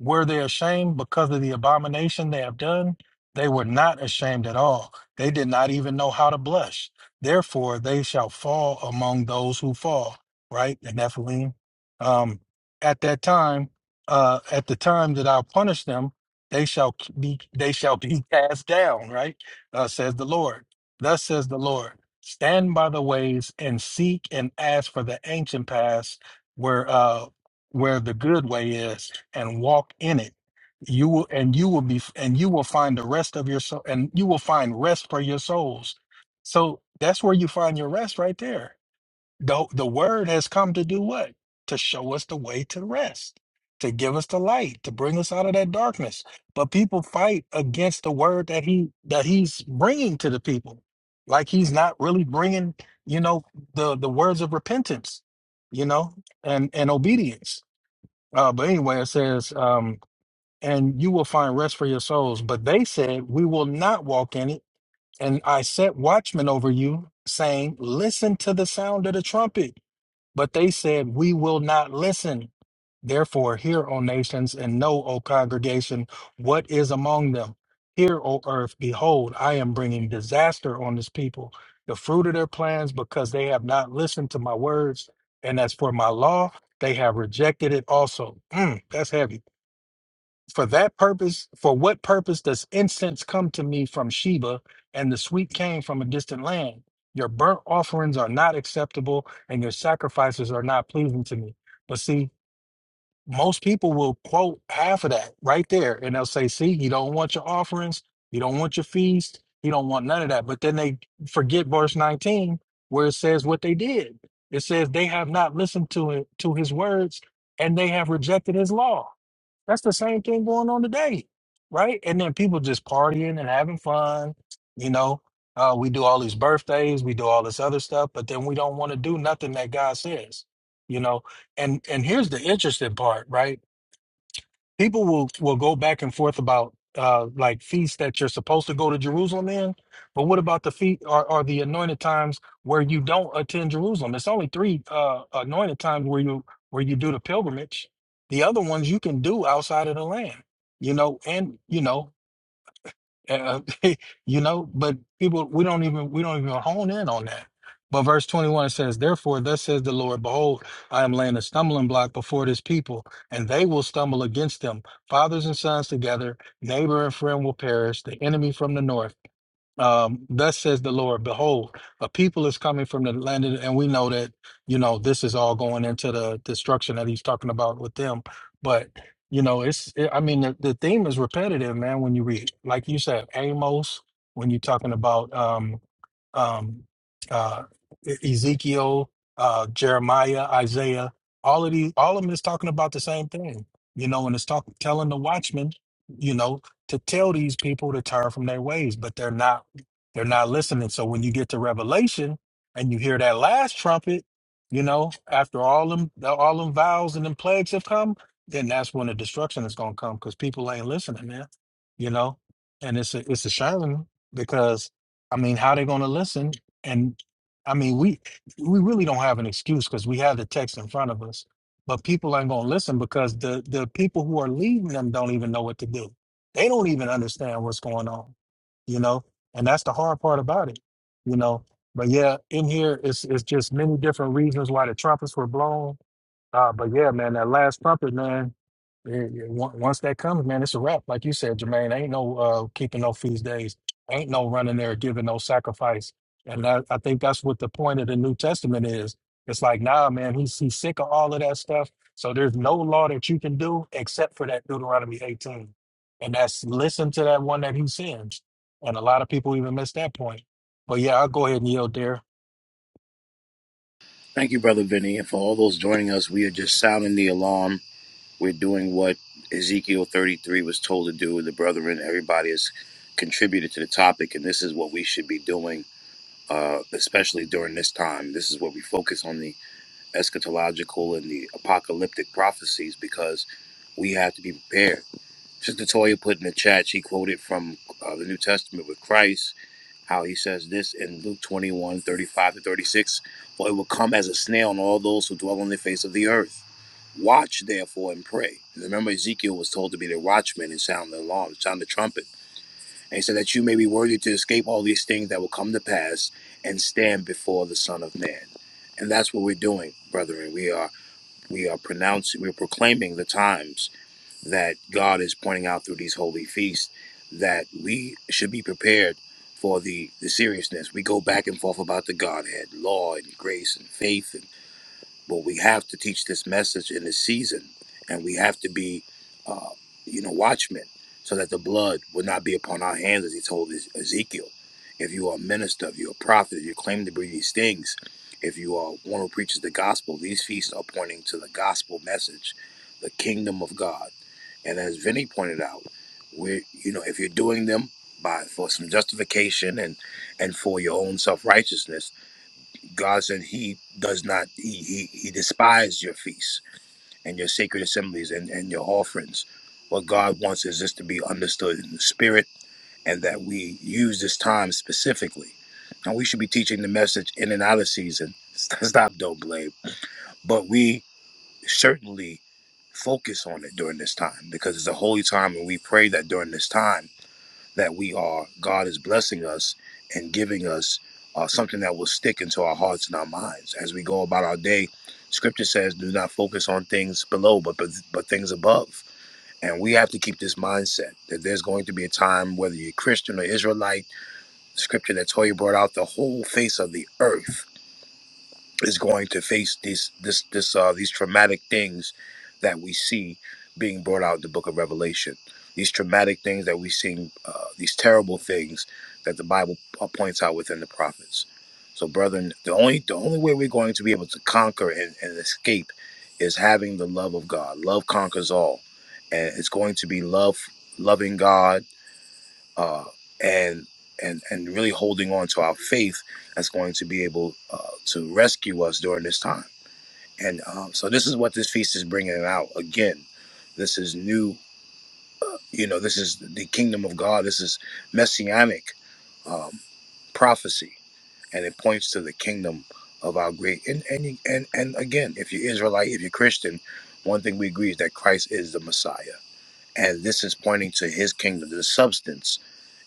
S6: Were they ashamed because of the abomination they have done? They were not ashamed at all. They did not even know how to blush. Therefore, they shall fall among those who fall. Right? the Nephilim. Um, at that time, uh, at the time that I'll punish them, they shall be they shall be cast down. Right? Uh, says the Lord. Thus says the Lord. Stand by the ways and seek and ask for the ancient paths where uh, where the good way is and walk in it you will and you will be and you will find the rest of your soul and you will find rest for your souls so that's where you find your rest right there the, the word has come to do what to show us the way to rest to give us the light to bring us out of that darkness but people fight against the word that he that he's bringing to the people like he's not really bringing you know the the words of repentance you know and and obedience uh but anyway it says um and you will find rest for your souls. But they said, We will not walk in it. And I set watchmen over you, saying, Listen to the sound of the trumpet. But they said, We will not listen. Therefore, hear, O nations, and know, O congregation, what is among them. Hear, O earth, behold, I am bringing disaster on this people, the fruit of their plans, because they have not listened to my words. And as for my law, they have rejected it also. Mm, that's heavy. For that purpose, for what purpose does incense come to me from Sheba and the sweet cane from a distant land? Your burnt offerings are not acceptable and your sacrifices are not pleasing to me. But see, most people will quote half of that right there and they'll say, see, you don't want your offerings, you don't want your feast, you don't want none of that. But then they forget verse 19 where it says what they did. It says they have not listened to it, to his words and they have rejected his law. That's the same thing going on today, right? And then people just partying and having fun. You know, uh, we do all these birthdays, we do all this other stuff, but then we don't want to do nothing that God says. You know, and and here's the interesting part, right? people will will go back and forth about uh like feasts that you're supposed to go to Jerusalem in, but what about the feet or, or the anointed times where you don't attend Jerusalem? It's only three uh anointed times where you where you do the pilgrimage. The other ones you can do outside of the land, you know, and you know uh, you know, but people, we don't even we don't even hone in on that. But verse twenty one says, "Therefore, thus says the Lord: Behold, I am laying a stumbling block before this people, and they will stumble against them. Fathers and sons together, neighbor and friend will perish. The enemy from the north." um, thus says the Lord, behold, a people is coming from the land, of- and we know that, you know, this is all going into the destruction that he's talking about with them. But, you know, it's, it, I mean, the, the theme is repetitive, man, when you read, like you said, Amos, when you're talking about, um, um, uh, E- Ezekiel, uh, Jeremiah, Isaiah, all of these, all of them is talking about the same thing, you know, and it's talk, telling the watchmen, you know, to tell these people to turn from their ways, but they're not, they're not listening. So when you get to Revelation and you hear that last trumpet, you know, after all them, all them vows and them plagues have come, then that's when the destruction is going to come because people ain't listening, man, you know, and it's a, it's a shame because I mean, how they going to listen? And I mean, we we really don't have an excuse because we have the text in front of us. But people ain't going to listen because the the people who are leading them don't even know what to do. They don't even understand what's going on, you know. And that's the hard part about it, you know. But yeah, in here, it's it's just many different reasons why the trumpets were blown. Uh, but yeah, man, that last trumpet, man. it- it- on- once that comes, man, it's a wrap. Like you said, Jermaine, ain't no uh, keeping no feast days Ain't no running there giving no sacrifice. And I, I think that's what the point of the New Testament is. It's like, nah, man, he's he's sick of all of that stuff. So there's no law that you can do except for that Deuteronomy 18. And that's listen to that one that he sends. And a lot of people even miss that point. But yeah, I'll go ahead and yield there.
S1: Thank you, Brother Vinny. And for all those joining us, we are just sounding the alarm. We're doing what Ezekiel 33 was told to do. The brethren, everybody has contributed to the topic, and this is what we should be doing, uh, especially during this time. This is where we focus on the eschatological and the apocalyptic prophecies because we have to be prepared. Sister Toya put in the chat, she quoted from uh, the New Testament with Christ, how he says this in Luke 21 35 to 36 For it will come as a snail on all those who dwell on the face of the earth. Watch therefore and pray. Remember, Ezekiel was told to be the watchman and sound the alarm, sound the trumpet. And he said that you may be worthy to escape all these things that will come to pass and stand before the Son of Man. And that's what we're doing, brethren. We are we are pronouncing, we're proclaiming the times that God is pointing out through these holy feasts that we should be prepared for the, the seriousness. We go back and forth about the Godhead, law and grace and faith, and, but we have to teach this message in this season, and we have to be, uh, you know, watchmen, so that the blood would not be upon our hands, as he told Ez- Ezekiel. If you are a minister, if you're a prophet, if you claim to be these things, if you are one who preaches the gospel, these feasts are pointing to the gospel message, the kingdom of God and as Vinny pointed out, we you know if you're doing them by for some justification and and for your own self righteousness, God said He does not He He, he despises your feasts and your sacred assemblies and and your offerings. What God wants is this to be understood in the spirit, and that we use this time specifically. Now we should be teaching the message in and out of season. Stop, don't blame. But we certainly focus on it during this time because it's a holy time and we pray that during this time that we are god is blessing us and giving us uh, something that will stick into our hearts and our minds as we go about our day scripture says do not focus on things below but but, but things above and we have to keep this mindset that there's going to be a time whether you're christian or israelite the scripture that toya brought out the whole face of the earth is going to face these this this uh these traumatic things that we see being brought out in the book of revelation these traumatic things that we see uh, these terrible things that the bible uh, points out within the prophets so brethren the only the only way we're going to be able to conquer and, and escape is having the love of god love conquers all and it's going to be love loving god uh, and and and really holding on to our faith that's going to be able uh, to rescue us during this time. And um, so this is what this feast is bringing out again. This is new, you know. This is the kingdom of God. This is messianic um, prophecy, and it points to the kingdom of our great. And and and and again, if you're Israelite, if you're Christian, one thing we agree is that Christ is the Messiah, and this is pointing to His kingdom, the substance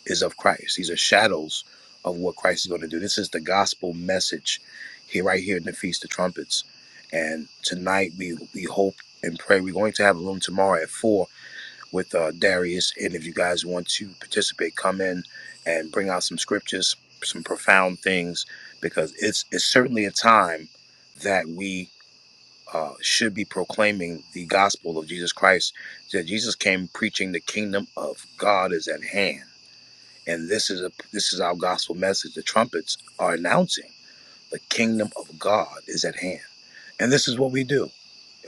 S1: is of Christ. These are shadows of what Christ is going to do. This is the gospel message here, right here in the Feast of Trumpets. And tonight we we hope and pray. We're going to have a room tomorrow at four with uh, Darius. And if you guys want to participate, come in and bring out some scriptures, some profound things, because it's it's certainly a time that we. Uh, should be proclaiming the gospel of Jesus Christ. That Jesus came preaching the kingdom of God is at hand and this is a this is our gospel message. The trumpets are announcing the kingdom of God is at hand. And this is what we do.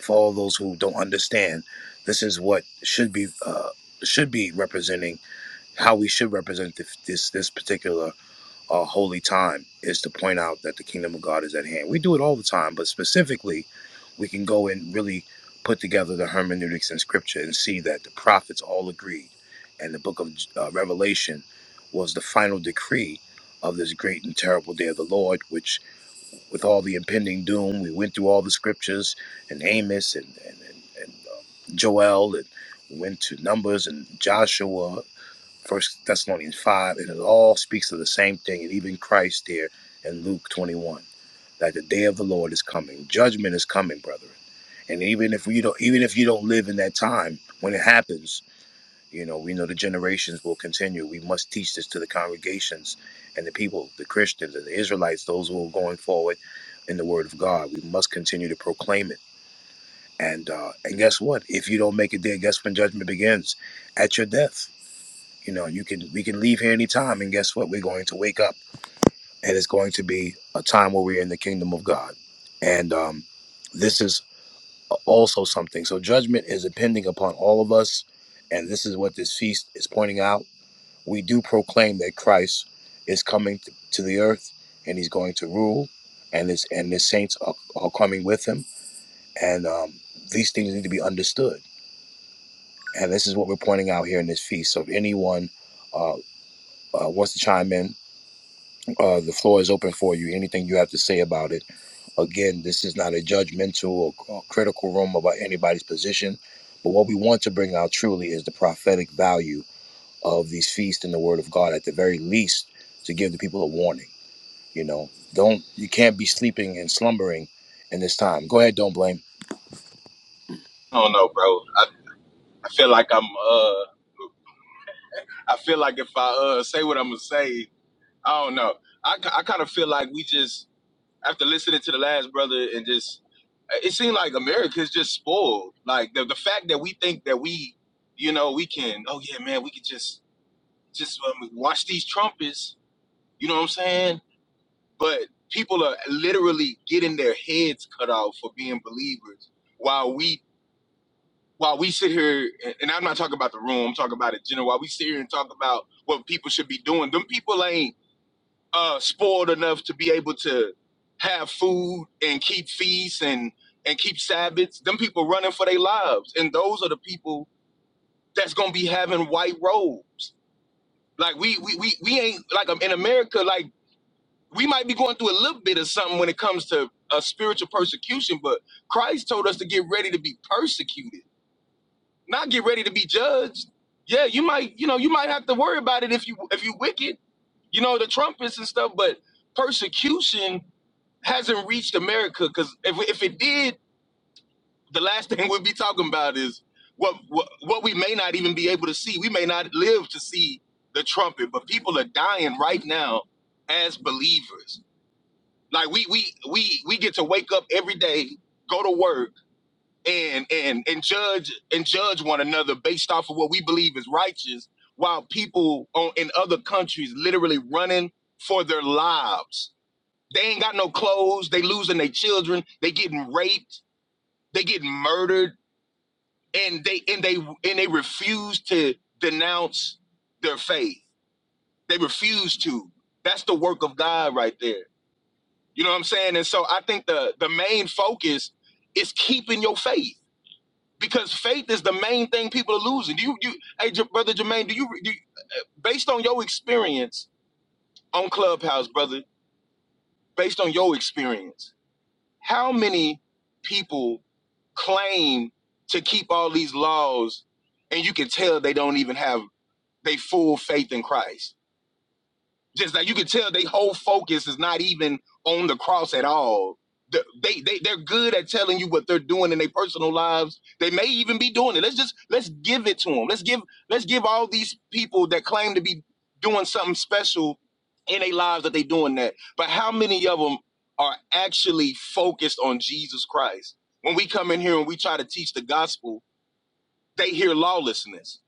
S1: For all those who don't understand, this is what should be uh, should be representing how we should represent this this, this particular a holy time is to point out that the kingdom of God is at hand. We do it all the time, but specifically, we can go and really put together the hermeneutics in scripture and see that the prophets all agreed. And the book of uh, Revelation was the final decree of this great and terrible day of the Lord, which, with all the impending doom, we went through all the scriptures and Amos and, and, and, and uh, Joel and we went to Numbers and Joshua First Thessalonians 5, and it all speaks of the same thing, and even Christ here in Luke 21, that the day of the Lord is coming. Judgment is coming, brethren. And even if we don't even if you don't live in that time, when it happens, you know, we know the generations will continue. We must teach this to the congregations and the people, the Christians and the Israelites, those who are going forward in the word of God. We must continue to proclaim it. And uh, and guess what? If you don't make it there, guess when judgment begins? At your death you know, you can we can leave here anytime, and guess what? We're going to wake up, and it's going to be a time where we're in the kingdom of God. And um, this is also something. So judgment is impending upon all of us, and this is what this feast is pointing out. We do proclaim that Christ is coming t- to the earth, and He's going to rule, and His and His saints are, are coming with Him, and um, these things need to be understood. And this is what we're pointing out here in this feast. So if anyone uh, uh, wants to chime in, Uh, the floor is open for you. Anything you have to say about it. Again, this is not a judgmental or, or critical room about anybody's position, but what we want to bring out truly is the prophetic value of these feasts in the Word of God, at the very least, to give the people a warning. You know, don't you can't be sleeping and slumbering in this time. Go ahead, don't blame.
S7: I don't know, bro. I, I feel like I'm. Uh, I feel like if I uh, say what I'm gonna say, I don't know. I, ki- I kind of feel like we just after listening to the last brother and just it seemed like America's just spoiled. Like the the fact that we think that we, you know, we can. Oh yeah, man, we could just just um, watch these trumpets. You know what I'm saying? But people are literally getting their heads cut off for being believers, while we while we sit here, and I'm not talking about the room, I'm talking about it general. While we sit here and talk about what people should be doing, them people ain't uh, spoiled enough to be able to have food and keep feasts and and keep Sabbaths. Them people running for their lives, and those are the people that's gonna be having white robes. Like we we we we ain't like um, in America. Like we might be going through a little bit of something when it comes to uh, spiritual persecution, but Christ told us to get ready to be persecuted. not get ready to be judged. Yeah, you might, you know, you might have to worry about it if you if you wicked, you know, the trumpets and stuff. But persecution hasn't reached America because if if it did, the last thing we'd be talking about is what, what what we may not even be able to see. We may not live to see the trumpet, but people are dying right now as believers. Like we we we we get to wake up every day, go to work and and and judge and judge one another based off of what we believe is righteous while people on, in other countries literally running for their lives they ain't got no clothes they losing their children they getting raped they getting murdered and they and they and they refuse to denounce their faith they refuse to that's the work of god right there you know what i'm saying and so i think the the main focus is keeping your faith because faith is the main thing people are losing. Do you, you, hey, J- brother Jermaine, do you, do you, based on your experience on Clubhouse, brother, based on your experience, how many people claim to keep all these laws, and you can tell they don't even have they full faith in Christ? Just like you can tell, they whole focus is not even on the cross at all. They they they're good at telling you what they're doing in their personal lives. They may even be doing it. Let's just let's give it to them. Let's give let's give all these people that claim to be doing something special in their lives that they doing that. But how many of them are actually focused on Jesus Christ? When we come in here and we try to teach the gospel, they hear lawlessness.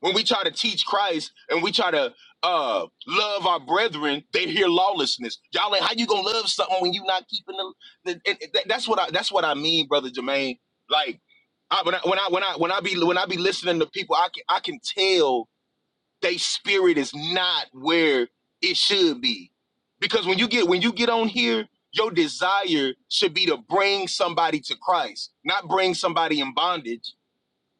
S7: When we try to teach Christ and we try to uh, love our brethren, they hear lawlessness. Y'all like, how you gonna love something when you not keeping the? the and and that- that's what I that's what I mean, brother Jermaine. Like, I, when I when I when I when I be when I be listening to people, I can I can tell they spirit is not where it should be, because when you get when you get on here, your desire should be to bring somebody to Christ, not bring somebody in bondage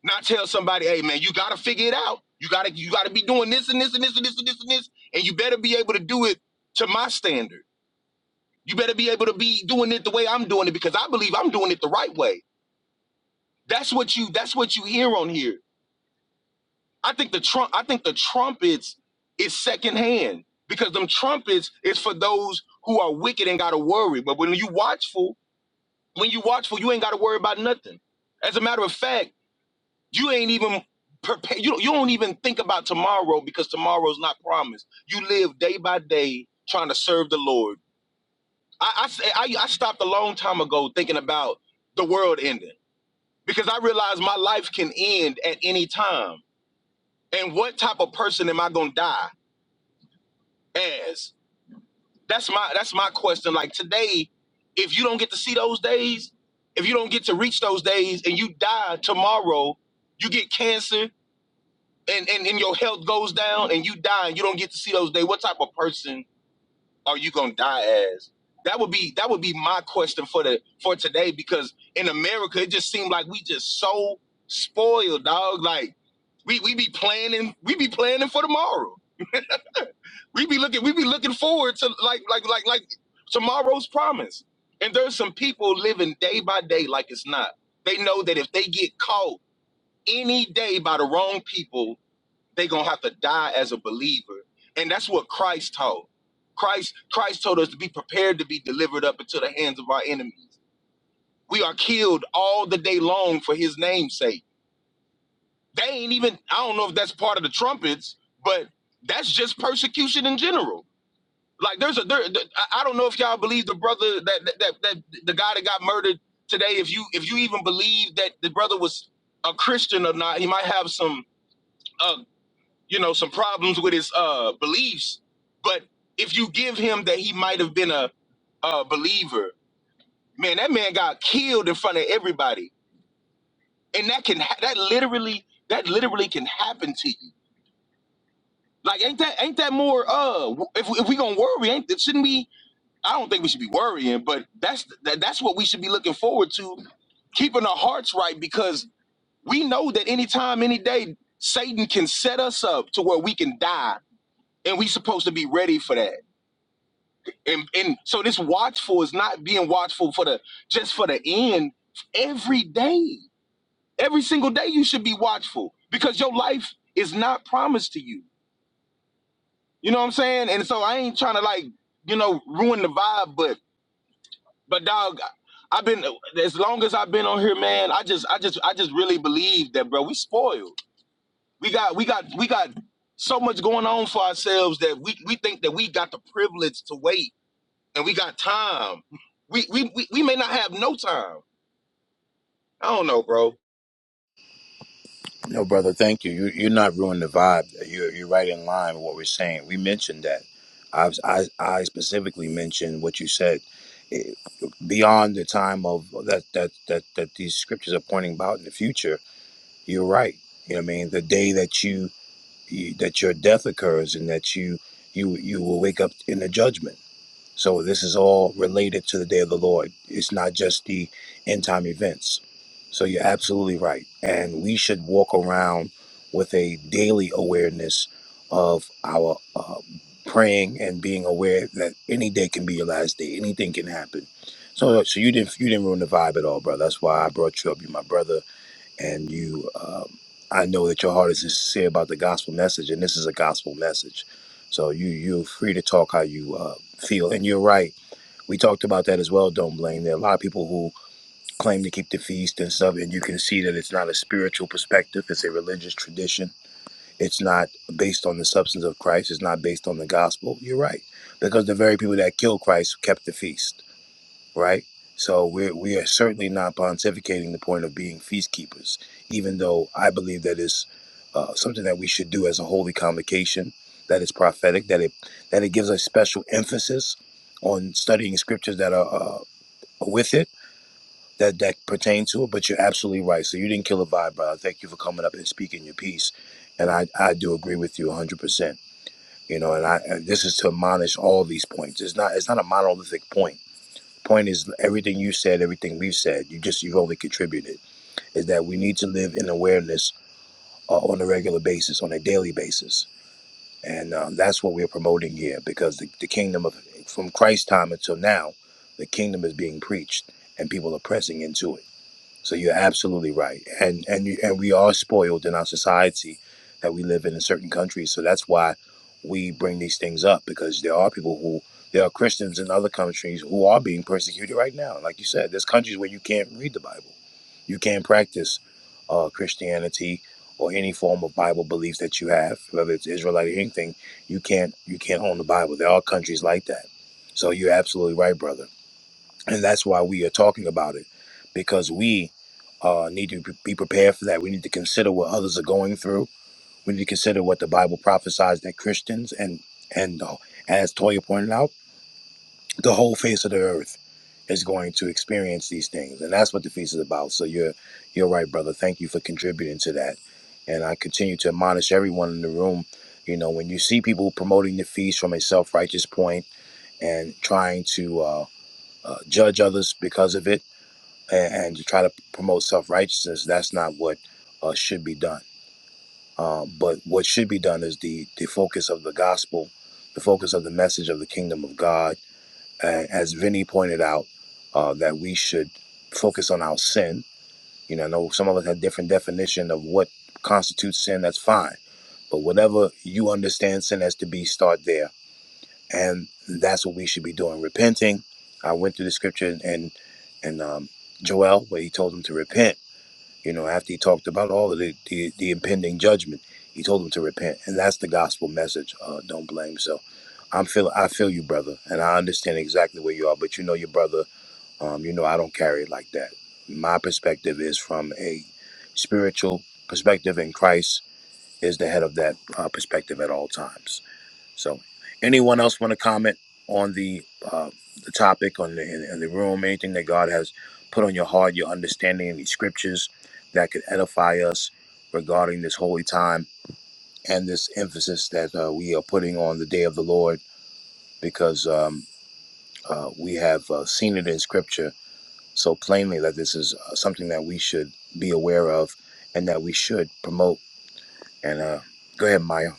S7: not tell somebody, hey man, you gotta figure it out. You gotta you gotta be doing this and this and this and this and this and this, and you better be able to do it to my standard. You better be able to be doing it the way I'm doing it because I believe I'm doing it the right way. That's what you that's what you hear on here. I think the Trump I think the trumpets is secondhand because them trumpets is for those who are wicked and gotta worry. But when you watchful, when you watchful, you ain't gotta worry about nothing. As a matter of fact. You ain't even prepared. You, you don't even think about tomorrow because tomorrow's not promised. You live day by day trying to serve the Lord. I, I, I, I stopped a long time ago thinking about the world ending because I realized my life can end at any time. And what type of person am I going to die as? That's my that's my question. Like today, if you don't get to see those days, if you don't get to reach those days and you die tomorrow, you get cancer, and, and and your health goes down and you die and you don't get to see those days, what type of person are you gonna die as? That would be that would be my question for the for today because in America it just seemed like we just so spoiled, dog. Like we we be planning we be planning for tomorrow. We be looking we be looking forward to like like like like tomorrow's promise. And there's some people living day by day like it's not. They know that if they get caught any day by the wrong people, they gonna have to die as a believer and that's what christ taught christ christ told us to be prepared to be delivered up into the hands of our enemies we are killed all the day long for his name's sake they ain't even i don't know if that's part of the trumpets but that's just persecution in general like there's a there, i don't know if y'all believe the brother that, that that that the guy that got murdered today if you if you even believe that the brother was a christian or not he might have some uh, you know, some problems with his uh beliefs. But if you give him that he might have been a, a believer, man, that man got killed in front of everybody, and that can ha- that literally that literally can happen to you. Like, ain't that ain't that more? Uh, w- if we- if we gonna worry, ain't shouldn't we? I don't think we should be worrying, but that's that, that's what we should be looking forward to, keeping our hearts right because we know that anytime, any day, Satan can set us up to where we can die, and we supposed to be ready for that And and so this watchful is not being watchful for the just for the end. Every day, every single day, you should be watchful because your life is not promised to you. You know what I'm saying? And so I ain't trying to like you know ruin the vibe, but but dog. I've been as long as I've been on here, man. I just, I just, I just really believe that, bro. We spoiled. We got, we got, we got so much going on for ourselves that we we think that we got the privilege to wait and we got time. We, we we we may not have no time. I don't know, bro.
S1: No, brother, thank you. you you're not ruining the vibe. You're, you're right in line with what we're saying. We mentioned that. I, was- I, I specifically mentioned what you said eh, beyond the time of that, that, that, that these scriptures are pointing about in the future. You're right. You know what I mean? The day that you, you that your death occurs and that you, you, you will wake up in the judgment. So this is all related to the day of the Lord. It's not just the end time events. So you're absolutely right. And we should walk around with a daily awareness of our uh, praying and being aware that any day can be your last day. Anything can happen. So, so you didn't you didn't ruin the vibe at all, bro. That's why I brought you up. You're my brother and you um, i know that your heart is sincere about the gospel message and this is a gospel message so you you're free to talk how you uh, feel and you're right we talked about that as well don't blame there are a lot of people who claim to keep the feast and stuff and you can see that it's not a spiritual perspective it's a religious tradition it's not based on the substance of christ it's not based on the gospel you're right because the very people that killed christ kept the feast right? So we're, we are certainly not pontificating the point of being feast keepers, even though I believe that is uh, something that we should do as a holy convocation. That is prophetic. That it that it gives a special emphasis on studying scriptures that are uh, with it that that pertain to it. But you're absolutely right. So you didn't kill a vibe, brother. Thank you for coming up and speaking your piece. And I, I do agree with you 100. percent You know, and I and this is to admonish all these points. It's not it's not a monolithic point Point is, everything you said, everything we've said, you just you've only contributed. Is that we need to live in awareness uh, on a regular basis, on a daily basis, and um, that's what we're promoting here. Because the, the kingdom of from Christ's time until now, the kingdom is being preached, and people are pressing into it. So you're absolutely right, and and you, and we are spoiled in our society that we live in in certain countries. So that's why we bring these things up because there are people who there are Christians in other countries who are being persecuted right now. Like you said, there's countries where you can't read the Bible, you can't practice uh, Christianity or any form of Bible belief that you have, whether it's Israelite or anything. You can't you can't own the Bible. There are countries like that. So you're absolutely right, brother and that's why we are talking about it because we uh, need to be prepared for that. We need to consider what others are going through. We need to consider what the Bible prophesies that Christians and and uh, as Toya pointed out, the whole face of the earth is going to experience these things, and that's what the feast is about. So you're you're right, brother. Thank you for contributing to that, and I continue to admonish everyone in the room. You know, when you see people promoting the feast from a self righteous point and trying to uh, uh, judge others because of it and, and to try to promote self righteousness, that's not what uh, should be done. Uh, but what should be done is the the focus of the gospel, the focus of the message of the kingdom of God. And as Vinny pointed out, uh, that we should focus on our sin. You know, I know some of us have different definition of what constitutes sin. That's fine, but whatever you understand sin as to be, start there, and that's what we should be doing. Repenting. I went through the scripture and and um, Joel where he told them to repent you know, after he talked about all of the, the, the impending judgment, he told them to repent. And that's the gospel message. Uh, don't blame. So I'm feel I feel you, brother. And I understand exactly where you are. But you know your brother, um, you know, I don't carry it like that. My perspective is from a spiritual perspective, and Christ is the head of that uh, perspective at all times. So, anyone else want to comment on the uh, the topic on the in, the room? Anything that God has put on your heart, your understanding of the scriptures that could edify us regarding this holy time and this emphasis that uh, we are putting on the day of the Lord, because um, uh, we have uh, seen it in scripture so plainly that this is uh, something that we should be aware of and that we should promote. And uh, go ahead, Maya.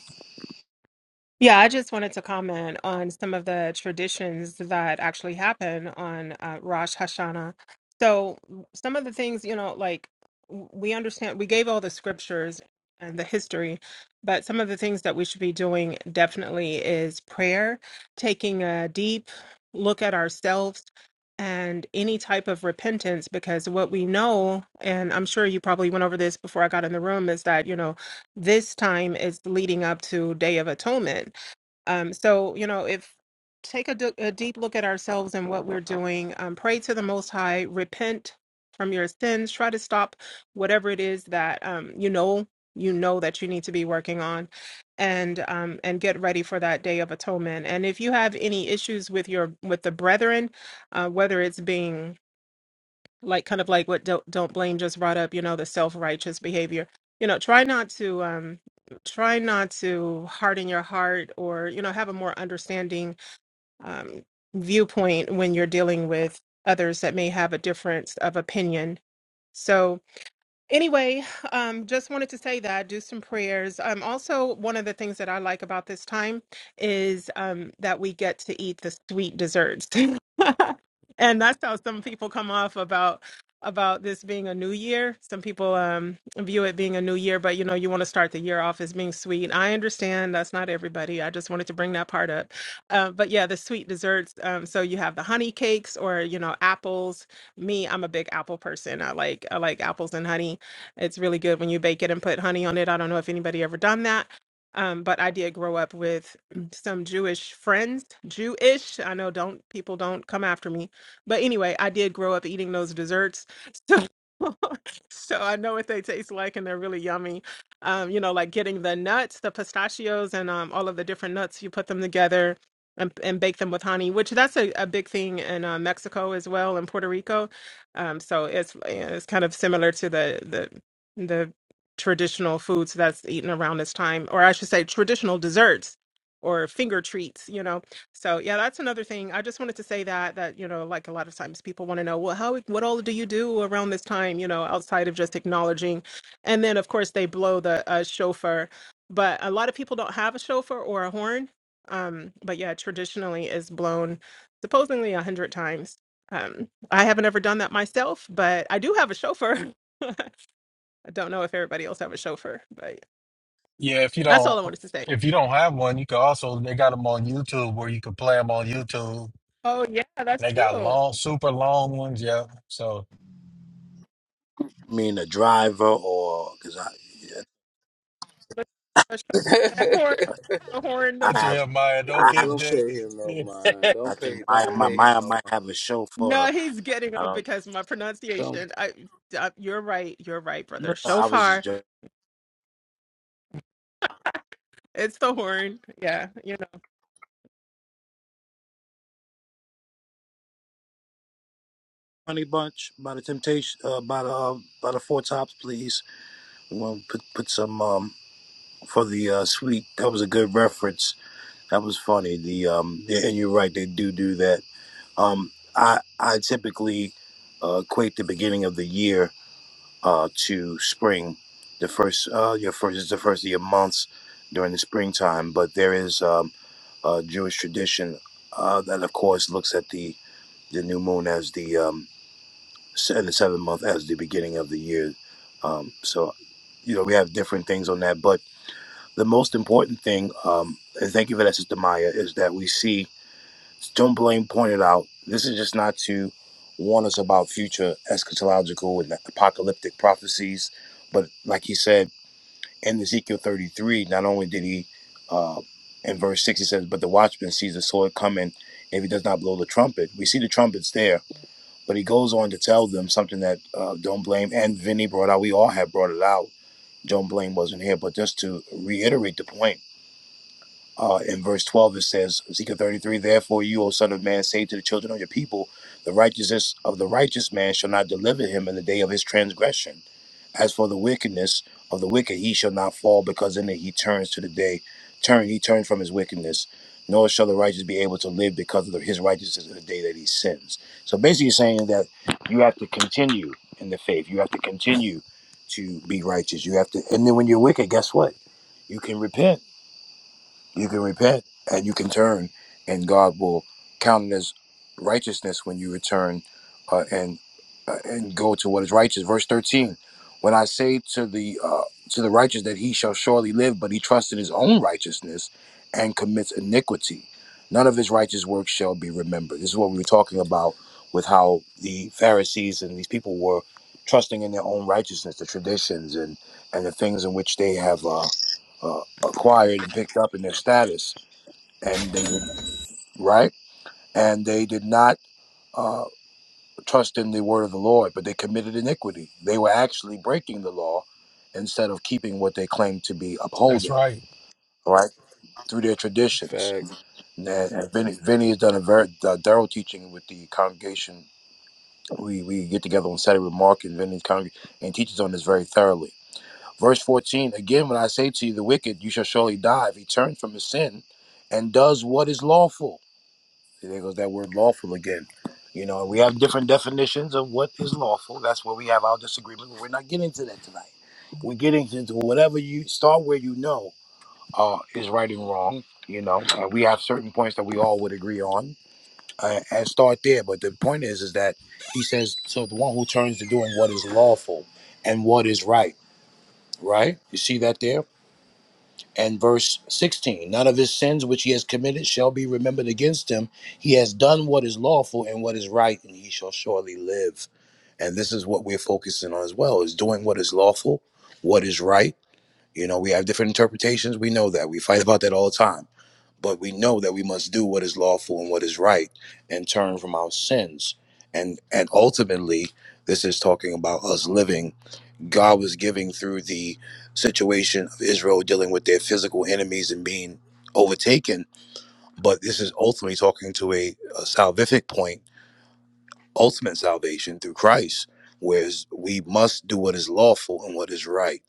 S5: Yeah, I just wanted to comment on some of the traditions that actually happen on uh, Rosh Hashanah. So, w- some of the things, you know, like w- we understand, we gave all the scriptures and the history, but some of the things that we should be doing definitely is prayer, taking a deep look at ourselves and any type of repentance, because what we know, and I'm sure you probably went over this before I got in the room, is that, you know, this time is leading up to Day of Atonement. Um, so, you know, if take a, d- a deep look at ourselves and what we're doing, um, pray to the Most High, repent from your sins, try to stop whatever it is that um, you know you know that you need to be working on and um and get ready for that day of atonement and if you have any issues with your with the brethren uh whether it's being like kind of like what don't, don't blame just brought up you know the self-righteous behavior you know try not to um try not to harden your heart or you know have a more understanding um viewpoint when you're dealing with others that may have a difference of opinion so Anyway, um, just wanted to say that do some prayers. Um, also, one of the things that I like about this time is um, that we get to eat the sweet desserts, and that's how some people come off about about this being a new year. Some people um, view it being a new year, but you know, you want to start the year off as being sweet. I understand that's not everybody. I just wanted to bring that part up. Uh, but yeah, the sweet desserts. Um, so you have the honey cakes, or you know, apples. Me, I'm a big apple person. I like I like apples and honey it's really good when you bake it and put honey on it. I don't know if anybody ever done that. Um, but I did grow up with some Jewish friends, Jewish. I know don't people don't come after me, but anyway, I did grow up eating those desserts, so so I know what they taste like, and they're really yummy. Um, you know, like getting the nuts, the pistachios, and um, all of the different nuts. You put them together and, and bake them with honey, which that's a, a big thing in uh, Mexico as well, and Puerto Rico. Um, so it's it's kind of similar to the the the traditional foods that's eaten around this time, or I should say traditional desserts or finger treats, you know. So yeah, that's another thing. I just wanted to say that that, you know, like a lot of times people want to know, well, how what all do you do around this time, you know, outside of just acknowledging. And then of course they blow the uh, shofar, but a lot of people don't have a shofar or a horn. Um, but yeah, traditionally is blown supposedly a hundred times. Um, I haven't ever done that myself, but I do have a chauffeur. I don't know if everybody else have a chauffeur, but
S6: Yeah, if you
S5: that's all
S6: don't
S5: I wanted to say.
S6: if you don't have one, you can also they got them on YouTube where you can play them on YouTube.
S5: Oh yeah, that's
S6: They got
S5: true.
S6: long, super long ones. Yeah. So
S1: I mean, a driver or because
S5: The, the chauffeur, that
S4: mm.
S5: horn, the horn, the
S6: that's
S5: horn.
S1: I.
S6: your Maya. Don't
S1: I
S4: Don't
S1: have
S6: give
S1: a
S4: don't
S1: sh-
S6: day.
S4: pay him no mind.
S1: I
S4: Don't
S1: think
S4: pay.
S1: Maya,
S4: Don't
S1: my
S4: pay him
S1: Maya
S4: no
S1: might
S4: mind.
S1: have a show for.
S5: No,
S1: her.
S5: he's getting
S1: I
S5: up
S1: don't.
S5: because my pronunciation.
S4: Don't.
S5: I, I, you're right. You're right, brother.
S1: No, no, I was just
S5: Shofar.
S1: joking.
S5: It's the horn. Yeah, you know.
S1: Honey Bunch by the Temptation, uh, by the uh, by the Four Tops, please. We want to put put some um for the uh, sweet. That was a good reference. That was funny. The um yeah, and you're right. They do do that. Um, I I typically uh, equate the beginning of the year uh, to spring. The first, uh, your first is the first of your months during the springtime, but there is um, a Jewish tradition uh, that, of course, looks at the the new moon as the um, se- and the seventh month as the beginning of the year. Um, so, you know, we have different things on that, but the most important thing, um, and thank you for that, Sister Maya, is that we see as John Blaine pointed out, this is just not to warn us about future eschatological and apocalyptic prophecies, but like he said in Ezekiel 33, not only did he, uh, in verse 6, he says, But the watchman sees the sword coming if he does not blow the trumpet. We see the trumpets there, but he goes on to tell them something that uh, Don't Blame and Vinny brought out. We all have brought it out. John Blaine wasn't here, but just to reiterate the point uh, in verse 12, it says, Ezekiel 33, Therefore you, O son of man, say to the children of your people, the righteousness of the righteous man shall not deliver him in the day of his transgression. As for the wickedness of the wicked, he shall not fall, because in it he turns to the day, turn, he turns from his wickedness. Nor shall the righteous be able to live because of the- his righteousness in the day that he sins. So basically saying that you have to continue in the faith. You have to continue to be righteous. You have to, and then when you're wicked, guess what? You can repent you can repent and you can turn, and God will count it as righteousness when you return uh, and uh, and go to what is righteous. Verse thirteen: When I say to the uh, to the righteous that he shall surely live, but he trusts in his own righteousness and commits iniquity, none of his righteous works shall be remembered. This is what we were talking about with how the Pharisees and these people were trusting in their own righteousness, the traditions and and the things in which they have. Uh, uh, acquired and picked up in their status, and they did right, and they did not uh, trust in the word of the Lord, but they committed iniquity. They were actually breaking the law instead of keeping what they claimed to be
S6: That's
S1: upholding,
S6: right.
S1: right, through their traditions. And and Vinny, Vinny has done a very uh, thorough teaching with the congregation. We we get together on Saturday with Mark and Vinny's congregation and teaches on this very thoroughly Verse 14 Again, when I say to you, the wicked, you shall surely die if he turns from his sin and does what is lawful. There goes that word lawful again. You know, we have different definitions of what is lawful. That's where we have our disagreement. But we're not getting to that tonight. We're getting into whatever you start where you know uh, is right and wrong. You know, uh, we have certain points that we all would agree on uh, and start there. But the point is, is that he says, so the one who turns to doing what is lawful and what is right, right? You see that there? and verse 16 none of his sins which he has committed shall be remembered against him he has done what is lawful and what is right and he shall surely live and this is what we're focusing on as well is doing what is lawful what is right you know we have different interpretations we know that we fight about that all the time but we know that we must do what is lawful and what is right and turn from our sins and and ultimately this is talking about us living God was giving through the situation of Israel dealing with their physical enemies and being overtaken. But this is ultimately talking to a, a salvific point ultimate salvation through Christ, whereas we must do what is lawful and what is right.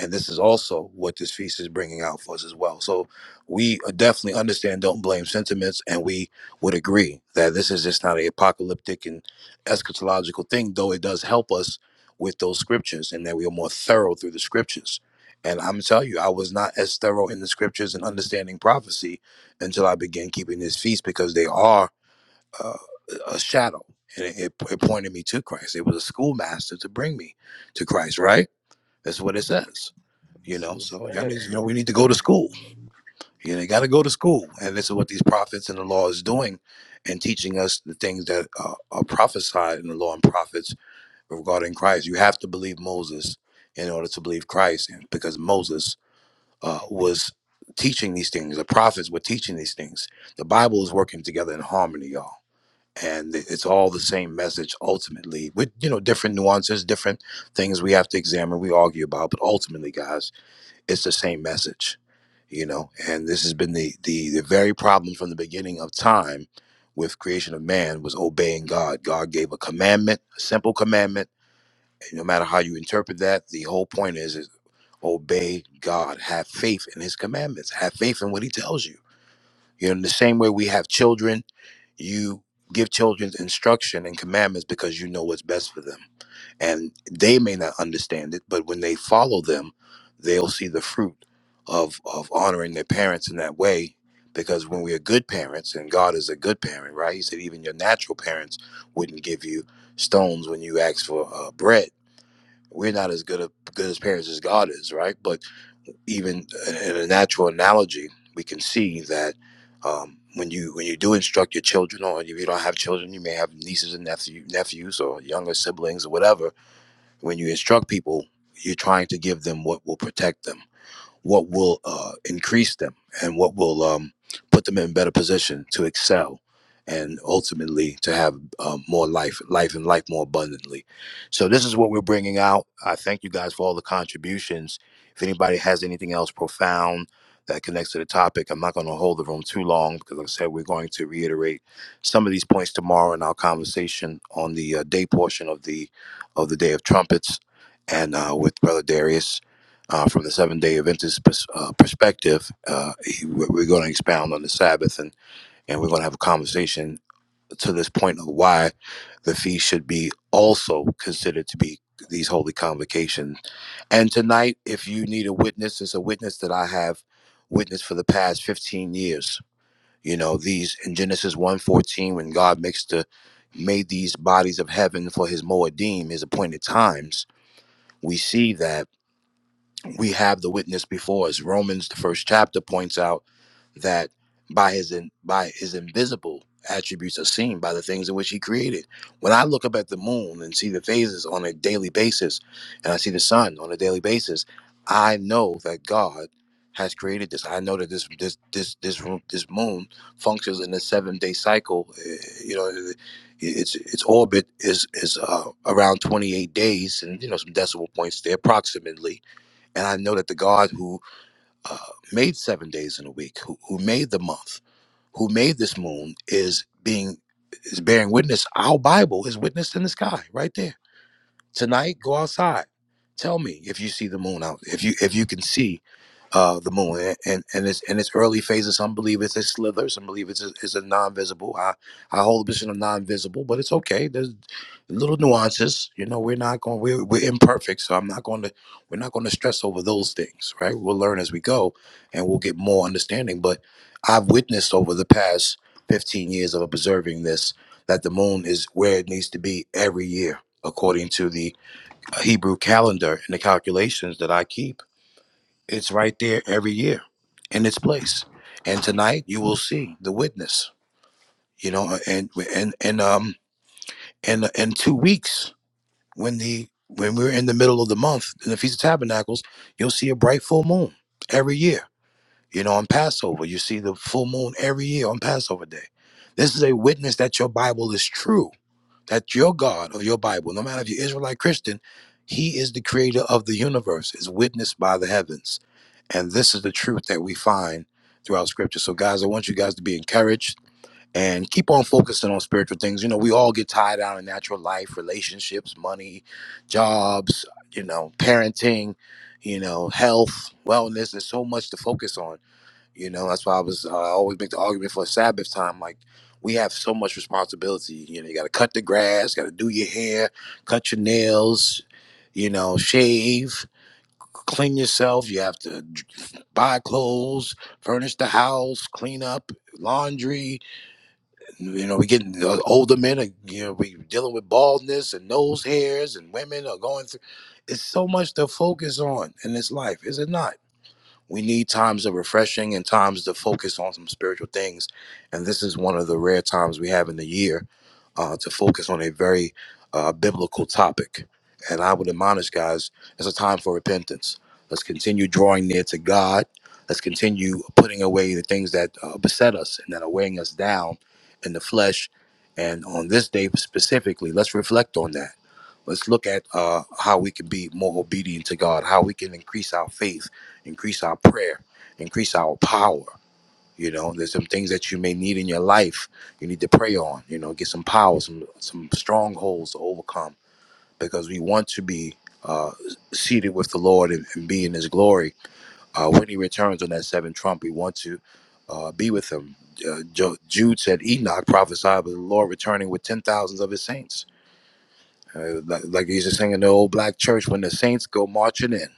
S1: And this is also what this feast is bringing out for us as well. So we uh, definitely understand don't blame sentiments, and we would agree that this is just not an apocalyptic and eschatological thing, though it does help us with those scriptures and that we are more thorough through the scriptures. And I'm telling you, I was not as thorough in the scriptures and understanding prophecy until I began keeping this feast because they are uh, a shadow and it, it, it pointed me to christ it was a schoolmaster to bring me to christ right that's what it says you know so y'all need, you know we need to go to school you know, you got to go to school and this is what these prophets and the law is doing and teaching us the things that uh, are prophesied in the law and prophets regarding christ you have to believe moses in order to believe christ and because moses uh, was teaching these things the prophets were teaching these things the bible is working together in harmony y'all and it's all the same message ultimately with you know different nuances different things we have to examine we argue about but ultimately guys it's the same message you know and this has been the the, the very problem from the beginning of time with creation of man was obeying god god gave a commandment a simple commandment and no matter how you interpret that the whole point is, is obey god have faith in his commandments have faith in what he tells you you know, in the same way we have children, you give children instruction and commandments because you know what's best for them. And they may not understand it, but when they follow them, they'll see the fruit of, of honoring their parents in that way. Because when we are good parents, and God is a good parent, right? He said, even your natural parents wouldn't give you stones when you ask for uh, bread. We're not as good, a, good as parents as God is, right? But even in a natural analogy, we can see that um, when you when you do instruct your children, or if you don't have children, you may have nieces and nephew, nephews or younger siblings or whatever. When you instruct people, you're trying to give them what will protect them what will uh, increase them and what will um, put them in a better position to excel and ultimately to have um, more life life and life more abundantly so this is what we're bringing out i thank you guys for all the contributions if anybody has anything else profound that connects to the topic i'm not going to hold the room too long because like i said we're going to reiterate some of these points tomorrow in our conversation on the uh, day portion of the of the day of trumpets and uh, with brother darius uh, from the Seventh Day Adventist pers- uh, perspective. Uh, he- we're we're going to expound on the Sabbath, and and we're going to have a conversation to this point of why the feast should be also considered to be these holy convocations. And tonight, if you need a witness, it's a witness that I have witnessed for the past 15 years. You know, these in Genesis one fourteen, when God makes the made these bodies of heaven for his Moedim, his appointed times, we see that we have the witness before us. Romans, the first chapter, points out that by his in, by his invisible attributes are seen by the things in which he created. When I look up at the moon and see the phases on a daily basis, and I see the sun on a daily basis, I know that God has created this. I know that this this this this ro- this moon functions in a seven day cycle. eh, You know, eh, its its orbit is is uh, around twenty eight days, and you know some decimal points there approximately and I know that the God who uh, made seven days in a week, who, who made the month, who made this moon, is being is bearing witness. Our Bible is witnessed in the sky, right there. Tonight, go outside. Tell me if you see the moon out. If you if you can see uh, the moon and, and and its in its early phases, some believe it's a slither, some believe it's a, it's a non-visible. I I hold the position of non-visible, but it's okay. There's little nuances. You know, we're not going we're we're imperfect, so I'm not going to we're not going to stress over those things, right? We'll learn as we go, and we'll get more understanding. But I've witnessed over the past 15 years of observing this that the moon is where it needs to be every year according to the uh, Hebrew calendar and the calculations that I keep. It's right there every year in its place. And tonight you will see the witness, you know, uh, and and and um and uh, in two weeks when the when we're in the middle of the month in the Feast of Tabernacles, you'll see a bright full moon every year. You know, on Passover, you see the full moon every year on Passover day. This is a witness that your Bible is true That your God or your Bible, no matter if you're Israelite Christian, He is the creator of the universe, is witnessed by the heavens. And this is the truth that we find throughout scripture. So, guys, I want you guys to be encouraged and keep on focusing on spiritual things. You know, we all get tied down in natural life, relationships, money, jobs, you know, parenting, you know, health, wellness. There's so much to focus on. You know, that's why I was uh, I always make the argument for Sabbath time. Like we have so much responsibility. You know, you got to cut the grass, got to do your hair, cut your nails, you know, shave, clean yourself. You have to buy clothes, furnish the house, clean up laundry. You know, we getting the older men are you know we dealing with baldness and nose hairs, and women are going through. It's so much to focus on in this life, is it not? We need times of refreshing and times to focus on some spiritual things. And this is one of the rare times we have in the year uh, to focus on a very uh, biblical topic. And I would admonish guys, it's a time for repentance. Let's continue drawing near to God. Let's continue putting away the things that uh, beset us and that are weighing us down in the flesh. And on this day specifically, let's reflect on that Let's look at uh, how we can be more obedient to God, how we can increase our faith, increase our prayer, increase our power. You know, there's some things that you may need in your life. You need to pray on. You know, get some power, some some strongholds to overcome, because we want to be uh, seated with the Lord and, and be in His glory uh, when He returns on that seventh trump. We want to uh, be with Him. Uh, Jo- Jude said, "Enoch prophesied of the Lord returning with ten thousands of His saints." Uh, like, like you used to in the old black church when the saints go marching in.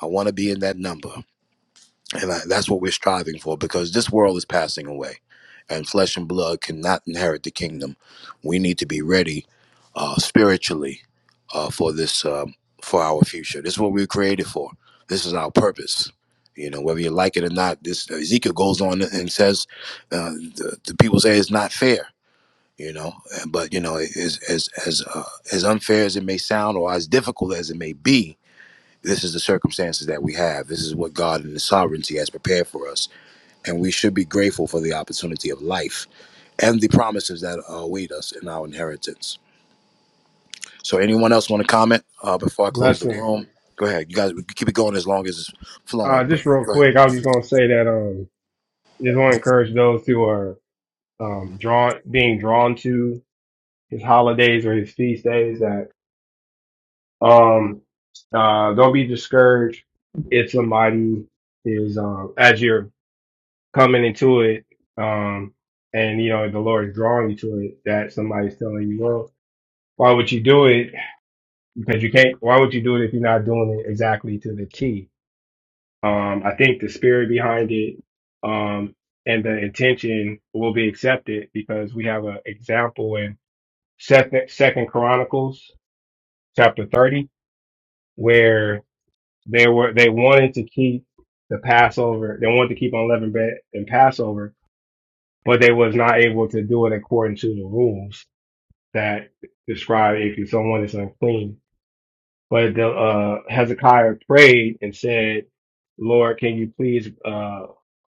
S1: I want to be in that number. And I, that's what we're striving for because this world is passing away and flesh and blood cannot inherit the kingdom. We need to be ready uh, spiritually uh, for this, um, for our future. This is what we were created for. This is our purpose. You know, whether you like it or not, this Ezekiel goes on and says, uh, the, the people say it's not fair you know but you know as as as uh, as unfair as it may sound or as difficult as it may be this is the circumstances that we have this is what god and his sovereignty has prepared for us and we should be grateful for the opportunity of life and the promises that await us in our inheritance so anyone else want to comment uh, before i close the
S2: Blessing.
S1: room go ahead you guys we can keep it going as long as it's
S2: Uh,
S1: flowing but
S2: just real
S1: go ahead
S2: quick, I was just gonna say that. um. just want to encourage those who are um, drawn, being drawn to his holidays or his feast days that um, uh, don't be discouraged if somebody is um, as you're coming into it um, and you know the Lord is drawing you to it that somebody's telling you, well, why would you do it? Because you can't. Why would you do it if you're not doing it exactly to the T? Um, I think the spirit behind it um, and the intention will be accepted because we have an example in Second, Second Chronicles chapter thirty where they were they wanted to keep the Passover, they wanted to keep unleavened bread and Passover, but they was not able to do it according to the rules that describe if someone is unclean. But the, uh, Hezekiah prayed and said, "Lord, can you please?" uh,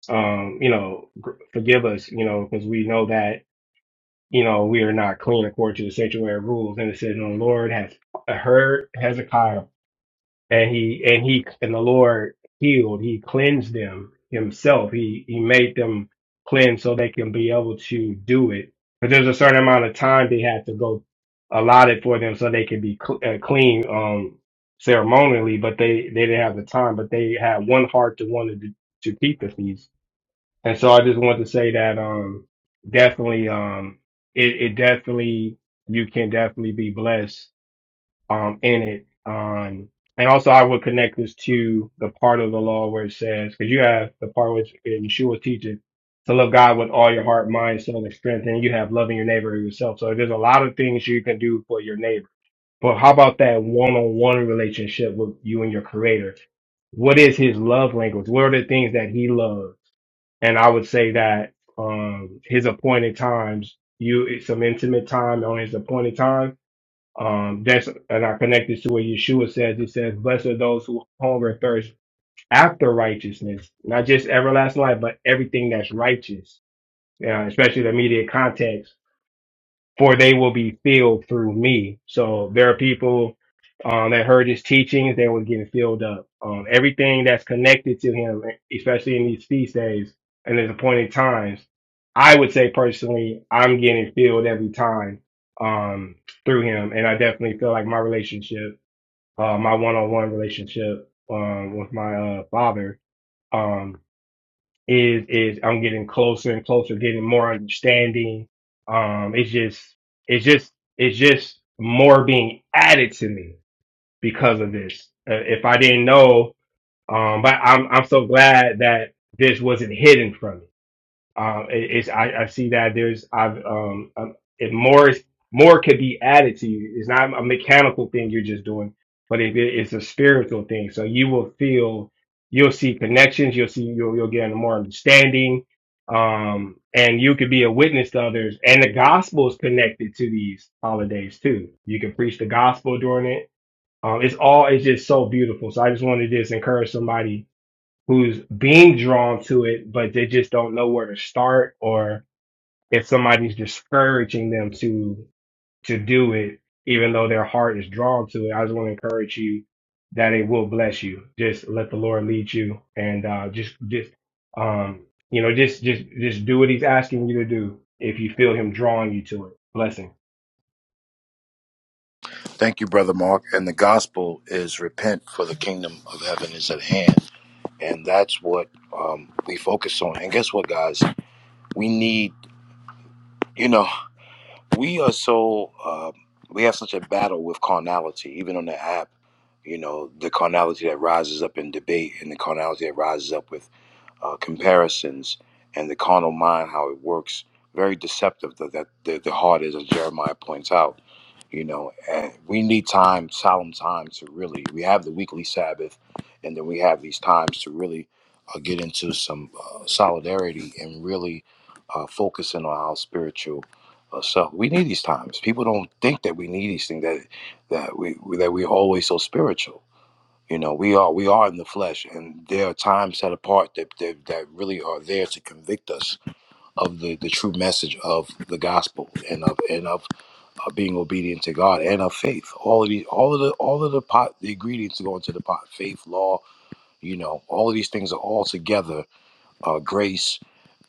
S2: um, you know, forgive us, you know, because we know that, you know, we are not clean according to the sanctuary rules. And it says, and the Lord has uh, heard Hezekiah and he, and he, and the Lord healed, he cleansed them himself. He, he made them cleanse so they can be able to do it. But there's a certain amount of time they had to go allotted for them so they could be cl- uh, clean, um, ceremonially, but they, they didn't have the time, but they had one heart to wanted to, to keep the feast and so I just wanted to say that um definitely um it, it definitely you can definitely be blessed um in it. Um and also I would connect this to the part of the law where it says because you have the part which Yeshua teaches to love God with all your heart, mind, soul, and strength, and you have loving your neighbor as yourself. So there's a lot of things you can do for your neighbor. But how about that one-on-one relationship with you and your creator? what is his love language? What are the things that he loves? And I would say that um, his appointed times, you it's some intimate time on his appointed time. Um, that's and I connect this to what Yeshua says. He says, "Blessed are those who hunger and thirst after righteousness, not just everlasting life, but everything that's righteous." Yeah, especially the immediate context for they will be filled through me. So there are people um, that heard his teachings that were getting filled up. Um, everything that's connected to him, especially in these feast days and his appointed times, I would say personally, I'm getting filled every time um, through him. And I definitely feel like my relationship, uh, my one-on-one relationship um, with my uh, father. um, is is I'm getting closer and closer, getting more understanding. Um, it's just it's just it's just more being added to me because of this. Uh, if I didn't know, um, but I'm I'm so glad that this wasn't hidden from me. Um, it, it's I, I see that there's I've um, um it more more could be added to you. It's not a mechanical thing you're just doing, but it, it- it's a spiritual thing. So you will feel you'll see connections. You'll see you'll you'll get more understanding. Um, and you could be a witness to others. And the gospel is connected to these holidays too. You can preach the gospel during it. Um, it's all it's just so beautiful. So I just wanted to just encourage somebody who's being drawn to it, but they just don't know where to start or if somebody's discouraging them to to do it, even though their heart is drawn to it. I just want to encourage you that it will bless you. Just let the Lord lead you and uh just just um you know just just just do what he's asking you to do if you feel him drawing you to it. Blessing.
S1: thank you brother mark and the gospel is repent for the kingdom of heaven is at hand and that's what um, we focus on. And guess what, guys? We need, you know, we are so uh, we have such a battle with carnality, even on the app. You know, the carnality that rises up in debate, and the carnality that rises up with uh, comparisons and the carnal mind, how it works. Very deceptive that, that the, the heart is, as Jeremiah points out. You know, and we need time, solemn time to really. We have the weekly Sabbath, and then we have these times to really uh, get into some uh, solidarity and really uh, focusing on our spiritual uh, self. We need these times. People don't think that we need these things that that we that we're always so spiritual you know, we are we are in the flesh, and there are times set apart that that, that really are there to convict us of the, the true message of the gospel and of and of uh, being obedient to God and of faith. All of the all of the all of the pot the ingredients that go into the pot. Faith, law, you know, all of these things are all together uh, grace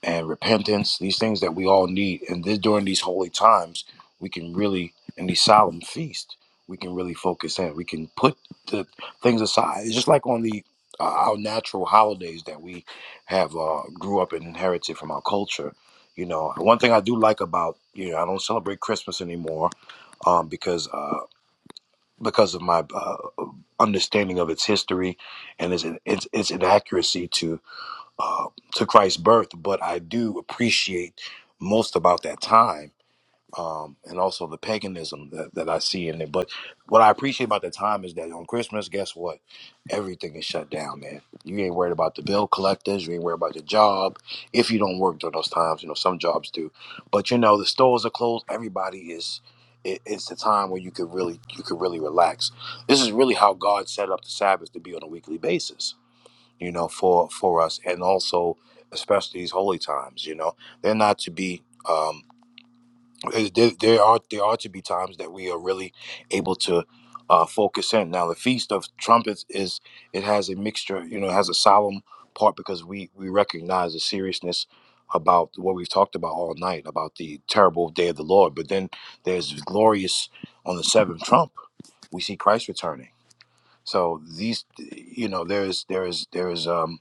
S1: and repentance, these things that we all need. And this, during these holy times, we can really, in these solemn feasts, we can really focus in. We can put the things aside. It's just like on the uh, our natural holidays that we have uh, grew up and inherited from our culture. You know, one thing I do like about you know I don't celebrate Christmas anymore um, because uh, because of my uh, understanding of its history and its its, its inaccuracy to uh, to Christ's birth, but I do appreciate most about that time um, and also the paganism that, that I see in it. But what I appreciate about that time is that on Christmas, guess what? Everything is shut down, man. You ain't worried about the bill collectors. You ain't worried about your job. If you don't work during those times, you know, some jobs do. But, you know, the stores are closed. Everybody is. It, it's the time where you could really you could really relax. This is really how God set up the Sabbath to be on a weekly basis you know, for for us, and also especially these holy times. You know, they're not to be. Um, there, there are there are to be times that we are really able to uh, focus in. Now, the Feast of Trumpets is it has a mixture. You know, it has a solemn part because we we recognize the seriousness about what we've talked about all night about the terrible day of the Lord. But then there's glorious on the seventh trump. We see Christ returning. So these, you know, there is there is there is um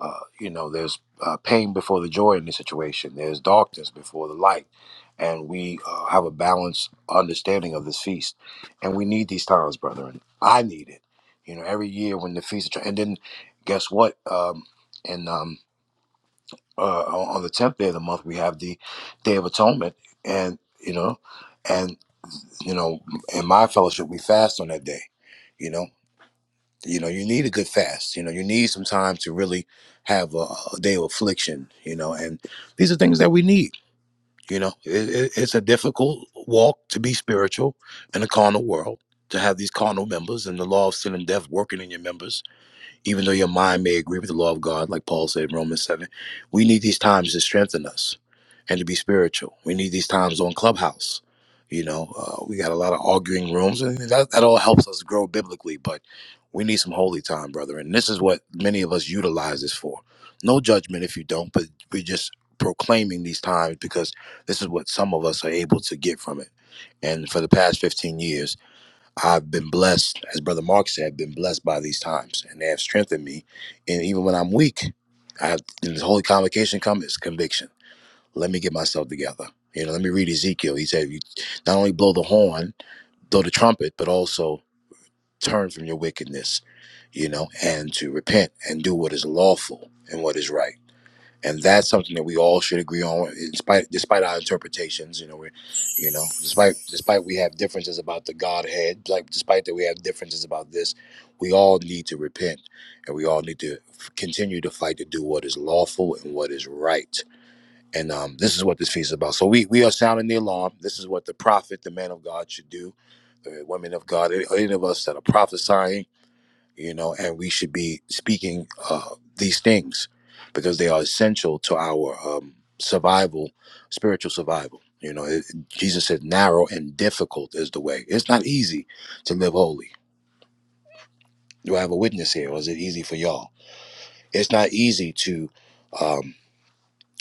S1: uh, you know, there's uh, pain before the joy in this situation. There's darkness before the light, and we uh, have a balanced understanding of this feast, and we need these times, brethren. I need it. You know, every year when the feast, and then guess what? Um, and um, uh, on on the tenth day of the month, we have the Day of Atonement, and you know, and you know, in my fellowship, we fast on that day. You know, you know, you need a good fast. You know, you need some time to really have a, a day of affliction. You know, and these are things that we need. You know, it, it, it's a difficult walk to be spiritual in a carnal world. To have these carnal members and the law of sin and death working in your members, even though your mind may agree with the law of God, like Paul said in Romans 7, we need these times to strengthen us and to be spiritual. We need these times on Clubhouse. You know, uh, we got a lot of arguing rooms, and that, that all helps us grow biblically, but we need some holy time, brother. And this is what many of us utilize this for. No judgment if you don't, but we're just proclaiming these times because this is what some of us are able to get from it. And for the past 15 years, I've been blessed, as Brother Mark said, been blessed by these times, and they have strengthened me. And even when I'm weak, I have in this holy convocation comes is conviction. Let me get myself together. You know, let me read Ezekiel. He said, "You not only blow the horn, blow the trumpet, but also turn from your wickedness." You know, and to repent and do what is lawful and what is right and that's something that we all should agree on, in spite, despite our interpretations. You know, we're, you know, despite despite we have differences about the Godhead, like despite that we have differences about this, we all need to repent, and we all need to f- continue to fight to do what is lawful and what is right. And um, this is what this feast is about. So we we are sounding the alarm. This is what the prophet, the man of God, should do. The women of God, any of us that are prophesying you know, and we should be speaking uh, these things because they are essential to our um, survival, spiritual survival. You know, it, Jesus said, narrow and difficult is the way. It's not easy to live holy. Do I have a witness here, or is it easy for y'all? It's not easy to. um,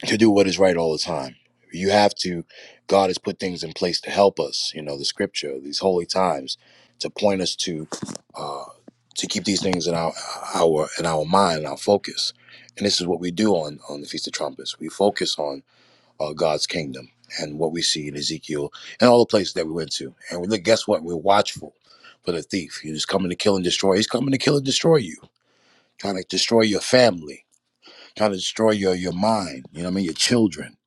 S1: to do what is right all the time. You have to, God has put things in place to help us, you know, the scripture, these holy times, to point us to, uh, to keep these things in our, our, in our mind, and our focus. And this is what we do on, on the Feast of Trumpets. We focus on uh, God's kingdom and what we see in Ezekiel and all the places that we went to. And we look, guess what? We're watchful for the thief. He's coming to kill and destroy. He's coming to kill and destroy you, trying to destroy your family trying to destroy your your mind. You know what I mean? Your children.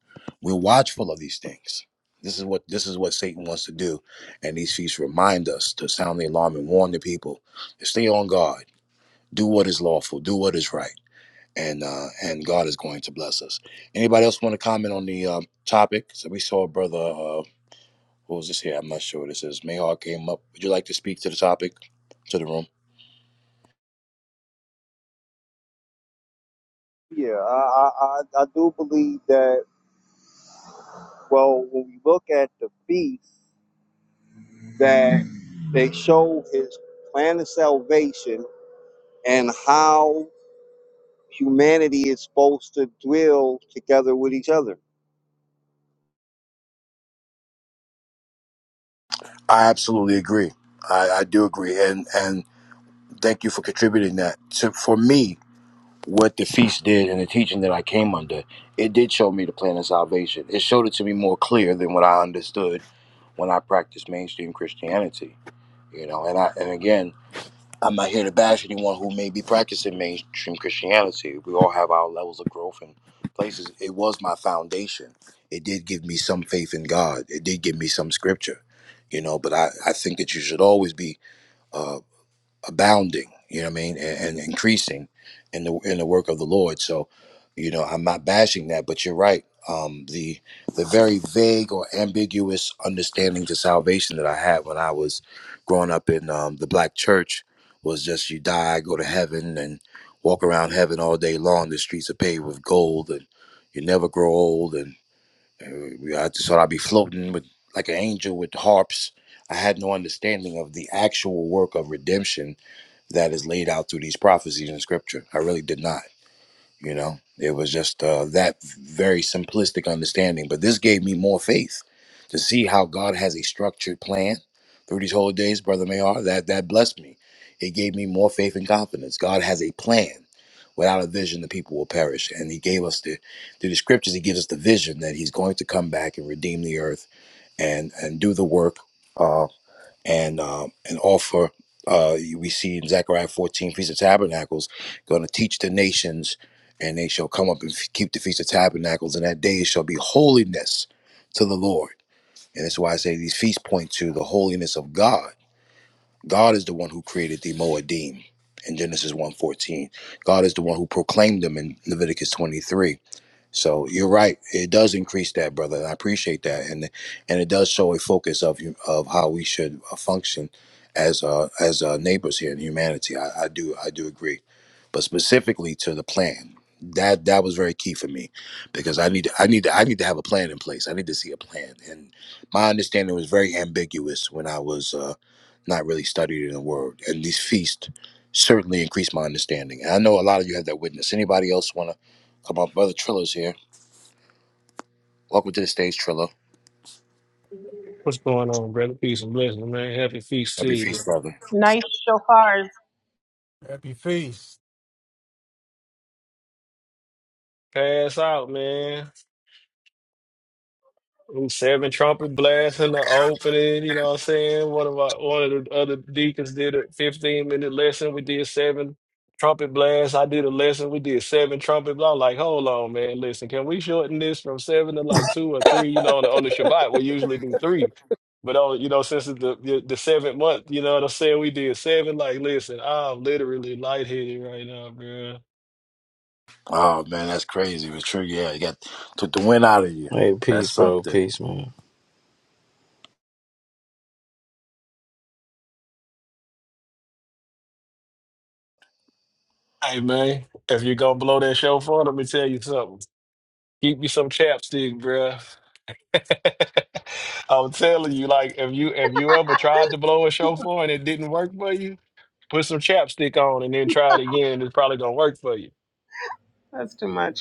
S1: We're watchful of these things. This is what this is what Satan wants to do, and these feasts remind us to sound the alarm and warn the people to stay on guard, do what is lawful, do what is right, and uh, and God is going to bless us. Anybody else want to comment on the um, topic? So we saw a brother. Uh, what was this here? I'm not sure what this is. Mayhaw came up. Would you like to speak to the topic, to the room?
S8: Yeah, I, I, I I do believe that. Well, when we look at the feast, that they show his plan of salvation and how humanity is supposed to dwell together with each other.
S1: I absolutely agree. I, I do agree, and and thank you for contributing that. So for me, what the feast did and the teaching that I came under, it did show me the plan of salvation. It showed it to me more clear than what I understood when I practiced mainstream Christianity. You know, and I and again, I'm not here to bash anyone who may be practicing mainstream Christianity. We all have our levels of growth and places. It was my foundation. It did give me some faith in God. It did give me some scripture. You know, but I, I think that you should always be uh, abounding, you know what I mean, and, and increasing in the in the work of the Lord. So, you know, I'm not bashing that, but you're right. Um, the the very vague or ambiguous understanding to salvation that I had when I was growing up in um, the black church was just you die, go to heaven, and walk around heaven all day long. The streets are paved with gold, and you never grow old. And uh, I just thought I'd be floating with like an angel with harps. I had no understanding of the actual work of redemption that is laid out through these prophecies in scripture. I really did not, you know. It was just uh, that very simplistic understanding. But this gave me more faith to see how God has a structured plan through these holidays, Brother Mayar. That that blessed me. It gave me more faith and confidence. God has a plan. Without a vision, the people will perish. And He gave us the through the scriptures. He gives us the vision that He's going to come back and redeem the earth and and do the work and um, and offer. Uh, we see in Zechariah 14, Feast of Tabernacles, going to teach the nations, and they shall come up and f- keep the Feast of Tabernacles, and that day shall be holiness to the Lord. And that's why I say these feasts point to the holiness of God. God is the one who created the Moedim in Genesis one fourteen. God is the one who proclaimed them in Leviticus 23. So you're right. It does increase that, brother. and I appreciate that, and and it does show a focus of you of how we should uh, function as uh, as uh, neighbors here in humanity. I, I do I do agree, but specifically to the plan that that was very key for me because I need to, I need to, I need to have a plan in place. I need to see a plan, and my understanding was very ambiguous when I was uh, not really studied in the word. And these feasts certainly increased my understanding. And I know a lot of you have that witness. Anybody else want to come up, brother Triller's here? Welcome to the stage, Trillo.
S9: What's going on, brother? Peace and blessings, man. Happy feast to
S1: Happy
S9: you.
S1: feast,
S9: man.
S1: brother.
S5: Nice shofars.
S6: Happy Feast.
S9: Pass out, man. I'm seven trumpet blasts in the opening. You know what I'm saying? One of my one of the other deacons did a 15 minute lesson. We did seven trumpet blasts. I did a lesson. We did seven trumpet blasts. I'm like, hold on, man. Listen, can we shorten this from seven to like two or three? You know, on the, on the Shabbat, we usually do three. But on, you know, since it's the, the the seventh month, you know what I'm saying? We did seven. Like, listen, I'm literally lightheaded right now, bro.
S1: Oh man, that's crazy. But true, yeah, you got took the wind out of you. That's something.
S9: Hey man, if you gonna blow that show for, let me tell you something. Keep me some chapstick, bruh. I'm telling you, like if you if you ever tried to blow a show for and it didn't work for you, put some chapstick on and then try it again, and it's probably gonna work for you.
S5: That's too much.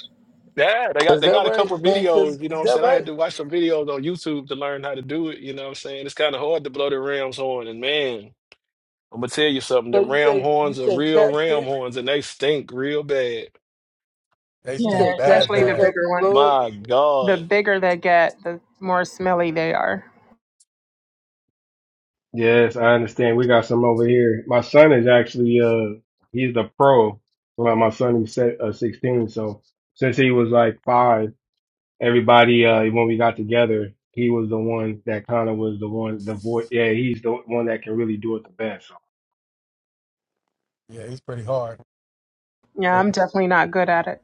S9: Yeah, they got
S4: Is
S9: they
S4: that
S9: got a
S4: right,
S9: couple
S4: man? Cause
S9: videos, you know
S4: is
S9: what I'm
S4: that
S9: saying? I had
S4: right?
S9: to watch some videos on YouTube to learn how to do it, you know what I'm saying? It's kinda hard to blow the ram's horn and man, I'm gonna tell you something,
S4: So
S9: the
S4: you
S9: ram
S4: say you
S9: horns are
S4: say
S9: real ram
S4: chapstick,
S9: horns and they stink real bad.
S6: They
S4: you say
S6: stink
S5: Yeah,
S6: bad,
S5: especially the
S4: chapstick help
S6: bad.
S4: you
S5: bigger one.
S4: blow it.
S9: My
S5: The
S9: God.
S5: bigger they get, the more smelly they are.
S2: Yes, I understand. We got some over here. My son is actually uh he's the pro. Well, my son he's se- uh, 16, so since he was like five, everybody uh when we got together, he was the one that kind of was the one the voice. Yeah, he's the one that can really do it the best. So
S6: Yeah, he's pretty hard.
S5: Yeah, I'm definitely not good at it.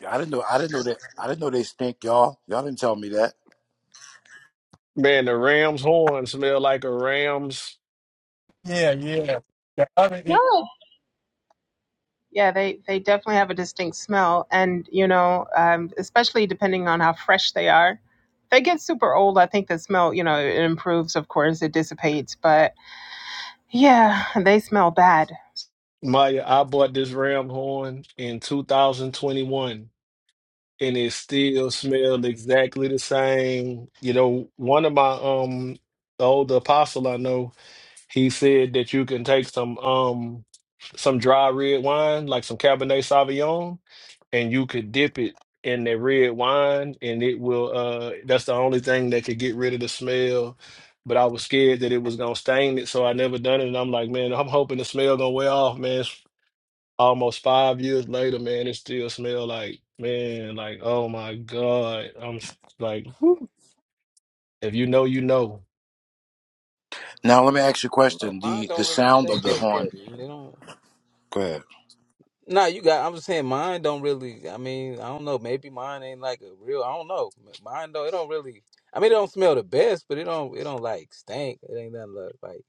S1: Yeah, I didn't know. I didn't know that. I didn't know they stink, y'all. Y'all didn't tell me that.
S9: Man, the Rams horn smell like a Rams.
S6: Yeah, yeah. The other i-
S5: No. Yeah, they, they definitely have a distinct smell. And, you know, um, especially depending on how fresh they are. If they get super old, I think the smell, you know, it improves, of course, it dissipates. But yeah, they smell bad.
S9: Maya, I bought this Ram horn in 2021 and it still smelled exactly the same. You know, one of my um the older apostle I know, he said that you can take some um some dry red wine, like some Cabernet Sauvignon, and you could dip it in that red wine and it will uh that's the only thing that could get rid of the smell but i was scared that it was gonna stain it so i never done it and i'm like man i'm hoping the smell gonna wear off man It's almost five years later man it still smell like man like oh my god i'm s- like whew. if you know you know
S1: Now let me ask you a
S4: No,
S1: question. The
S4: mine
S1: the
S4: don't really
S1: sound of
S4: stink
S1: the
S4: like
S1: horn.
S4: that, man. They don't.
S1: Go ahead.
S4: Nah, you got. I'm just saying, mine don't really. I mean, I don't know. Maybe mine ain't like a real. I don't know. Mine though, it don't really. I mean, it don't smell the best, but it don't. It don't like stink. It ain't nothing like. like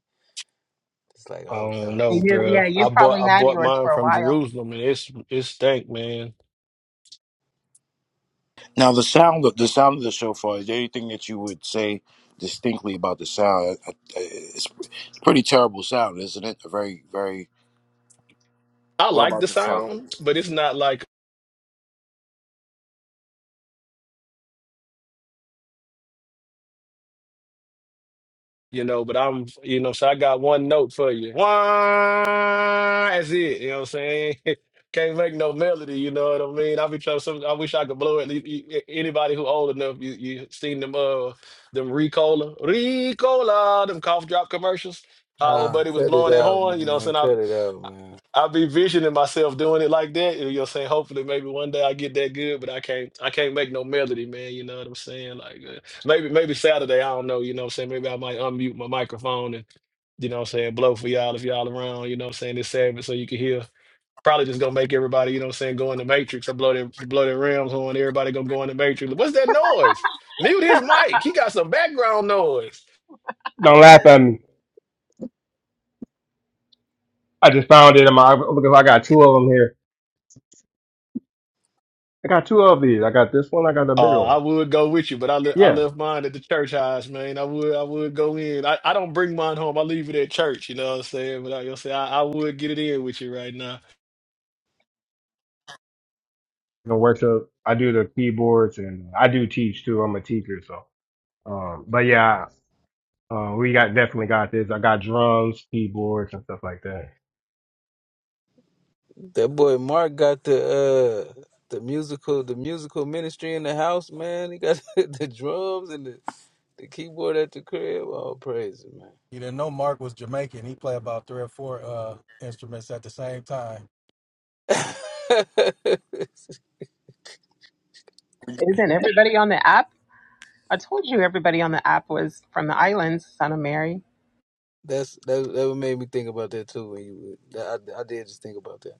S4: it's like,
S9: i
S4: oh
S9: don't
S4: god,
S9: know
S4: this.
S5: You-
S9: bro
S5: yeah, you
S9: i
S5: probably
S9: bought i
S5: had
S9: bought
S5: yours
S9: mine
S5: for a
S9: from
S5: while.
S9: jerusalem and it's it stank man
S1: Now the sound of the sound of the shofar. Is there anything that you would say distinctly about the sound? I- I- It's, it's pretty terrible sound, isn't it? A very very.
S9: i
S1: What
S9: like
S1: about
S9: the
S1: the sound?
S9: sound but it's not like you know, but I'm, you know, so I got one note for you. Wah! That's it. You know what I'm saying? Can't make no melody. You know what I mean? I be trying. Some, I wish I could blow it. You- you- Anybody who old enough, you you seen them uh them Ricola, Ricola, them cough drop commercials. How old
S4: Ah,
S9: buddy was
S4: cut it
S9: blowing that
S4: out,
S9: horn. You know, what
S4: man.
S9: I'm saying
S4: Cut it out, man.
S9: I be visioning myself doing it like that. You know, saying hopefully maybe one day I get that good, but I can't. I can't make no melody, man. You know what I'm saying? Like uh, maybe maybe Saturday. I don't know. You know what I'm saying? Maybe I might unmute my microphone and you know what I'm saying blow for y'all if y'all around. You know what I'm saying? This Sabbath so you can hear. Probably just gonna make everybody. You know what I'm saying? Go in the matrix. I blow their blow their Rams horn. Everybody gonna go in the matrix. What's that noise? Mute his mic. He got some background noise.
S2: don't laugh at me. I just found it in my look. I got two of them here. I got two of these. I got this one. I got the bigger
S9: Uh, I
S2: one.
S9: would go with you, but I le I
S2: Yeah,
S9: left mine at the church house, man. I would I would go in. I, I don't bring mine home. I leave it at church. You know what I'm saying? But like I, you say I, I would get it in with you right now.
S2: the workshop. I do the keyboards and I do teach too. I'm a teacher, so. Um, but yeah, Uh, we got definitely got this. I got drums, keyboards, and stuff like that.
S4: That boy Mark got the uh the musical the musical ministry in the house, man. He got the drums and the, the keyboard at the crib. All praise it,
S6: you didn't know Mark was Jamaican. He played about three or four uh instruments at the same time.
S4: man.
S5: Isn't everybody on the app? I told you everybody on the app was from the islands, Son of Mary.
S4: That's that that what made me think about that too. When you that, I, I did just think about that.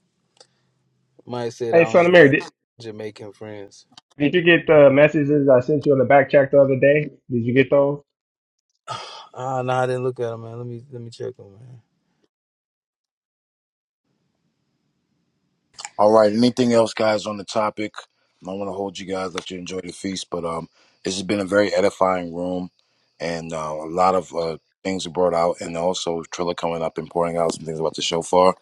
S4: Mike said
S2: Hey,
S4: I
S2: son of
S4: only
S2: Mary,
S4: got
S2: did,
S4: Jamaican friends.
S2: did you get the messages I sent you on the back check the other day? Did you get those?
S4: Ah, no, I didn't look at him, man. Let me let me check him, man.
S1: All right. Anything else, guys, on the topic? I don't want to hold you guys. Let you enjoy the feast, but um, this has been a very edifying room, and uh, a lot of uh, things were brought out, and also Trilla coming up and pouring out some things about the shofar.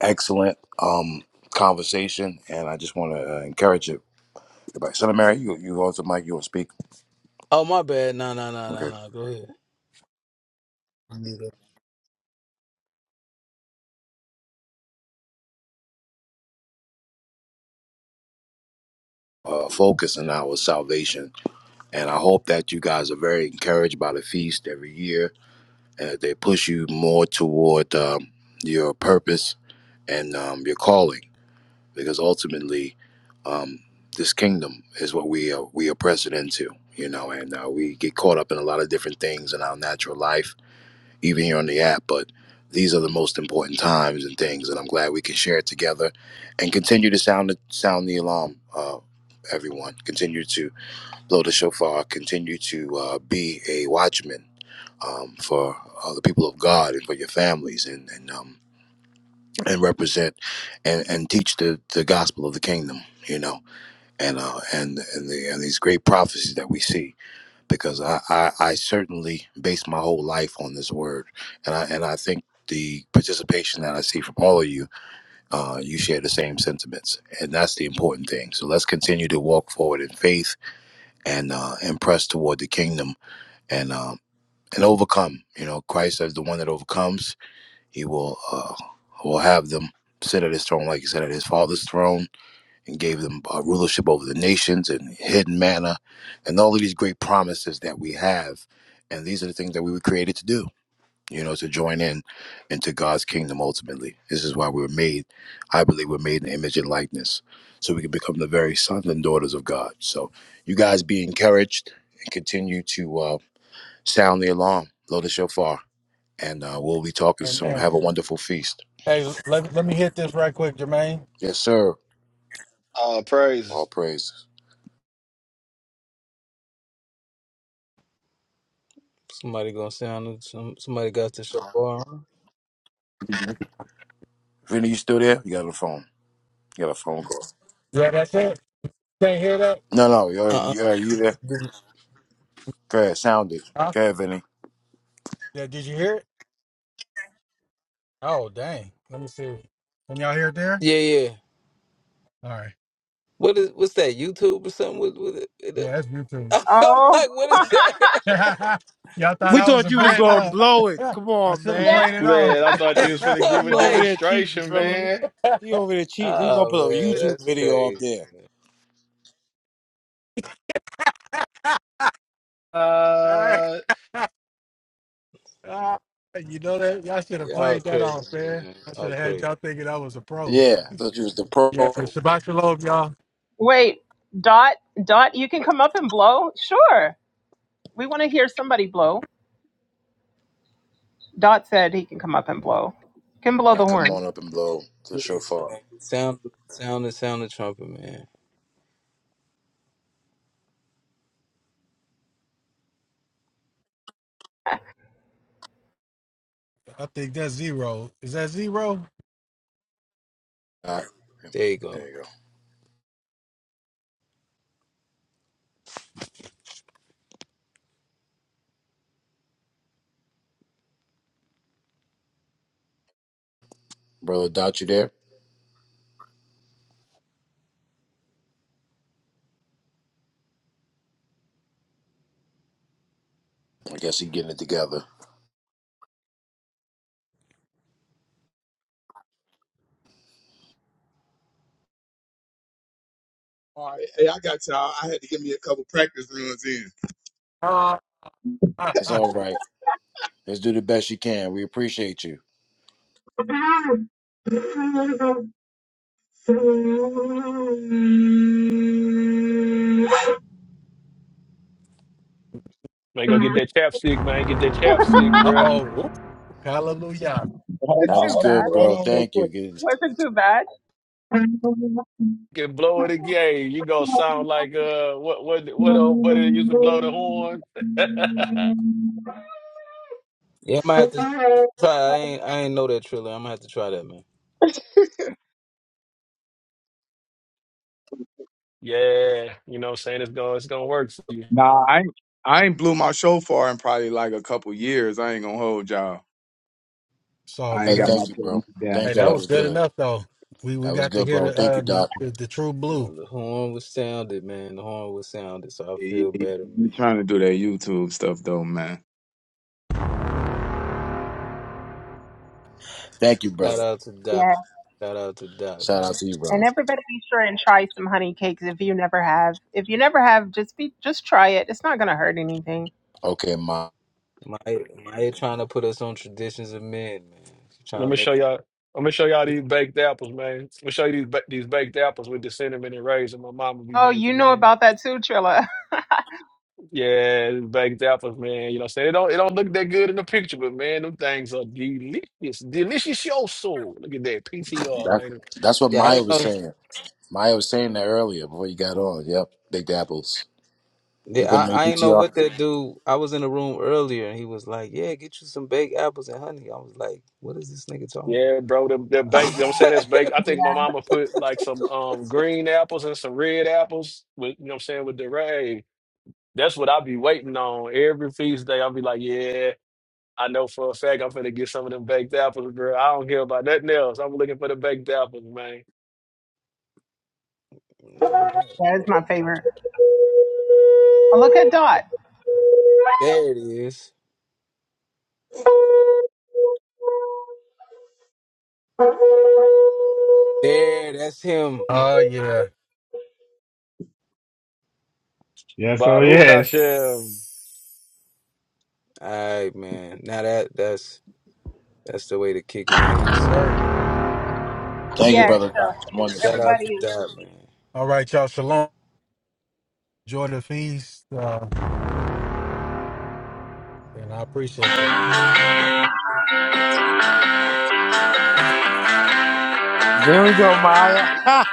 S1: Excellent um conversation, and I just want to uh, encourage it. Goodbye. Son of Mary, you you also Mike, you want to speak?
S4: Oh, my bad. No, no, no, no,
S1: Okay.
S4: no. Go ahead. I need a-
S1: Uh, focus on our salvation, and I hope that you guys are very encouraged by the feast every year, and they push you more toward um, your purpose and um, your calling, because ultimately, um, this kingdom is what we are we are pressing into, you know, and uh, we get caught up in a lot of different things in our natural life, even here on the app. But these are the most important times and things, and I'm glad we can share it together, and continue to sound the sound the alarm. Uh, everyone, continue to blow the shofar, continue to uh, be a watchman um, for uh, the people of God and for your families, and and um, and represent and, and teach the, the gospel of the kingdom you know and uh and and, the, and these great prophecies that we see because I, I i certainly base my whole life on this word and i and i think the participation that i see from all of you uh you share the same sentiments and that's the important thing so let's continue to walk forward in faith and uh and press toward the kingdom and um and overcome you know christ as the one that overcomes he will uh, will have them sit at his throne like he sat at his father's throne and gave them uh, rulership over the nations and hidden manna and all of these great promises that we have. And these are the things that we were created to do, you know, to join in into God's kingdom ultimately. This is why we were made, I believe we're made in the image and likeness so we can become the very sons and daughters of God. So you guys be encouraged and continue to uh, sound the alarm, blow the shofar, and uh, we'll be talking soon.
S6: Amen.
S1: Have a wonderful feast.
S6: Hey, let let me hit this right quick, Jermaine.
S1: Yes, sir.
S9: Oh,
S1: All
S9: praises,
S1: praises.
S4: Somebody gonna sound. Some somebody got to show bar.
S1: Vinny, you still there? You got a phone. You got a phone call.
S6: Yeah, that's it. Can't hear that?
S1: No, no. You,
S4: Uh,
S1: you, are you there?
S4: uh-uh.
S1: Go ahead. Sound it.
S6: Huh?
S1: Go ahead, Vinny.
S6: Yeah, did you hear it? Oh dang. Let me see. Can y'all hear it there?
S4: yeah, yeah.
S6: All right.
S4: What is what's that YouTube or something? With, with it, it-
S6: Yeah, that's YouTube.
S4: I'm
S5: Oh,
S4: like, what is that?
S6: y'all thought
S1: We
S6: I was
S1: thought
S6: a
S1: you was
S6: vet,
S1: gonna
S6: huh?
S1: blow it. Come
S6: I
S1: on,
S6: should have
S5: yeah.
S1: man.
S6: played it
S9: man! I thought you was finna
S6: off.
S9: give a
S1: He over
S4: Like,
S1: there cheating,
S9: demonstration,
S1: Triller.
S9: man.
S1: He over there cheating. He gonna put a YouTube video up there.
S6: you
S9: Uh,
S6: know that y'all should have
S4: oh,
S6: played that
S4: crazy,
S6: off, man. I should
S4: oh,
S6: have had
S4: crazy.
S6: y'all thinking I was a pro.
S1: Yeah, I thought you was the pro.
S6: Yeah, for
S1: All
S6: Shabbat Shalom, y'all.
S5: Wait, Dot, Dot, you can come up and blow? Sure. We want to hear somebody blow. Dot said he can come up and blow. Can blow
S1: right,
S5: the
S1: come
S5: horn.
S1: on up and blow the
S4: Yeah, yeah,
S1: shofar. All
S4: man. Sound, sound, the sound the trumpet, man.
S6: I think that's zero. Is that zero?
S1: right.
S4: There you go.
S1: There you go. Brother Dot, you there? I guess he getting it together.
S10: All right. Hey, I got y'all. I had to give me a couple practice runs in.
S6: Uh
S1: It's all right. Let's do the best you can. We appreciate you.
S9: man, go get that chapstick, man. Get that chapstick, bruh.
S6: oh, hallelujah.
S10: Hold
S5: It's
S1: That
S5: too
S1: was
S10: on, hold on,
S1: good,
S5: bad.
S10: hold
S1: bro.
S10: on real
S1: Thank
S10: quick.
S1: you.
S5: Wasn't too bad.
S9: Get blow it again. You gonna sound like uh, what what what old buddy that used to blow the horn?
S4: Yeah, I might have to try. I ain't, I ain't know that trailer. I'm gonna have to try that, man.
S9: yeah, you know what I'm saying? It's gonna it's gonna work for you.
S10: Nah, I ain't, I ain't blew my show far in probably like a couple years. I ain't gonna hold y'all.
S6: It's all
S10: I ain't
S1: Hey,
S10: got
S6: good.
S10: my
S1: thank you, bro.
S10: technique down
S6: Hey,
S1: Thank you.
S6: that
S10: pat.
S1: That
S6: was
S1: was
S6: good
S1: good.
S6: enough though. We we
S1: That was
S6: got to
S1: good,
S6: hear
S1: bro.
S6: the
S1: Thank
S6: uh
S1: you,
S6: the
S1: Doc.
S6: the, the true blue.
S4: Well, The horn was sounded, man. The horn was sounded, so I
S10: You
S4: feel better, man.
S10: you trying to do that YouTube stuff though, man.
S1: Thank you,
S4: Shout
S1: brother.
S4: out to Doc.
S5: Yeah.
S4: Shout out to Doc,
S1: Shout out
S4: man.
S1: to you, bro.
S5: And everybody be sure and try some honey cakes if you never have. If you never have, just be just try it. It's not gonna hurt anything.
S1: Okay, Ma.
S4: Maya, Maya, trying to put us on traditions of men, man. She
S9: I'm
S4: trying
S9: gonna
S4: to make.
S9: show y'all. I'm gonna show y'all these baked apples, man. I'm gonna show you these ba- these baked apples with the cinnamon and raisin my mama be
S5: Oh, you
S9: making,
S5: know
S9: man.
S5: about that too, Trilla.
S9: Yeah, these baked apples, man. You know, what I'm saying it don't it don't look that good in the picture, but man, them things are delicious, delicious. Your soul. Look at that PTR,
S1: That,
S9: man.
S1: that's what
S4: Yeah, I
S1: Maya
S4: didn't know.
S1: was saying. Maya was saying that earlier before you got on. Yep. Big apples.
S4: The-
S1: You
S4: I,
S1: putting them in
S4: I ain't know
S1: your PTR?
S4: what that dude. I was in the room earlier and he was like, Yeah, get you some baked apples and honey. I was like, What is this nigga talking
S9: Yeah, bro, the the
S4: about?
S9: baked. You know what I'm saying that's baked. I think my mama put like some um green apples and some red apples with you know what I'm saying with the ray. That's what I be waiting on every feast day. I'll be like, yeah. I know for a fact I'm finna get some of them baked apples, girl. I don't care about nothing else. I'm looking for the baked apples, man.
S4: no, bro.
S5: That is my favorite. Oh, look at Dot.
S4: there it is. There, that's him.
S6: Oh yeah,
S2: Yes, oh
S9: Baruch
S2: yeah.
S9: Hashem.
S4: All right, man. Now that that's that's the way to kick it in.
S6: yes, sir.
S1: Thank you,
S4: That
S5: Yes,
S1: brother
S5: uh,
S1: Doc. It's wonderful.
S4: shout out,
S5: everybody is
S4: man.
S6: All right, y'all. Shalom. Enjoy the feast. Uh, and I appreciate y'all.
S1: There we go, Maya.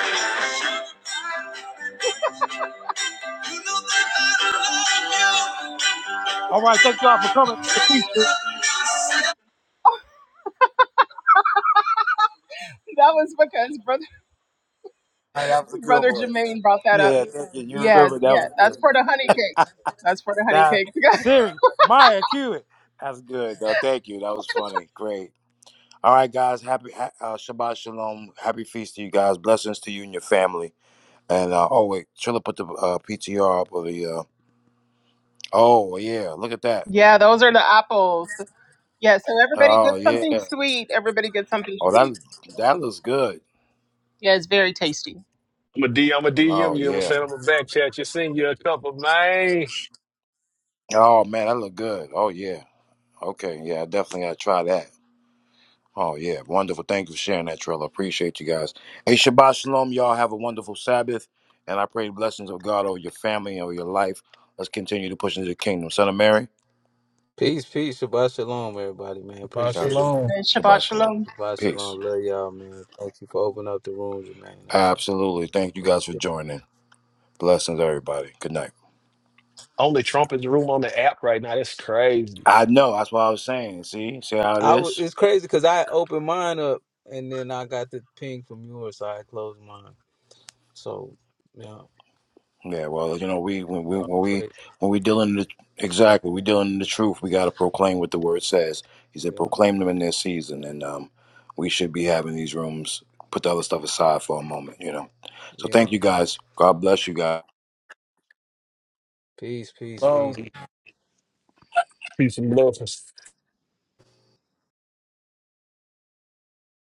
S1: All right, thank y'all for coming to the feast. All
S5: that was because brother.
S1: right, that was a good
S5: Brother
S1: one.
S5: Jermaine brought that up.
S1: Yeah, thank you. You
S5: Yeah,
S1: remember that was
S5: yeah. That's
S1: good.
S5: for the honey cakes. That's for the honey
S1: Now,
S5: cakes.
S1: Siri, Maya, cue it. That's good, though. Thank you. That was funny. Great. All right, guys. Happy ha- uh, Shabbat Shalom. Happy feast to you guys. Blessings to you and your family. And uh, oh wait, Trilla put the uh, PTR up of the. Uh, oh yeah, look at that.
S5: yeah, those are the apples. Yeah, so everybody gets
S1: Oh yeah.
S5: something sweet. Everybody gets something
S1: Oh
S5: sweet.
S1: that that looks good.
S5: Yeah, it's very tasty.
S9: I'm a D. I'm a
S1: Oh
S9: DM you. know what I'm
S1: yeah.
S9: saying I'm a back chat. You send you a couple, man.
S1: Oh man, that look good. Oh yeah. Okay. Yeah, I definitely gotta try that. Oh yeah, wonderful. Thank you for sharing that, Trilla. Appreciate you guys. Hey, Shabbat Shalom. Y'all have a wonderful Sabbath, and I pray the blessings of God over your family and over your life. Let's continue to push into the kingdom. Son of Mary.
S4: Peace, peace, Shabbat Shalom, everybody, man.
S6: Bye,
S4: Appreciate
S1: Gosh.
S4: it.
S6: shalom.
S5: And
S1: Shabbat
S5: Shabbat
S1: shalom.
S5: Shalom.
S4: Shabbat
S1: Peace.
S4: Shalom. Love y'all, man. Thank you for opening up the room, Jermaine. That was
S1: Absolutely. Thank you guys for
S4: it.
S1: joining. Blessings, everybody. Good night.
S9: Only Trump is room on the app right now. That's crazy.
S1: I know. That's what I was saying. See, see how it
S4: I was
S1: is.
S4: it's crazy because I opened mine up and then I got the ping from yours, so I closed mine. So yeah,
S1: Yeah. Well, you know, we when we
S4: I
S1: when we
S4: pray.
S1: when we dealing the exactly we dealing in the truth. We got to proclaim what the word says. He said,
S4: Yeah,
S1: proclaim them in their season, and um, we should be having these rooms. Put the other stuff aside for a moment, you know. So
S4: yeah.
S1: thank you guys. God bless you guys.
S4: Peace, peace, peace.
S6: Shalom.
S9: Peace and blessings.